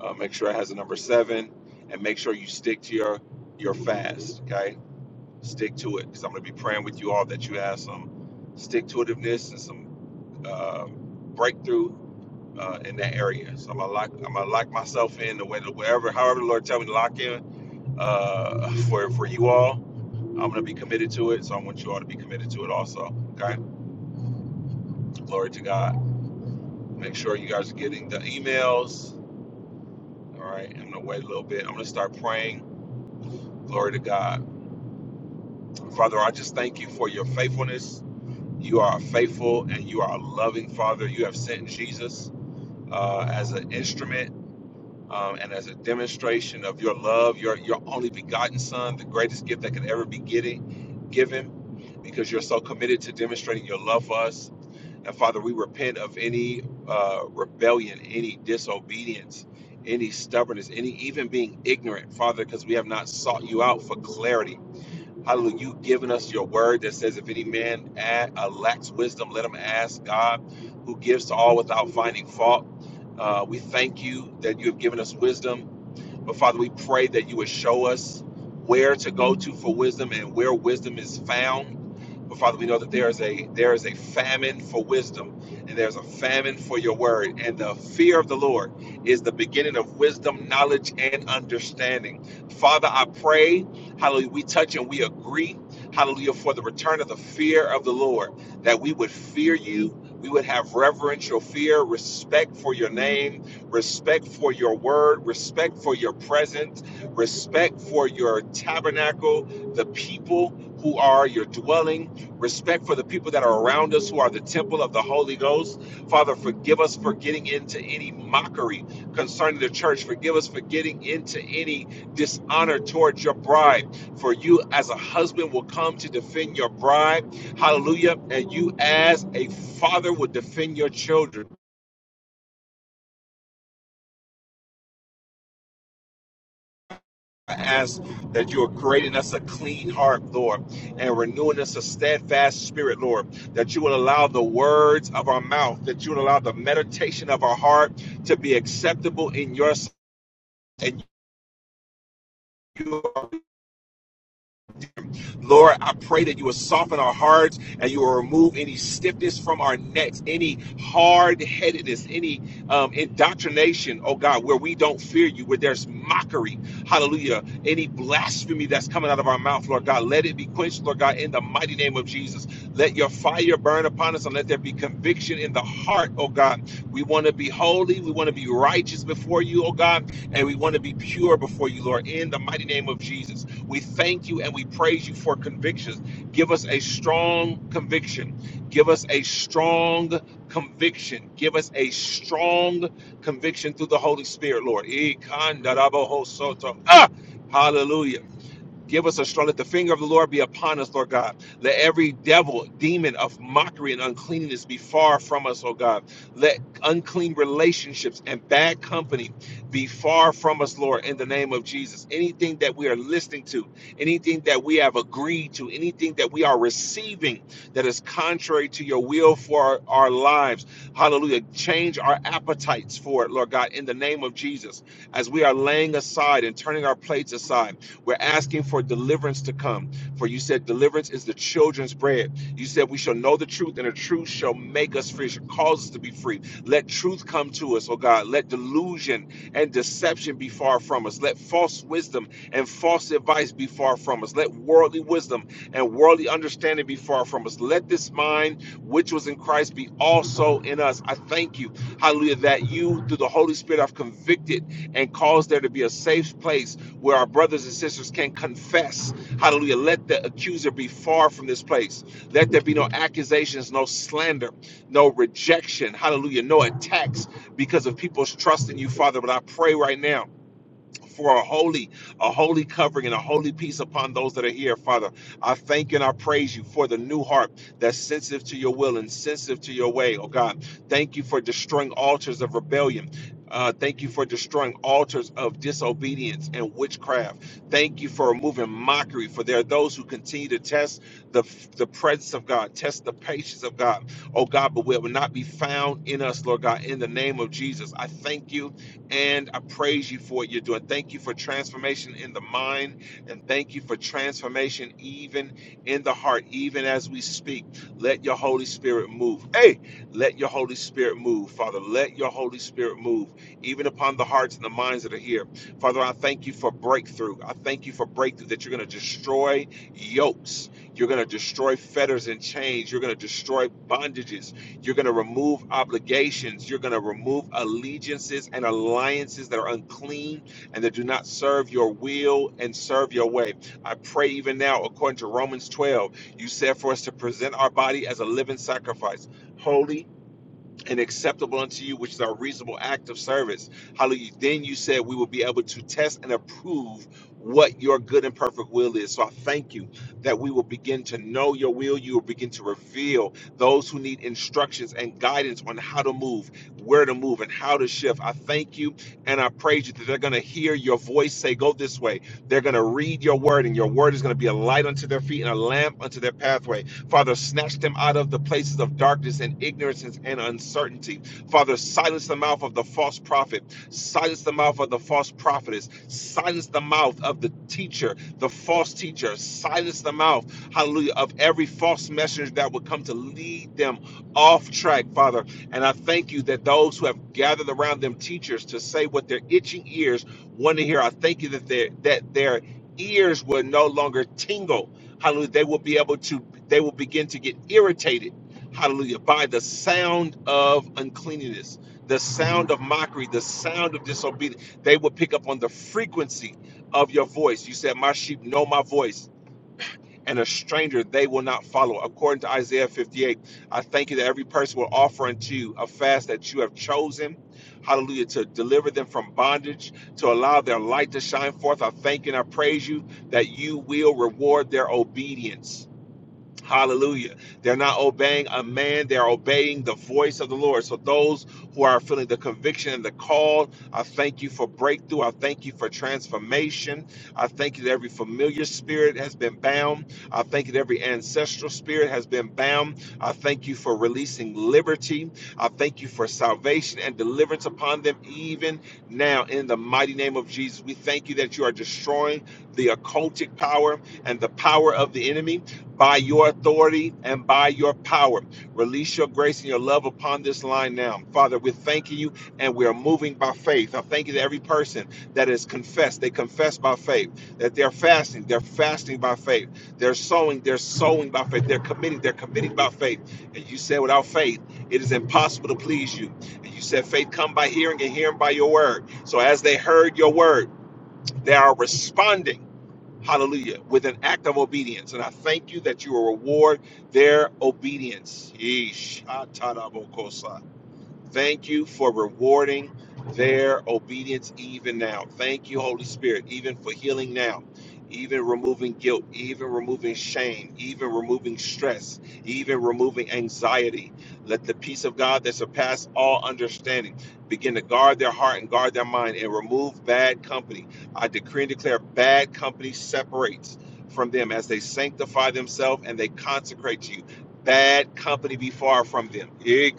A: uh, make sure it has a number seven, and make sure you stick to your your fast. Okay. Stick to it because I'm going to be praying with you all that you have some stick to itiveness and some uh, breakthrough uh, in that area. So I'm gonna lock I'm gonna lock myself in the way wherever however the Lord tell me to lock in uh, for for you all. I'm gonna be committed to it, so I want you all to be committed to it also. Okay, glory to God. Make sure you guys are getting the emails. All right, I'm gonna wait a little bit. I'm gonna start praying. Glory to God, Father. I just thank you for your faithfulness. You are faithful and you are a loving Father. You have sent Jesus uh, as an instrument um, and as a demonstration of your love, your your only begotten Son, the greatest gift that could ever be getting given, because you're so committed to demonstrating your love for us. And Father, we repent of any uh, rebellion, any disobedience, any stubbornness, any even being ignorant, Father, because we have not sought you out for clarity. Hallelujah. You've given us your word that says, if any man uh, lacks wisdom, let him ask God, who gives to all without finding fault. Uh, we thank you that you have given us wisdom but Father, we pray that you would show us where to go to for wisdom and where wisdom is found. But Father, we know that there is a there is a famine for wisdom and there's a famine for your word. And the fear of the Lord is the beginning of wisdom, knowledge, and understanding. Father, I pray, hallelujah, we touch and we agree, hallelujah, for the return of the fear of the Lord, that we would fear you. We would have reverential fear, respect for your name, respect for your word, respect for your presence, respect for your tabernacle, the people who are your dwelling, respect for the people that are around us who are the temple of the Holy Ghost. Father, forgive us for getting into any mockery concerning the church. Forgive us for getting into any dishonor towards your bride. For you, as a husband, will come to defend your bride. Hallelujah. And you, as a father, will defend your children. I ask that you are creating us a clean heart, Lord, and renewing us a steadfast spirit, Lord. That you will allow the words of our mouth, that you will allow the meditation of our heart to be acceptable in your sight. And you. are Lord, I pray that you will soften our hearts and you will remove any stiffness from our necks, any hard headedness, any um, indoctrination, oh God, where we don't fear you, where there's mockery, hallelujah, any blasphemy that's coming out of our mouth, Lord God, let it be quenched, Lord God, in the mighty name of Jesus. Let your fire burn upon us and let there be conviction in the heart, oh God. We want to be holy, we want to be righteous before you, oh God, and we want to be pure before you, Lord, in the mighty name of Jesus. We thank you and we praise you for convictions. Give us a strong conviction. Give us a strong conviction. Give us a strong conviction through the Holy Spirit, Lord. Eh, Ah, hallelujah. Give us a strong, let the finger of the Lord be upon us, Lord God. Let every devil, demon of mockery and uncleanness be far from us, oh God. Let unclean relationships and bad company be far from us, Lord, in the name of Jesus. Anything that we are listening to, anything that we have agreed to, anything that we are receiving that is contrary to your will for our, our lives, hallelujah. Change our appetites for it, Lord God, in the name of Jesus, as we are laying aside and turning our plates aside. We're asking for deliverance to come. For you said deliverance is the children's bread. You said we shall know the truth, and the truth shall make us free, shall cause us to be free. Let truth come to us, oh God. Let delusion and deception be far from us. Let false wisdom and false advice be far from us. Let worldly wisdom and worldly understanding be far from us. Let this mind which was in Christ be also in us. I thank you, hallelujah, that you, through the Holy Spirit, have convicted and caused there to be a safe place where our brothers and sisters can confess. Hallelujah. Let the accuser be far from this place. Let there be no accusations, no slander, no rejection. Hallelujah. No attacks because of people's trust in you, Father. But I pray right now for a holy, a holy covering and a holy peace upon those that are here, Father. I thank you and I praise you for the new heart that's sensitive to your will and sensitive to your way, oh God. Thank you for destroying altars of rebellion. Uh, thank you for destroying altars of disobedience and witchcraft. Thank you for removing mockery. For there are those who continue to test the the presence of God, test the patience of God. Oh God, but it will not be found in us, Lord God. In the name of Jesus, I thank you and I praise you for what you're doing. Thank you for transformation in the mind, and thank you for transformation even in the heart, even as we speak. Let your Holy Spirit move. Hey, let your Holy Spirit move, Father. Let your Holy Spirit move, even upon the hearts and the minds that are here. Father, I thank you for breakthrough. I thank you for breakthrough that you're going to destroy yokes, you're going to destroy fetters and chains, you're going to destroy bondages. You're going to remove obligations. You're going to remove allegiances and alliances that are unclean and that do not serve your will and serve your way. I pray even now, according to Romans 12, you said for us to present our body as a living sacrifice, holy and acceptable unto you, which is our reasonable act of service. Hallelujah. Then you said we will be able to test and approve what your good and perfect will is. So I thank you that we will begin to know your will. You will begin to reveal those who need instructions and guidance on how to move, where to move, and how to shift. I thank you and I praise you that they're going to hear your voice say, Go this way. They're going to read your word, and your word is going to be a light unto their feet and a lamp unto their pathway Father, snatch them out of the places of darkness and ignorance and uncertainty. Father, silence the mouth of the false prophet, silence the mouth of the false prophetess, silence the mouth of the teacher, the false teacher, silence the mouth, hallelujah, of every false messenger that would come to lead them off track, Father. And I thank you that those who have gathered around them teachers to say what their itching ears want to hear, I thank you that their that their ears will no longer tingle. Hallelujah. They will be able to they will begin to get irritated, hallelujah, by the sound of uncleanliness, the sound of mockery, the sound of disobedience. They will pick up on the frequency of your voice. You said, My sheep know my voice. And a stranger they will not follow. According to Isaiah 58, I thank you that every person will offer unto you a fast that you have chosen, hallelujah, to deliver them from bondage, to allow their light to shine forth. I thank and I praise you that you will reward their obedience Hallelujah. They're not obeying a man, they're obeying the voice of the Lord. So, those who are feeling the conviction and the call, I thank you for breakthrough. I thank you for transformation. I thank you that every familiar spirit has been bound. I thank you that every ancestral spirit has been bound. I thank you for releasing liberty. I thank you for salvation and deliverance upon them, even now, in the mighty name of Jesus. We thank you that you are destroying the occultic power and the power of the enemy by your authority and by your power. Release your grace and your love upon this line now. Father, we're thanking you and we are moving by faith. I thank you to every person that has confessed. They confess by faith that they're fasting. They're fasting by faith. They're sowing. They're sowing by faith. They're committing. They're committing by faith. And you said, without faith, it is impossible to please you. And you said, faith come by hearing and hearing by your word. So as they heard your word, they are responding Hallelujah. With an act of obedience. And I thank you that you will reward their obedience. Yeesh. Atarabokosa. Thank you for rewarding their obedience even now. Thank you, Holy Spirit, even for healing now, even removing guilt, even removing shame, even removing stress, even removing anxiety. Let the peace of God that surpasses all understanding begin to guard their heart and guard their mind and remove bad company. I decree and declare bad company separates from them as they sanctify themselves and they consecrate you Bad company be far from them. Eh,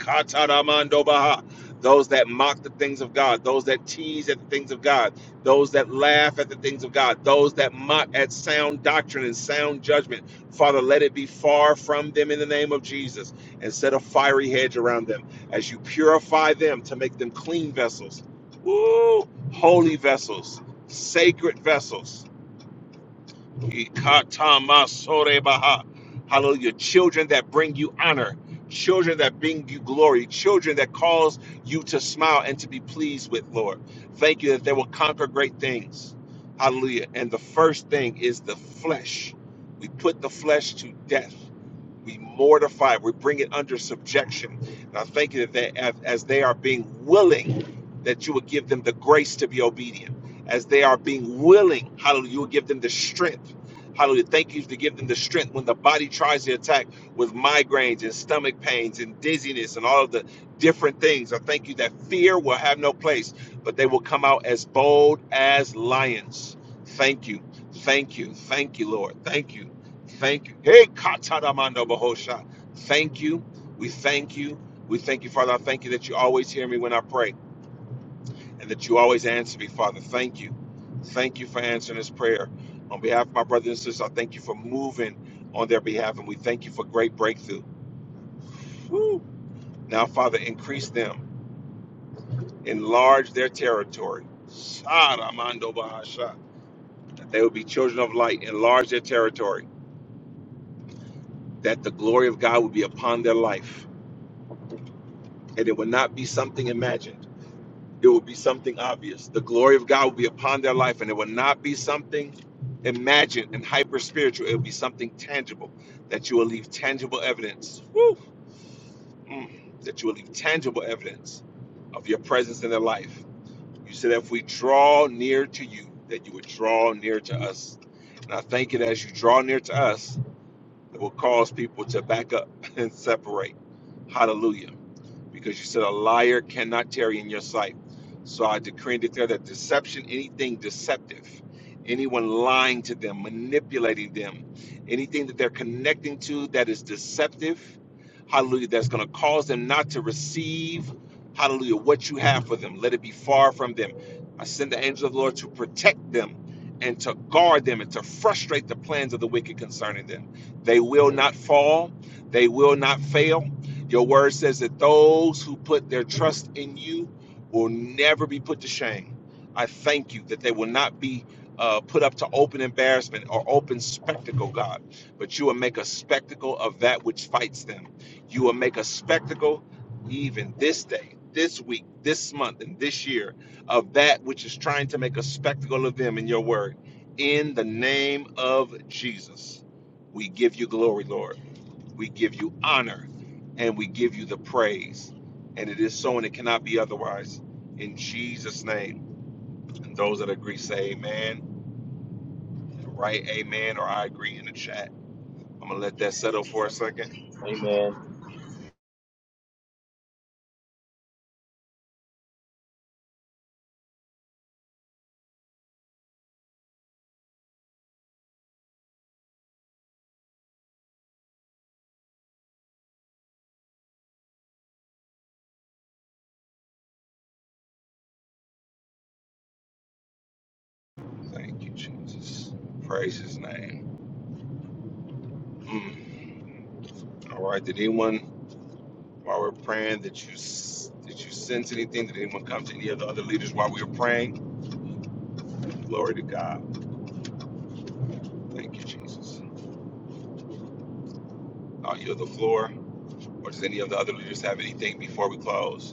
A: Those that mock the things of God, those that tease at the things of God, those that laugh at the things of God, those that mock at sound doctrine and sound judgment. Father, let it be far from them in the name of Jesus and set a fiery hedge around them as you purify them to make them clean vessels. Woo! Holy vessels, sacred vessels Ikatamasorebaha. Hallelujah. Children that bring you honor, children that bring you glory, children that cause you to smile and to be pleased with, Lord. Thank you that they will conquer great things. Hallelujah. And the first thing is the flesh. We put the flesh to death. We mortify, we bring it under subjection. And I thank you that they, as, as they are being willing, that you will give them the grace to be obedient. As they are being willing, hallelujah, you will give them the strength. Hallelujah. Thank you to give them the strength when the body tries to attack with migraines and stomach pains and dizziness and all of the different things. I thank you that fear will have no place, but they will come out as bold as lions. Thank you. Thank you. Thank you, Lord. Thank you. Thank you. Hey, Kataramando Bahosha. Thank you. We thank you. We thank you, Father. I thank you that you always hear me when I pray and that you always answer me, Father. Thank you. Thank you for answering this prayer. On behalf of my brothers and sisters, I thank you for moving on their behalf and we thank you for great breakthrough. Whew. Now, Father, increase them, enlarge their territory. Saramando Bahasha. That they will be children of light, enlarge their territory, that the glory of God would be upon their life and it will not be something imagined. It will be something obvious. The glory of God will be upon their life, and it will not be something imagined and hyper spiritual. It will be something tangible that you will leave tangible evidence. Woo! Mm. that you will leave tangible evidence of your presence in their life. You said, if we draw near to you, that you would draw near to us. And I thank you that as you draw near to us, it will cause people to back up *laughs* and separate. Hallelujah because you said a liar cannot tarry in your sight. So I decree and declare that deception, anything deceptive, anyone lying to them, manipulating them, anything that they're connecting to that is deceptive, hallelujah, that's going to cause them not to receive, hallelujah, what you have for them. Let it be far from them. I send the angel of the Lord to protect them and to guard them and to frustrate the plans of the wicked concerning them. They will not fall, they will not fail. Your word says that those who put their trust in you will never be put to shame. I thank you that they will not be uh, put up to open embarrassment or open spectacle, God, but you will make a spectacle of that which fights them. You will make a spectacle even this day, this week, this month, and this year of that which is trying to make a spectacle of them in your word. In the name of Jesus, we give you glory, Lord. We give you honor and we give you the praise. And it is so, and it cannot be otherwise. In Jesus' name. And those that agree say amen, write amen, or I agree in the chat. I'm going to let that settle for a second.
G: Amen.
A: Thank you, Jesus. Praise his name. Mm. All right. Did anyone, while we're praying, that you s- did you sense anything? Did anyone come to any of the other leaders while we were praying? Glory to God. Thank you, Jesus. I'll yield the floor. Or does any of the other leaders have anything before we close?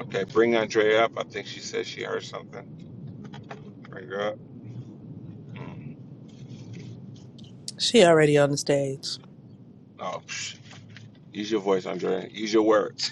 A: Okay, bring Andrea up. I think she said she heard something. Bring her up. Mm.
B: She already on the stage.
A: Oh, psh. use your voice, Andrea. Use your words.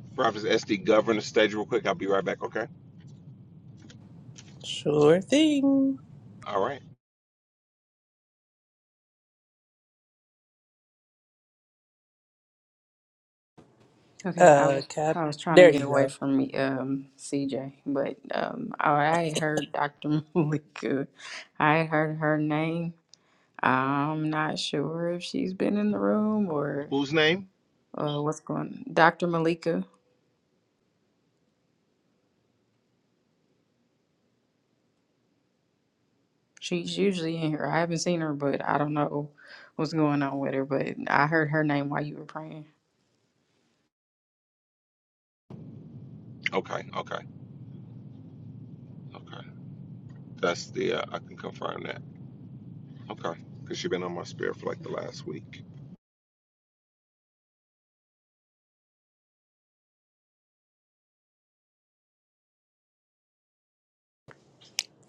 A: *laughs* Prophet SD, govern the stage real quick. I'll be right back, okay?
B: Sure thing.
A: All right.
I: Okay, I
B: Uh,
I: was
B: Cap.
I: I was trying to
B: There
I: get
B: you
I: away
B: go.
I: from me, um, CJ, but um, oh, I, had heard Dr. *laughs* Malika. I had heard her name. I'm not sure if she's been in the room or
A: Whose name?
I: uh, what's going. Dr. Malika. She's usually in here. I haven't seen her, but I don't know what's going on with her. But I heard her name while you were praying.
A: Okay, okay, okay. That's the, uh, I can confirm that. Okay, because you've been on my spirit for like the last week.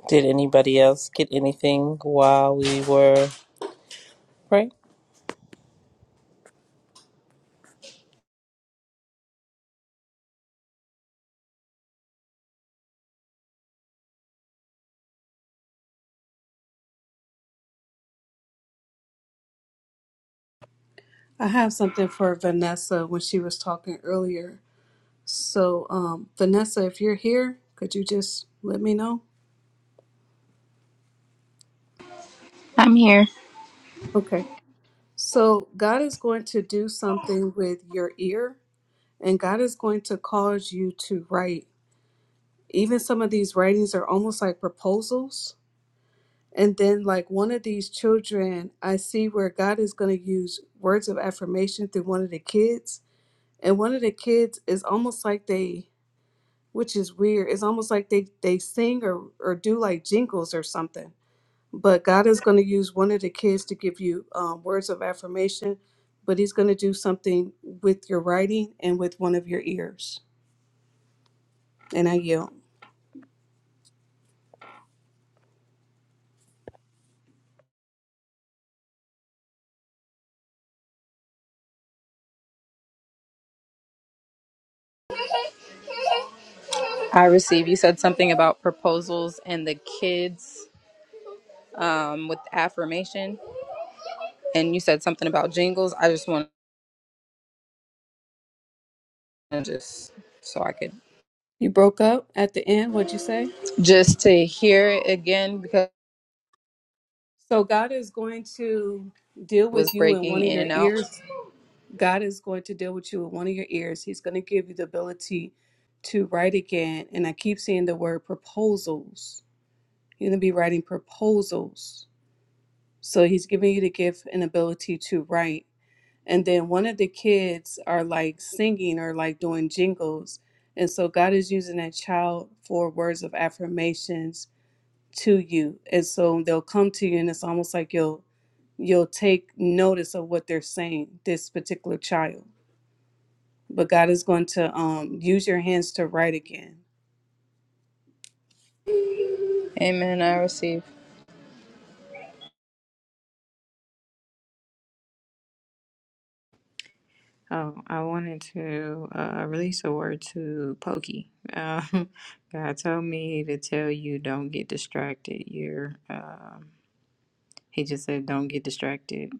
B: Did anybody else get anything while we were praying?
C: I have something for Vanessa when she was talking earlier. So, um, Vanessa, if you're here, could you just let me know?
D: I'm here.
C: Okay. So, God is going to do something with your ear And God is going to cause you to write. Even some of these writings are almost like proposals. And then, like one of these children, I see where God is going to use words of affirmation through one of the kids. And one of the kids is almost like they, which is weird, it's almost like they, they sing or, or do like jingles or something. But God is going to use one of the kids to give you um, words of affirmation, but He's going to do something with your writing and with one of your ears. And I yield.
D: I receive. You said something about proposals and the kids um, with affirmation, and you said something about jingles. I just want to just so I could
C: You broke up at the end, what'd you say?
D: just to hear it again because
C: So God is going to deal
D: it was
C: with you in
D: breaking
C: one of
D: in
C: your
D: and out.
C: ears. God is going to deal with you in one of your ears. He's going to give you the ability to write again. And I keep seeing the word proposals. You're going to be writing proposals. So he's giving you the gift and ability to write. And then one of the kids are like singing or like doing jingles. And so God is using that child for words of affirmations to you and so they'll come to you and it's almost like you'll you'll take notice of what they're saying this particular child but god is going to um, use your hands to write again
D: Amen. I receive.
I: Um, I wanted to uh, release a word to Pokey. Um, *laughs* God told me to tell you don't get distracted. You're, um, he just said don't get distracted.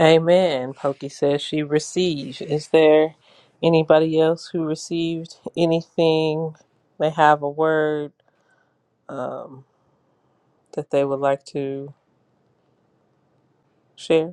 B: Amen. Pokey says she received. Is there anybody else who received anything? They have a word um, that they would like to share.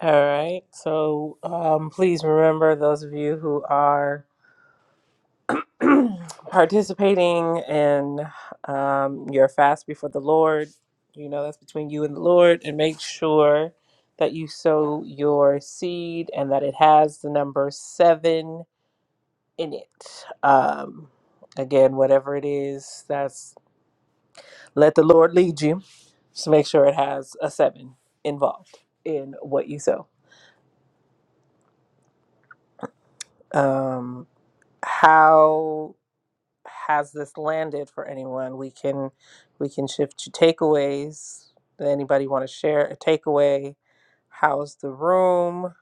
B: All right. So um, please remember those of you who are participating in um, your fast before the Lord, you know, that's between you and the Lord, and make sure that you sow your seed and that it has the number seven in it. Um, again, whatever it is, that's let the Lord lead you. Just make sure it has a seven involved in what you sow. Um, how has this landed for anyone we can we can shift to takeaways Does anybody want to share a takeaway how's the room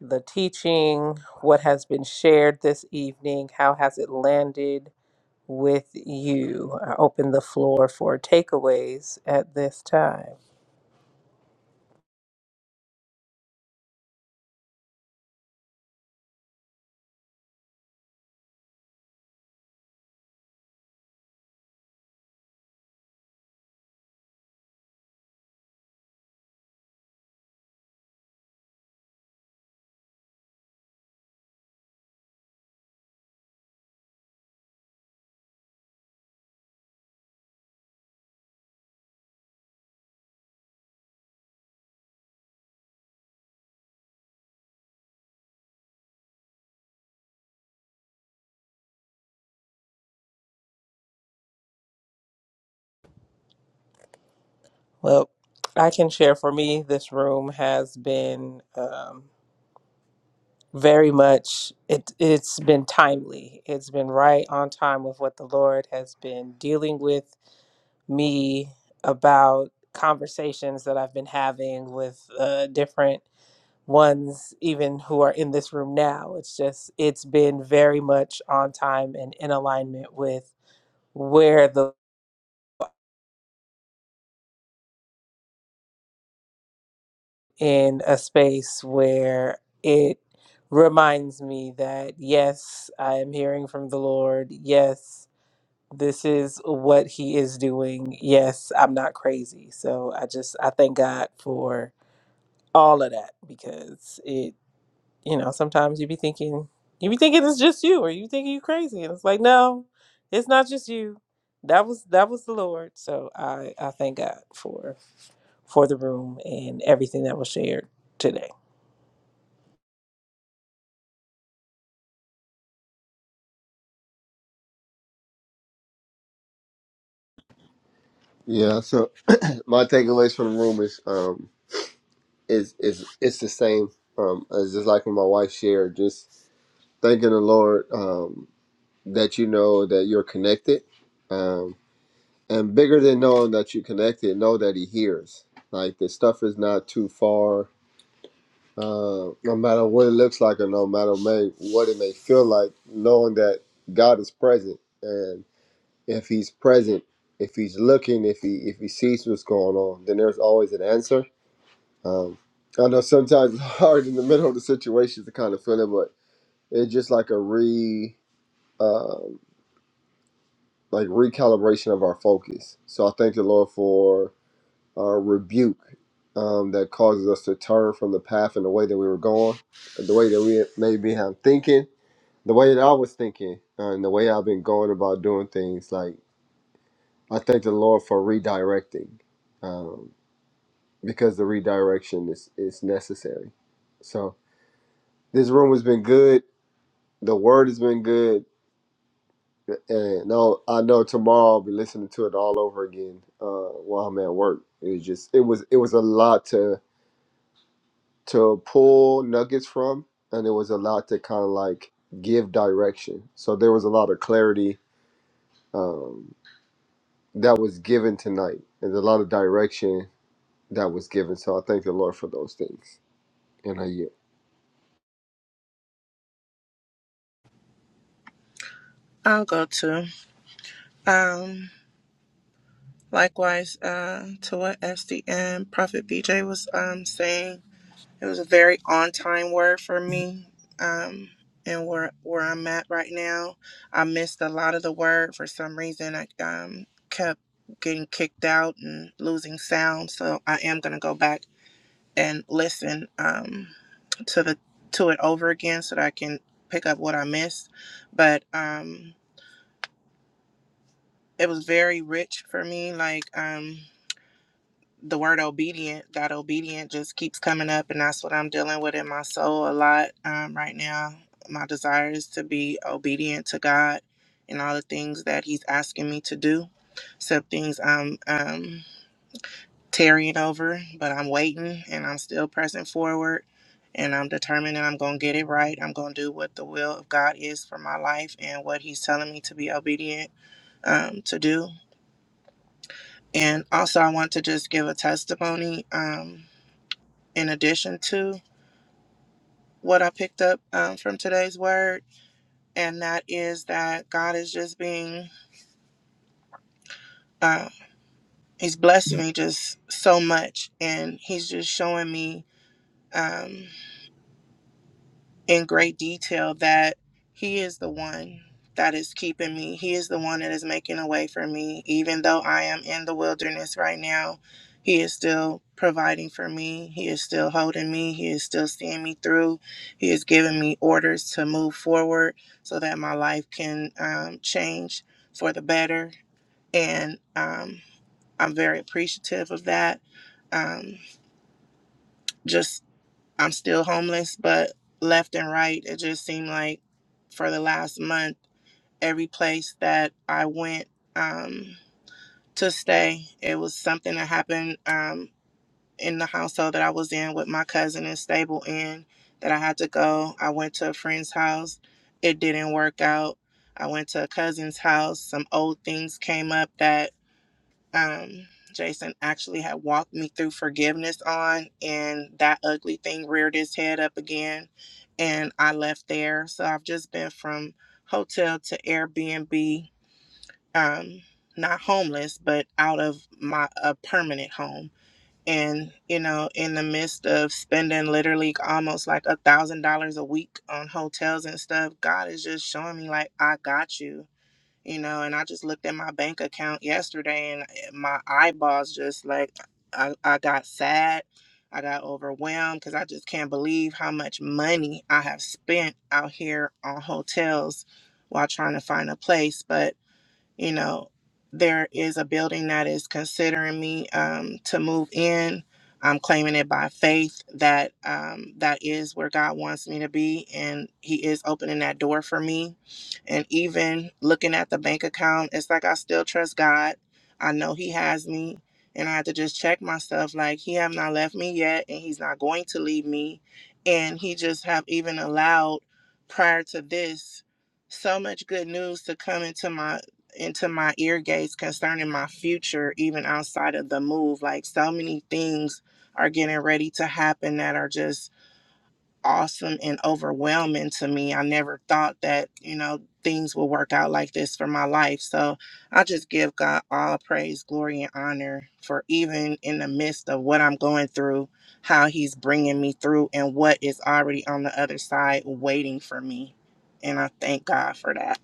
B: the teaching what has been shared this evening how has it landed with you i open the floor for takeaways at this time well i can share for me this room has been um, very much it it's been timely. It's been right on time with what the Lord has been dealing with me about conversations that I've been having with uh, different ones even who are in this room now. It's just it's been very much on time and in alignment with where the in a space where it reminds me that yes, I am hearing from the Lord. Yes, this is what he is doing. Yes, I'm not crazy. So I just I thank God for all of that because it you know, sometimes you be thinking you be thinking it's just you or you thinking you crazy and it's like no, it's not just you. That was that was the Lord. So I I thank God for for the room and everything that was shared today.
F: I'll go to. Um. Likewise, uh, to what SDM Prophet BJ was um, saying, it was a very on time word for me. Um, and where where I'm at right now, I missed a lot of the word for some reason. I um, kept getting kicked out and losing sound, so I am gonna go back and listen um, to the to it over again so that I can pick up what I missed. But um, it was very rich for me. Like. Um, the word obedient, that obedient just keeps coming up, and that's what I'm dealing with in my soul a lot um, right now. My desire is to be obedient to God and all the things that He's asking me to do. Some things I'm um, tarrying over, but I'm waiting and I'm still pressing forward. And I'm determined that I'm going to get it right. I'm going to do what the will of God is for my life and what He's telling me to be obedient um, to do. And also, I want to just give a testimony. Um, in addition to what I picked up um, from today's word, and that is that God is just being, uh, He's blessing me just so much, and He's just showing me. Um, in great detail that He is the one that is keeping me. He is the one that is making a way for me. Even though I am in the wilderness right now, He is still providing for me. He is still holding me. He is still seeing me through. He is giving me orders to move forward so that my life can um, change for the better. And um, I'm very appreciative of that. Um, just I'm still homeless, but left and right, it just seemed like for the last month, every place that I went um, to stay, it was something that happened um, in the household that I was in with my cousin and stable in that I had to go. I went to a friend's house, it didn't work out. I went to a cousin's house, some old things came up that um, Jason actually had walked me through forgiveness on, and that ugly thing reared its head up again, and I left there. So I've just been from hotel to Airbnb, um, not homeless, but out of my a permanent home. And you know, in the midst of spending literally almost like a thousand dollars a week on hotels and stuff, God is just showing me like, I got you you know and i just looked at my bank account yesterday and eh, my eyeballs just like i, I got sad i got overwhelmed because i just can't believe how much money i have spent out here on hotels while trying to find a place but you know, there is a building that is considering me um, to move in. I'm claiming it by faith that um, that is where God wants me to be, and He is opening that door for me. And even looking at the bank account, it's like I still trust God. I know He has me, and I have to just check myself. Like He have not left me yet, and He's not going to leave me. And He just have even allowed prior to this so much good news to come into my into my ear gates concerning my future, even outside of the move. Like so many things are getting ready to happen that are just awesome and overwhelming to me. I never thought that, you know, things will work out like this for my life. So I just give God all praise, glory, and honor for even in the midst of what I'm going through, how He's bringing me through and what is already on the other side waiting for me. And I thank God for that.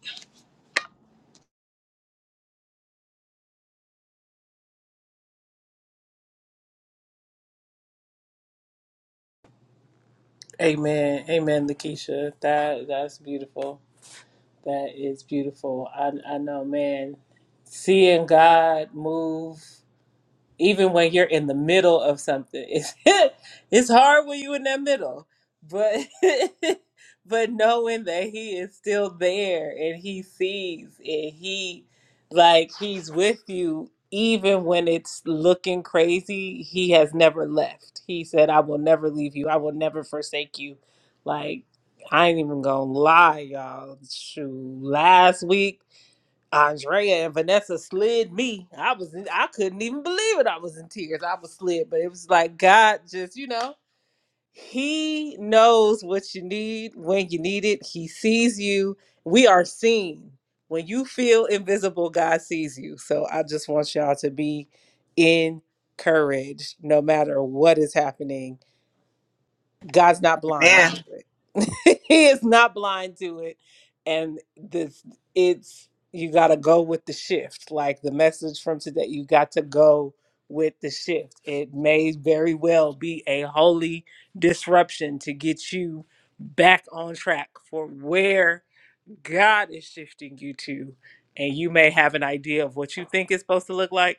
B: Amen. Amen, Lakeisha. That that's beautiful. That is beautiful. I I know, man. Seeing God move even when you're in the middle of something it's *laughs* it's hard when you're in that middle but *laughs* but knowing that he is still there and he sees and he like he's with you even when it's looking crazy he has never left he said i will never leave you i will never forsake you like i ain't even gonna lie y'all shoot last week Andrea and Vanessa slid me. I was in, I couldn't even believe it. I was in tears. I was slid, but it was like God just, you know, he knows what you need when you need it. He sees you. We are seen. When you feel invisible, God sees you. So I just want y'all to be encouraged no matter what is happening God's not
F: Man,
B: blind to it. *laughs* he is not blind to it. And this it's you gotta go with the shift. Like the message from today, you got to go with the shift. It may very well be a holy disruption to get you back on track for where God is shifting you to. And you may have an idea of what you think it's supposed to look like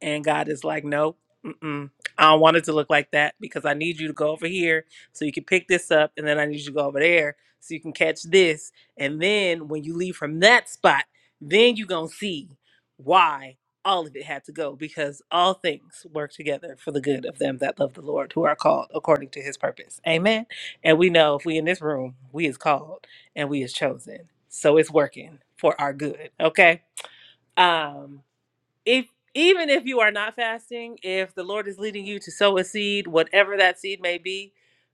B: and God is like, no, mm-mm. I don't want it to look like that because I need you to go over here so you can pick this up. And then I need you to go over there so you can catch this. And then when you leave from that spot, then you're going to see why all of it had to go because all things work together for the good of them that love the Lord who are called according to his purpose. Amen. And we know if we in this room, we is called and we is chosen. So it's working for our good. Okay. Um if even if you are not fasting, if the Lord is leading you to sow a seed, whatever that seed may be,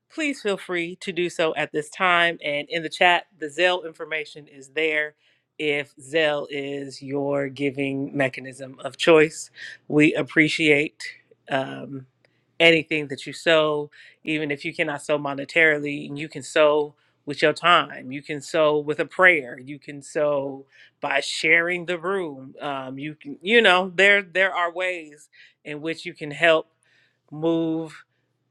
B: please feel free to do so at this time. And in the chat, the Zelle information is there. If Zelle is your giving mechanism of choice, we appreciate um, anything that you sow, even if you cannot sow monetarily, and you can sow with your time, you can sow with a prayer, you can sow by sharing the room. Um, you can, you know, there there are ways in which you can help move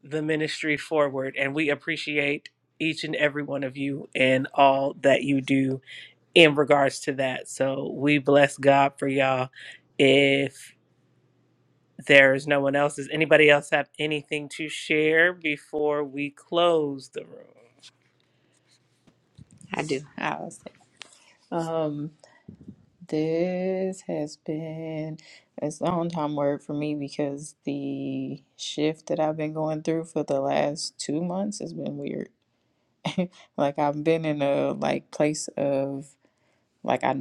B: the ministry forward, and we appreciate each and every one of you and all that you do in regards to that. So we bless God for y'all. If there is no one else, does anybody else have anything to share before we close the room?
I: I do. I was like, um, this has been it's a long time word for me because the shift that I've been going through for the last two months has been weird. *laughs* like I've been in a like place of Like I,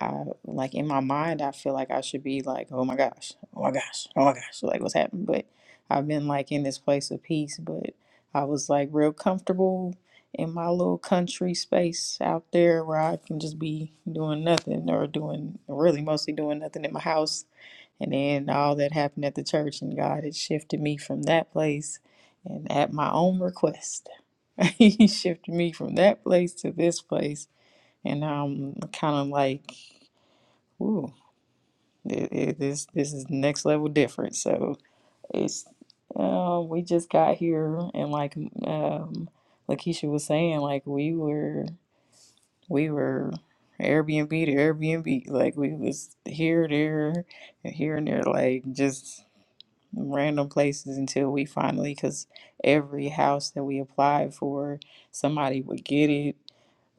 I: I like in my mind, I feel like I should be like, oh my gosh, oh my gosh, oh my gosh, like what's happened. But I've been like in this place of peace, but I was like real comfortable in my little country space out there where I can just be doing nothing or doing really mostly doing nothing in my house. And then all that happened at the church, and God had shifted me from that place and at my own request. *laughs* he shifted me from that place to this place and I'm kind of like, ooh, it, it, this this is next level different. So it's uh, we just got here, and like um, Lakeisha was saying, like we were we were Airbnb to Airbnb, like we was here, there, and here and there, like just random places until we finally, because every house that we applied for, somebody would get it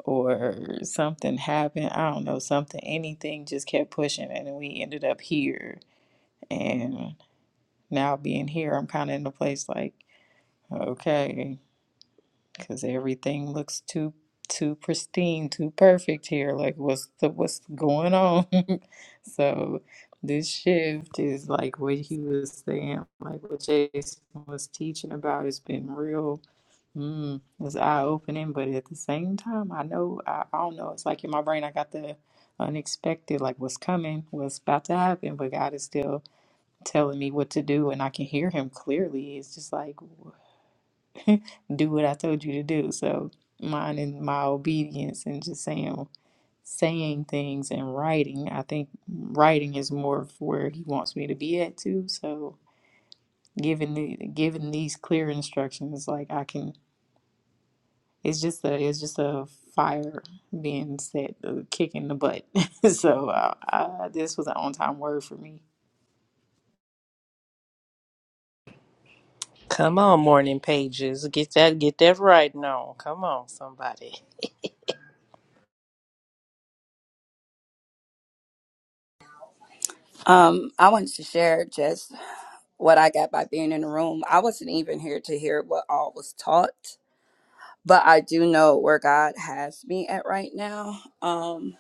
I: or something happened. I don't know, something, anything just kept pushing and we ended up here. And now being here, I'm kind of in a place like, okay because everything looks too too pristine, too perfect here. Like what's the what's going on? *laughs* so this shift is like what he was saying, like what Jason was teaching about. It's been real. Mm, it's eye opening, but at the same time, I know I, I don't know. It's like in my brain, I got the unexpected, like what's coming, what's about to happen, but God is still telling me what to do, and I can hear Him clearly. It's just like *laughs* do what I told you to do. So minding my obedience and just saying saying things and writing. I think writing is more of where he wants me to be at too. So given the given these clear instructions, like I can it's just a it's just a fire being set, a kick in the butt. *laughs* so uh, I, this was an on time word for me.
B: Come on, morning pages. Get that get that right now. Come on, somebody.
K: Um, I wanted to share just what I got by being in the room. I wasn't even here to hear what all was taught, but I do know where God has me at right now. Um,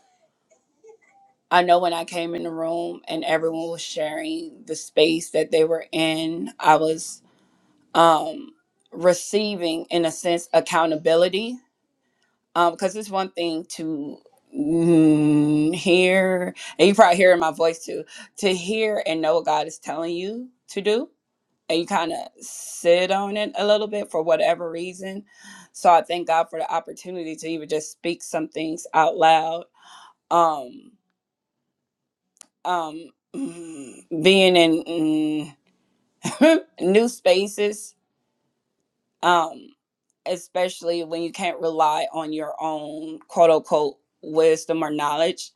K: I know when I came in the room and everyone was sharing the space that they were in, I was um, receiving, in a sense, accountability. Because it's one thing to mm, hear, and you probably hearing my voice too, to hear and know what God is telling you to do and you kind of sit on it a little bit for whatever reason. So I thank God for the opportunity to even just speak some things out loud. Um, um, mm, being in mm, *laughs* new spaces, um, especially when you can't rely on your own quote unquote wisdom or knowledge,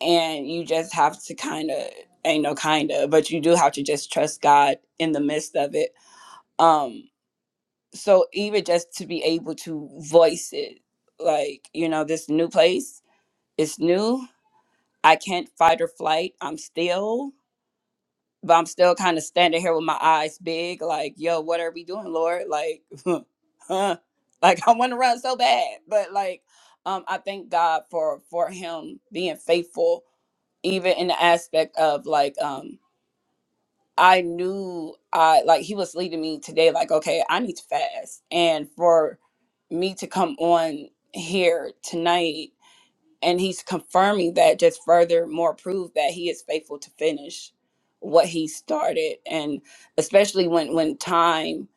K: and you just have to kind of ain't no kind of, but you do have to just trust God in the midst of it. Um, so even just to be able to voice it like you know this new place it's new i can't fight or flight i'm still but i'm still kind of standing here with my eyes big like yo what are we doing lord like *laughs* huh like i want to run so bad but like um i thank god for for him being faithful even in the aspect of like um I knew I like he was leading me today, like, okay, I need to fast. And for me to come on here tonight and he's confirming that just further more proof that he is faithful to finish what he started. And especially when when time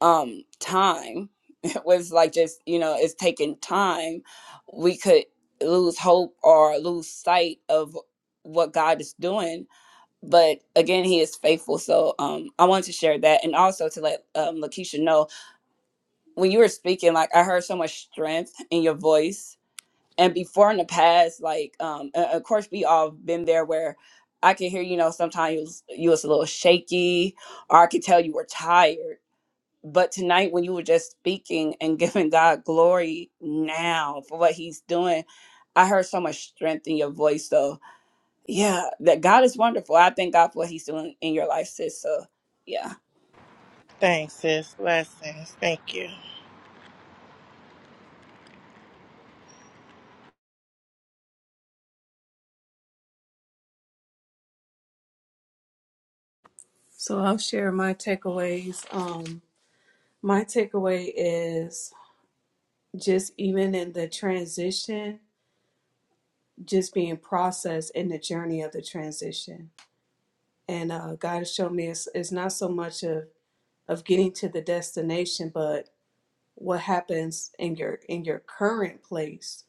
K: um time *laughs* was like just, you know, it's taking time, we could lose hope or lose sight of what God is doing but again he is faithful so um i wanted to share that and also to let um lakeisha know when you were speaking like i heard so much strength in your voice and before in the past like um uh, of course we all been there where i can hear you know sometimes you was, you was a little shaky or i could tell you were tired but tonight when you were just speaking and *laughs* giving god glory now for what he's doing i heard so much strength in your voice though yeah, that God is wonderful. I thank God for what He's doing in your life, sis. So, yeah.
F: Thanks, sis. Blessings. Thank you.
C: so i'll share my takeaways um, my takeaway is just even in the transition just being processed in the journey of the transition and uh, god has shown me it's, it's not so much of of getting to the destination but what happens in your in your current place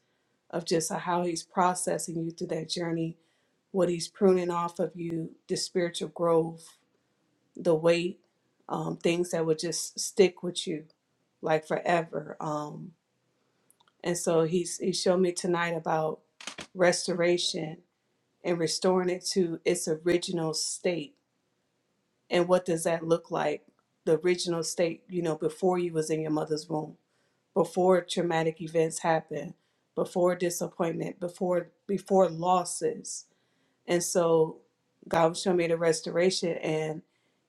C: of just uh, how he's processing you through that journey what he's pruning off of you the spiritual growth the weight um, things that would just stick with you like forever um, and so he's he showed me tonight about restoration and restoring it to its original state and what does that look like the original state you know before you was in your mother's womb before traumatic events happen before disappointment before before losses and so god was showing me the restoration and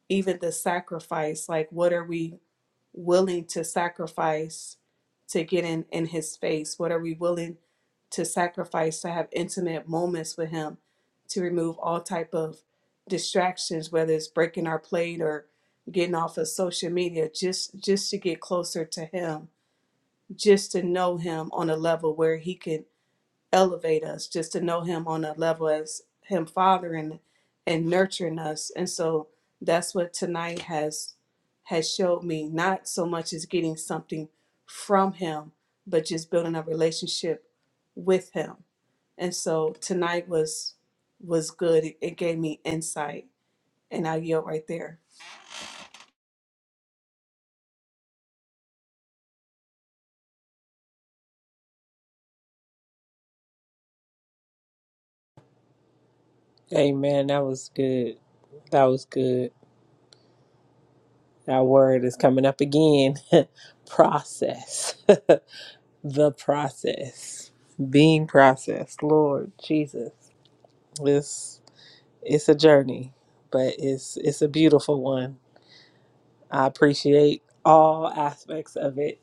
C: even the sacrifice like what are we willing to sacrifice to get in, in his face? What are we willing to sacrifice to have intimate moments with him to remove all type of distractions, whether it's breaking our plate or getting off of social media, just just to get closer to him, just to know him on a level where he can elevate us just to know him on a level as him fathering and nurturing us and so that's what tonight has has showed me not so much as getting something from him but just building a relationship with him and so tonight was was good it, it gave me insight and i yield right there
B: Amen. That was good. That was good. That word is coming up again. *laughs* process. *laughs* the process. Being processed. Lord Jesus. This it's a journey, but it's it's a beautiful one. I appreciate all aspects of it.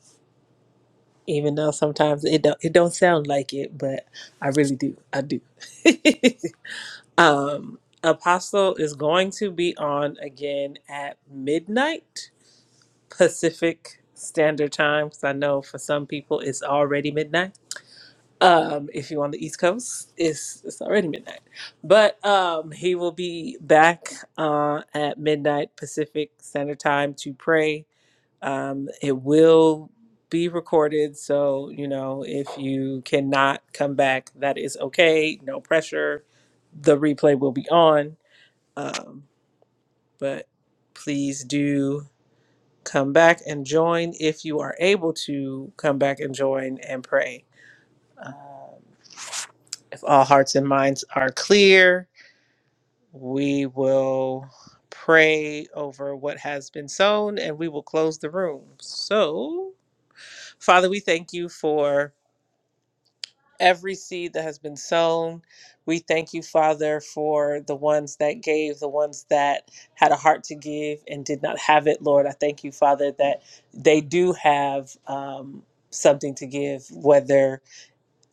B: Even though sometimes it don't it don't sound like it, but I really do. I do. *laughs* um Apostle is going to be on again at midnight Pacific Standard Time. 'cause I know for some people it's already midnight. Um, if you're on the East Coast, it's it's already midnight. But um, he will be back uh, at midnight Pacific Standard Time to pray. Um, it will be recorded, so you know if you cannot come back, that is okay. No pressure. The replay will be on. Um, but please do Come back and join if you are able to come back and join and pray. Um, if all hearts and minds are clear, we will pray over what has been sown and we will close the room. So, Father, we thank you for. every seed that has been sown. We thank you, Father, for the ones that gave, the ones that had a heart to give and did not have it, Lord. I thank you, Father, that they do have um, something to give, whether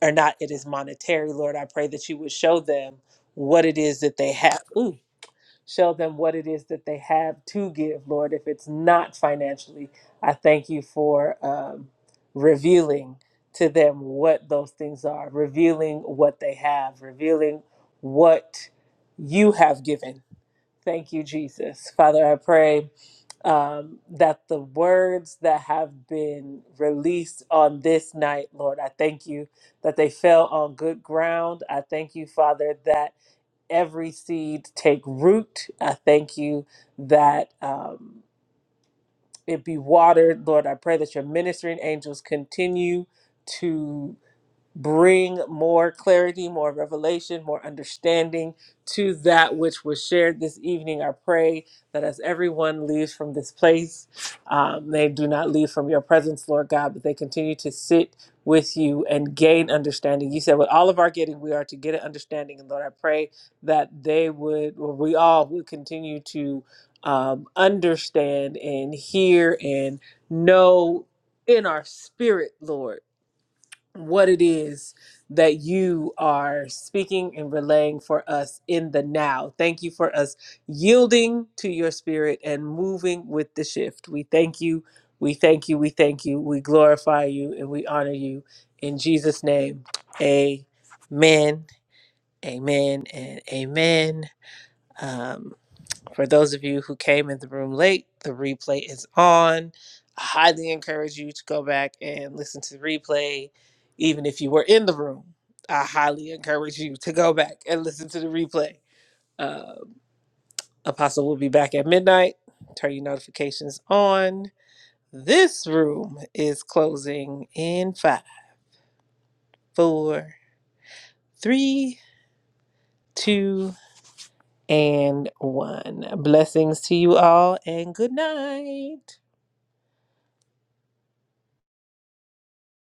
B: or not it is monetary, Lord. I pray that you would show them what it is that they have. Show them what it is that they have to give, Lord. If it's not financially, I thank you for um, revealing to them what those things are, revealing what they have, revealing what you have given. Thank you, Jesus. Father, I pray um, that the words that have been released on this night, Lord, I thank you that they fell on good ground. I thank you, Father, that every seed take root. I thank you that um, it be watered. Lord, I pray that your ministering angels continue. to bring more clarity, more revelation, more understanding to that which was shared this evening. I pray that as everyone leaves from this place, um, they do not leave from your presence, Lord God, but they continue to sit with you and gain understanding. You said, with all of our getting, we are to get an understanding. And Lord, I pray that they would, or we all would continue to um, understand and hear and know in our spirit, Lord what it is that you are speaking and relaying for us in the now. Thank you for us yielding to your spirit and moving with the shift. We thank you. We thank you. We thank you. We glorify you and we honor you in Jesus' name. Amen. Amen and amen. Um. For those of you who came in the room late, the replay is on. I highly encourage you to go back and listen to the replay, even if you were in the room. I highly encourage you to go back and listen to the replay. Uh, Apostle will be back at midnight. Turn your notifications on. This room is closing in five, four, three, two, and one. Blessings to you all, and good night.